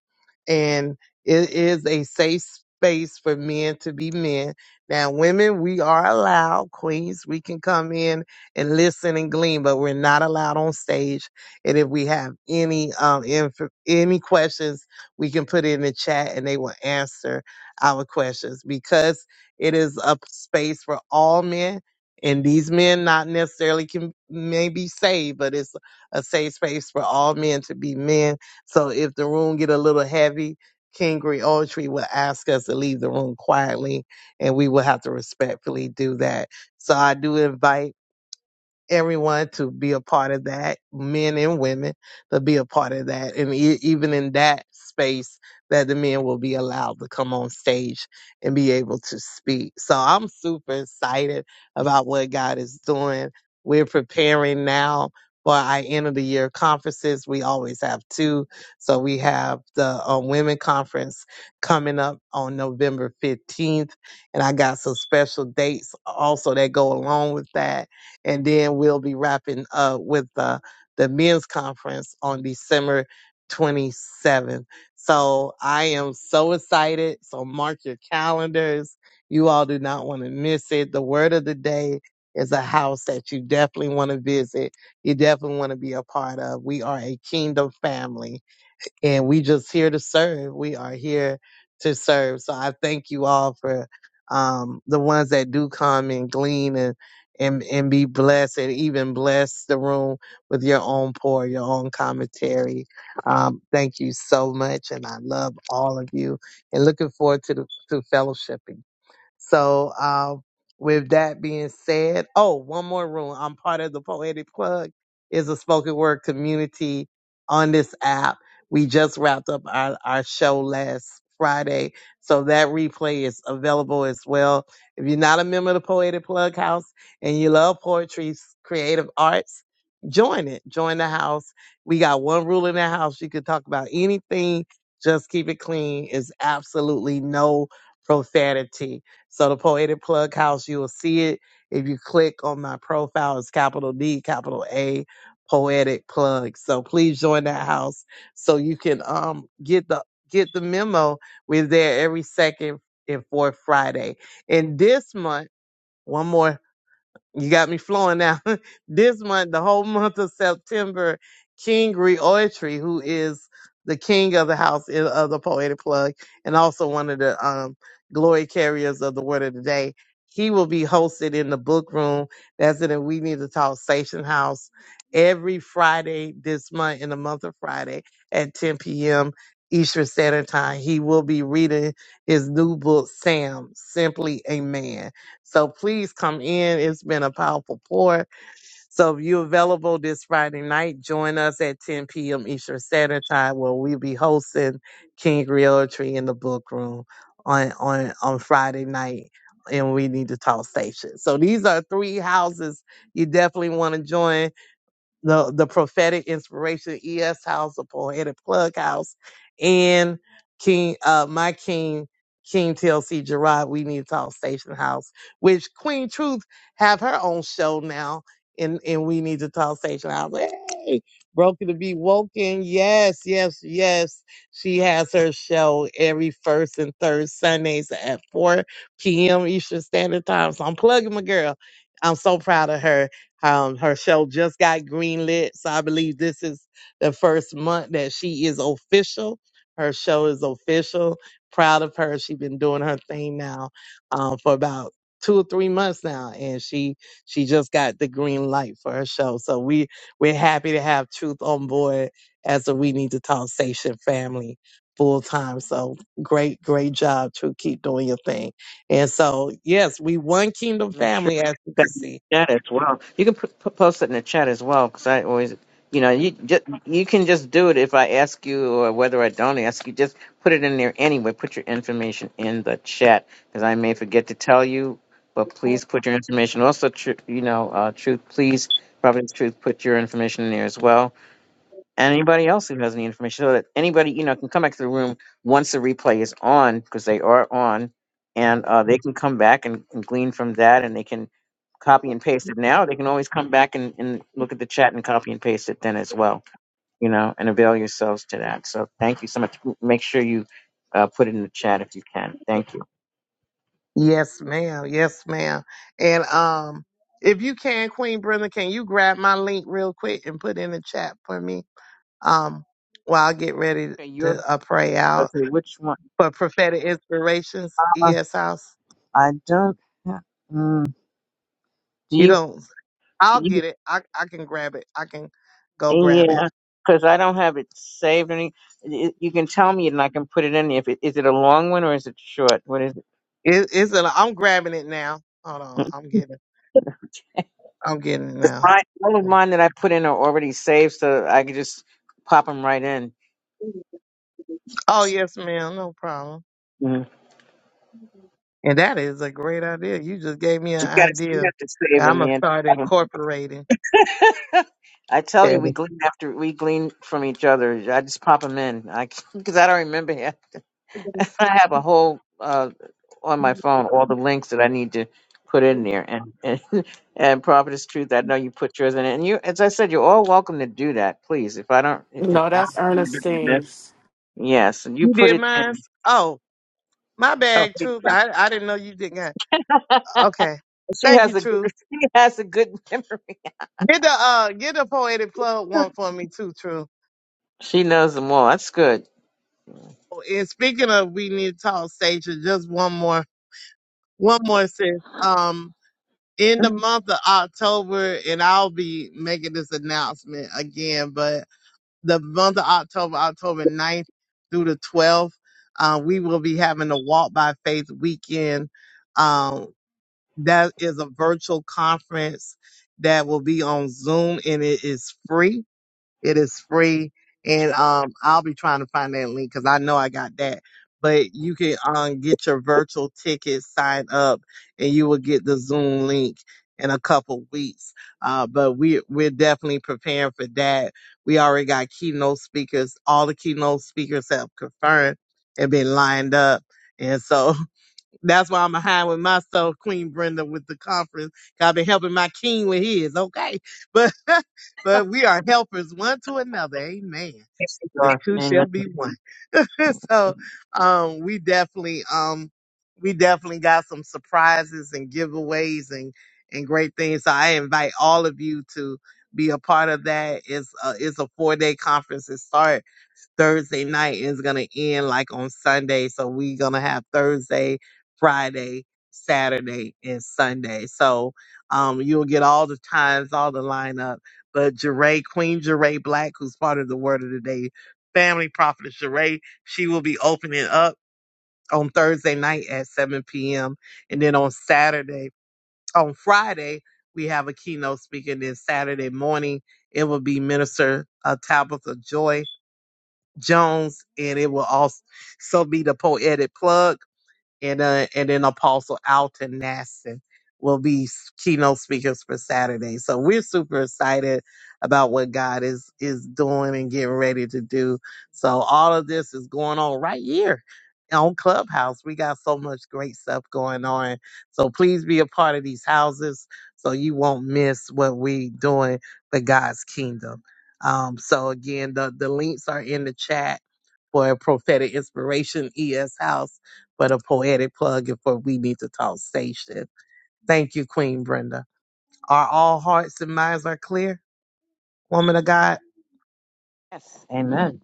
Speaker 6: and it is a safe space for men to be men. Now, women, we are allowed, queens, we can come in and listen and glean, but we're not allowed on stage and if we have any um inf- any questions, we can put it in the chat and they will answer our questions because it is a space for all men. And these men not necessarily can may be saved, but it's a safe space for all men to be men. So if the room get a little heavy, King Griotry will ask us to leave the room quietly, and we will have to respectfully do that. So I do invite everyone to be a part of that, men and women to be a part of that. And e- even in that space, that the men will be allowed to come on stage and be able to speak. So I'm super excited about what God is doing. We're preparing now for our end of the year conferences. We always have two. So we have the uh, women conference coming up on November 15th. And I got some special dates also that go along with that and then we'll be wrapping up with uh, the men's conference on December 27th. So I am so excited. So mark your calendars. You all do not want to miss it. The word of the day is a house that you definitely want to visit. You definitely want to be a part of. We are a kingdom family and we just here to serve. We are here to serve. So I thank you all for um, the ones that do come and glean and and and be blessed and even bless the room with your own pour, your own commentary. Um, thank you so much, and I love all of you and looking forward to the to fellowshipping. So, uh, with that being said, oh, one more room. I'm part of the Poetic Plug is a spoken word community on this app. We just wrapped up our, our show last Friday. So that replay is available as well. If you're not a member of the Poetic Plug House and you love poetry, s- creative arts, join it. Join the house. We got one rule in the house. You can talk about anything. Just keep it clean. It's absolutely no profanity. So the Poetic Plug House, you will see it. If you click on my profile, it's capital D, capital A, Poetic Plug. So please join that house so you can um get the get the memo. We're there every second and fourth Friday. And this month, one more. You got me flowing now. this month, the whole month of September, King Reoetry, who is the king of the house i- of the poetic plug and also one of the um, glory carriers of the word of the day, he will be hosted in the book room. That's in the We Need to Talk Station House every Friday this month, in the month of Friday at 10 p.m. Eastern Standard Time. He will be reading his new book, Sam, Simply a Man so please come in. It's been a powerful pour. So if you're available this Friday night, join us at 10 p.m. Eastern Standard Time where we'll be hosting King Realtree in the book room on, on, on Friday night. And we need to talk station. So these are three houses you definitely want to join the the prophetic inspiration ES House, the poetic plug house and King uh my King King TLC Gerard, we need to talk Station House, which Queen Truth have her own show now, and and we need to talk Station House. Hey, broken to be woken. Yes, yes, yes. She has her show every first and third Sundays at 4 p.m. Eastern Standard Time. So I'm plugging my girl. I'm so proud of her um, her show just got greenlit, so I believe this is the first month that she is official. Her show is official. Proud of her. She's been doing her thing now um, for about two or three months now, and she she just got the green light for her show. So we we're happy to have Truth on board as a We Need to Talk Station family full time. So great, great job, Truth. Keep doing your thing. And so yes, we one kingdom
Speaker 1: Make sure
Speaker 6: family,
Speaker 1: you
Speaker 6: as you
Speaker 1: put
Speaker 6: can
Speaker 1: that in
Speaker 6: see
Speaker 1: the chat as well. You can put, put, post it in the chat as well because I always, you know, you just you can just do it if I ask you or whether I don't ask you. Just put it in there anyway. Put your information in the chat because I may forget to tell you, but please put your information. Also, tr- you know, uh, truth, please, Providence Truth, put your information in there as well anybody else who has any information so that anybody you know can come back to the room once the replay is on because they are on and uh, they can come back and, and glean from that and they can copy and paste it now they can always come back and, and look at the chat and copy and paste it then as well you know and avail yourselves to that so thank you so much M- make sure you uh, put it in the chat if you can thank you
Speaker 6: Yes, ma'am. Yes, ma'am. And um, if you can, Queen Brenda, can you grab my link real quick and put in the chat for me? Um, while I get ready
Speaker 1: okay you're
Speaker 6: to uh, pray
Speaker 1: okay
Speaker 6: out
Speaker 1: which one
Speaker 6: for prophetic inspirations,
Speaker 1: uh,
Speaker 6: ES House.
Speaker 1: i don't ha- mm, do
Speaker 6: You don't. I'll
Speaker 1: you
Speaker 6: get it. I I can grab it. I can go grab it.
Speaker 1: Yeah, because I don't have it saved. Any, y- you can tell me, and I can put it in. If it is it a long one or is it short? What is it?
Speaker 6: it it's an, I'm grabbing it now. Hold on.
Speaker 1: Mm.
Speaker 6: I'm getting. I'm getting it now.
Speaker 1: Mine- All of mine that I put in are already saved, so I can just pop them right in.
Speaker 6: Oh yes, ma'am. No problem.
Speaker 1: Mhm.
Speaker 6: And that is a great idea. You just gave me an
Speaker 1: You got to you
Speaker 6: idea.
Speaker 1: have to save
Speaker 6: I'm
Speaker 1: them,
Speaker 6: gonna
Speaker 1: man.
Speaker 6: start
Speaker 1: Pop 'em.
Speaker 6: incorporating
Speaker 1: I tell you, we
Speaker 6: that.
Speaker 1: glean after we glean from each other. I just pop them in, I because I don't remember. I have a whole uh, on my phone all the links that I need to put in there, and and, and Prophet Truth. I know you put yours in it, and you, as I said, you're all welcome to do that, please. If I don't, it, it,
Speaker 4: No, that's
Speaker 1: I-
Speaker 4: Ernestine's.
Speaker 1: yes, and you
Speaker 6: You
Speaker 1: put
Speaker 6: did
Speaker 1: it
Speaker 6: mine?
Speaker 1: in.
Speaker 6: Oh, my
Speaker 1: Oh,
Speaker 6: bad,
Speaker 1: thank
Speaker 6: Truth. I, I didn't know you did not.
Speaker 1: you.
Speaker 6: Okay.
Speaker 1: she
Speaker 6: Thank you,
Speaker 1: has a good,
Speaker 6: Truth.
Speaker 1: she has a good memory.
Speaker 6: Get the uh get the poetic plug one for me too, True.
Speaker 1: She knows them all. That's good.
Speaker 6: And speaking of we need to talk Sasha, just one more one more sis. Um in the month of October, and I'll be making this announcement again, but the month of October, October ninth through the 12th. Uh, we will be having a Walk by Faith weekend. Um, that is a virtual conference that will be on Zoom and it is free. It is free, and um, I'll be trying to find that link because I know I got that. But you can um get your virtual ticket, sign up, and you will get the Zoom link in a couple weeks. Uh, but we we're definitely preparing for that. We already got keynote speakers. All the keynote speakers have confirmed and been lined up, and so That's why I'm behind with myself, Queen Brenda, with the conference. 'cause I've been helping my king with his. Okay, but but we are helpers one to another. Amen.
Speaker 1: Yes, you
Speaker 6: The
Speaker 1: are.
Speaker 6: two shall
Speaker 1: Amen.
Speaker 6: be one. so um, we definitely um, we definitely got some surprises and giveaways and and great things. So I invite all of you to be a part of that. It's a, it's a four day conference. It starts. Thursday night and it's gonna end like on Sunday. So we're gonna have Thursday, Friday, Saturday, and Sunday. So um, you'll get all the times, all the lineup. But Jeray, Queen Jeray Black, who's part of the Word of the Day family prophetess Jeray, she will be opening up on Thursday night at 7 p.m. And then on Saturday, on Friday, we have a keynote speaker. And then Saturday morning, it will be Minister uh, Tabitha Joy Jones, and it will also be the poetic plug and uh, and then Apostle Alton Nasson will be s- keynote speakers for Saturday. So we're super excited about what God is is doing and getting ready to do. So all of this is going on right here on Clubhouse. We got so much great stuff going on. So please be a part of these houses so you won't miss what we doing for God's kingdom. Um, so again, the, the links are in the chat for Prophetic Inspiration ES House but a poetic plug in for We Need to Talk Station. Thank you, Queen Brenda. Are all hearts and minds are clear, woman of God?
Speaker 1: Yes, amen.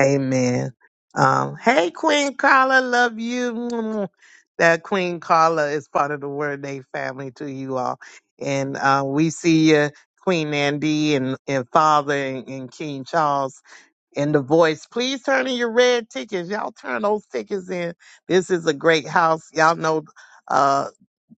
Speaker 6: Amen. Um, hey, Queen Carla, love you. That Queen Carla is part of the Word Day family to you all. And uh, we see you, Queen Andy and, and Father and, and King Charles and the voice. Please turn in your red tickets. Y'all turn those tickets in. This is a great house. Y'all know Uh.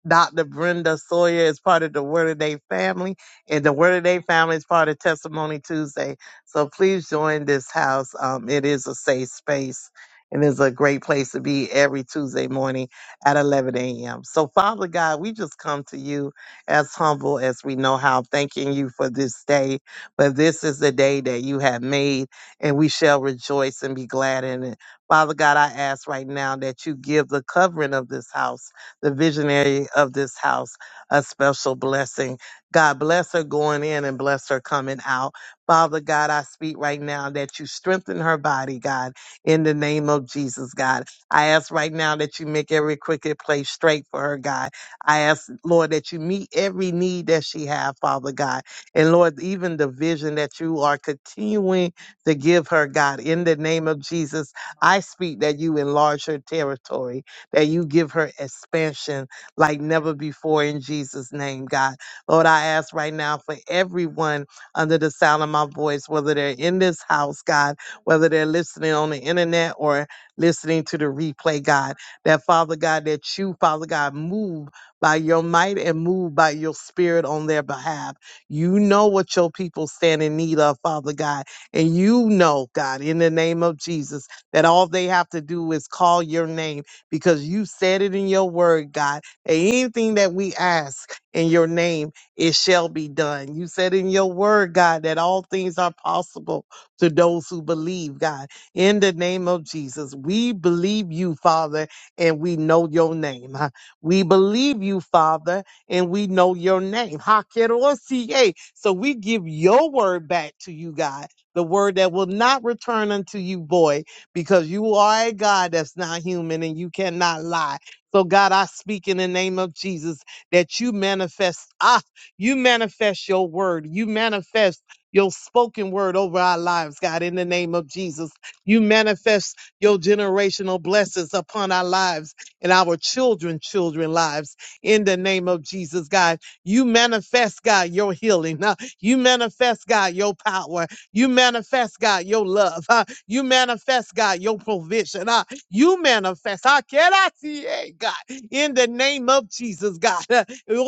Speaker 6: Dr. Brenda Sawyer is part of the Word of Day family, and the Word of Day family is part of Testimony Tuesday. So please join this house. Um, it is a safe space and is a great place to be every Tuesday morning at 11 a.m. So, Father God, we just come to you as humble as we know how, thanking you for this day. But this is the day that you have made, and we shall rejoice and be glad in it. Father God, I ask right now that you give the covering of this house the visionary of this house, a special blessing. God bless her going in and bless her coming out. Father God, I speak right now that you strengthen her body, God, in the name of Jesus, God. I ask right now that you make every crooked place straight for her, God. I ask, Lord, that you meet every need that she have, Father God. And Lord, even the vision that you are continuing to give her, God, in the name of Jesus, I speak that you enlarge her territory that you give her expansion like never before in Jesus' name, God. Lord, I ask right now for everyone under the sound of my voice, whether they're in this house, God, whether they're listening on the internet or listening to the replay, God, that Father God, that you, Father God, move by your might and move by your spirit on their behalf. You know what your people stand in need of, Father God. And you know, God, in the name of Jesus, that all they have to do is call your name because you said it in your word, God. that Anything that we ask in your name, it shall be done. You said in your word, God, that all things are possible to those who believe, God. In the name of Jesus, we believe you, Father, and we know your name. huh? We believe you, Father, and we know your name. Hakerosiye. So we give your word back to you, God, the word that will not return unto you void because you are a God that's not human and you cannot lie. So God, I speak in the name of Jesus that you manifest ah, you manifest your word. You manifest your spoken word over our lives, God, in the name of Jesus. You manifest your generational blessings upon our lives and our children, children lives in the name of Jesus, God. You manifest, God, your healing. Now, You manifest, God, your power. You manifest, God, your love. Huh? You manifest, God, your provision. Ah, you manifest. Ah, can I see, eh, God, in the name of Jesus, God. Uh,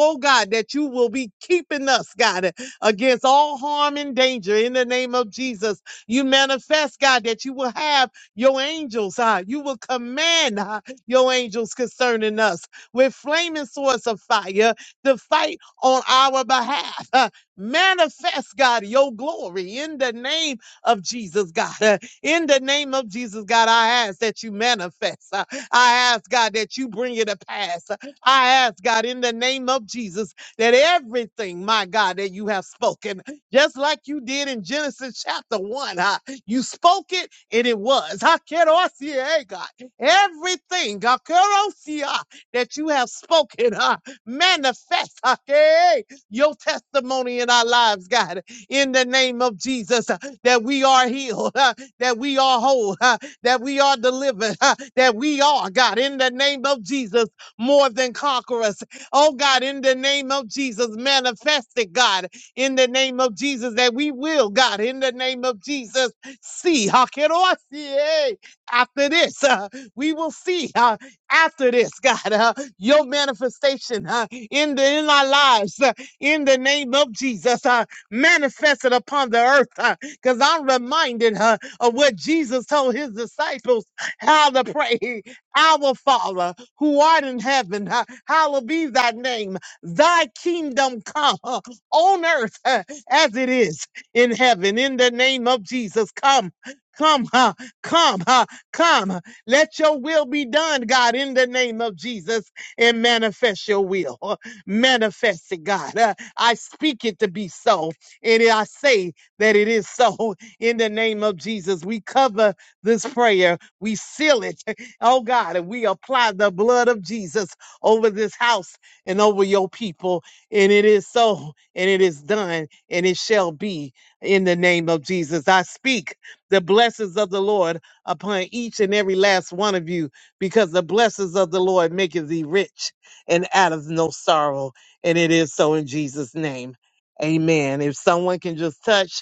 Speaker 6: Oh, God, that you will be keeping us, God, uh, against all harm and danger in the name of Jesus. You manifest, God, that you will have your angels. Ah, you will command ah, your angels concerning us with flaming swords of fire to fight on our behalf. Ah, manifest, God, your glory in the name of Jesus, God. Uh, in the name of Jesus, God, I ask that you manifest. Uh, I ask, God, that you bring it to pass. Uh, I ask, God, in the name of Jesus, that everything, my God, that you have spoken, just like you did in Genesis chapter 1, uh, you spoke it and it was. I can't see it, hey, God. Everything, God, kerosia, that you have spoken, uh, manifest uh, hey, your testimony in our lives, God, in the name of Jesus, uh, that we are healed. uh, that we are whole, huh, that we are delivered, huh, that we are, God, in the name of Jesus, more than conquerors. Oh, God, in the name of Jesus, manifest it, God, in the name of Jesus, that we will, God, in the name of Jesus, see. Hakerosi, eh, After this, uh, we will see uh, after this, God, uh, your manifestation uh, in the in our lives, uh, in the name of Jesus, uh, manifested upon the earth. Because I'm reminded uh, of what Jesus told his disciples how to pray. Our Father, who art in heaven, ha- hallowed be thy name. Thy kingdom come uh, on earth uh, as it is in heaven. In the name of Jesus, come. Come, uh, come, uh, come. Let your will be done, God, in the name of Jesus, and manifest your will. Uh, Manifest it, God. Uh, I speak it to be so, and I say that it is so in the name of Jesus. We cover this prayer, we seal it, oh God, and we apply the blood of Jesus over this house and over your people. And it is so, and it is done, and it shall be in the name of Jesus. I speak the blessings of the Lord upon each and every last one of you, because the blessings of the Lord maketh thee rich and out of no sorrow. And it is so in Jesus' name. Amen. If someone can just touch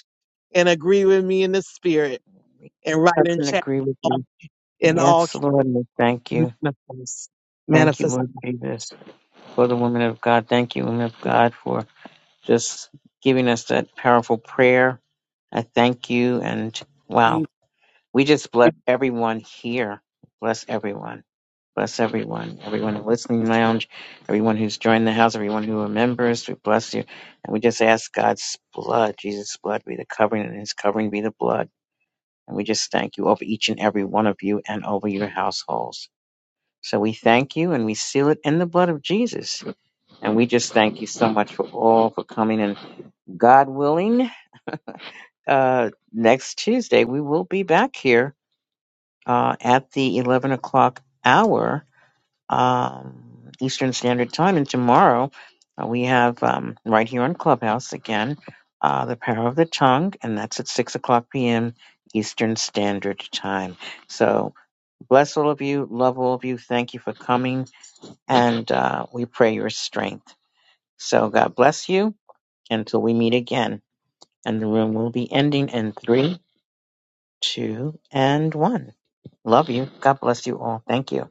Speaker 6: and agree with me in the spirit and
Speaker 1: I
Speaker 6: write in
Speaker 1: can
Speaker 6: chat
Speaker 1: agree with you.
Speaker 6: in all
Speaker 1: Yes, Lord, we thank you. Thank you,
Speaker 6: manifest,
Speaker 1: Lord Jesus. for the women of God. Thank you, women of God, for just giving us that powerful prayer. I thank you. And wow, we just bless everyone here. Bless everyone. Bless everyone. Everyone in the listening lounge, everyone who's joined the house, everyone who are members, we bless you. And we just ask God's blood, Jesus' blood, be the covering, and his covering be the blood. And we just thank you over each and every one of you and over your households. So we thank you and we seal it in the blood of Jesus and we just thank you so much for all for coming. And God willing, uh, next Tuesday we will be back here uh, at the eleven o'clock hour um, Eastern Standard Time. And tomorrow uh, we have um, right here on Clubhouse again uh, the Power of the Tongue, and that's at six o'clock p.m. Eastern Standard Time. So bless all of you, love all of you. Thank you for coming, and uh, we pray your strength. So God bless you until we meet again. And the room will be ending in three, two, and one. Love you. God bless you all. Thank you.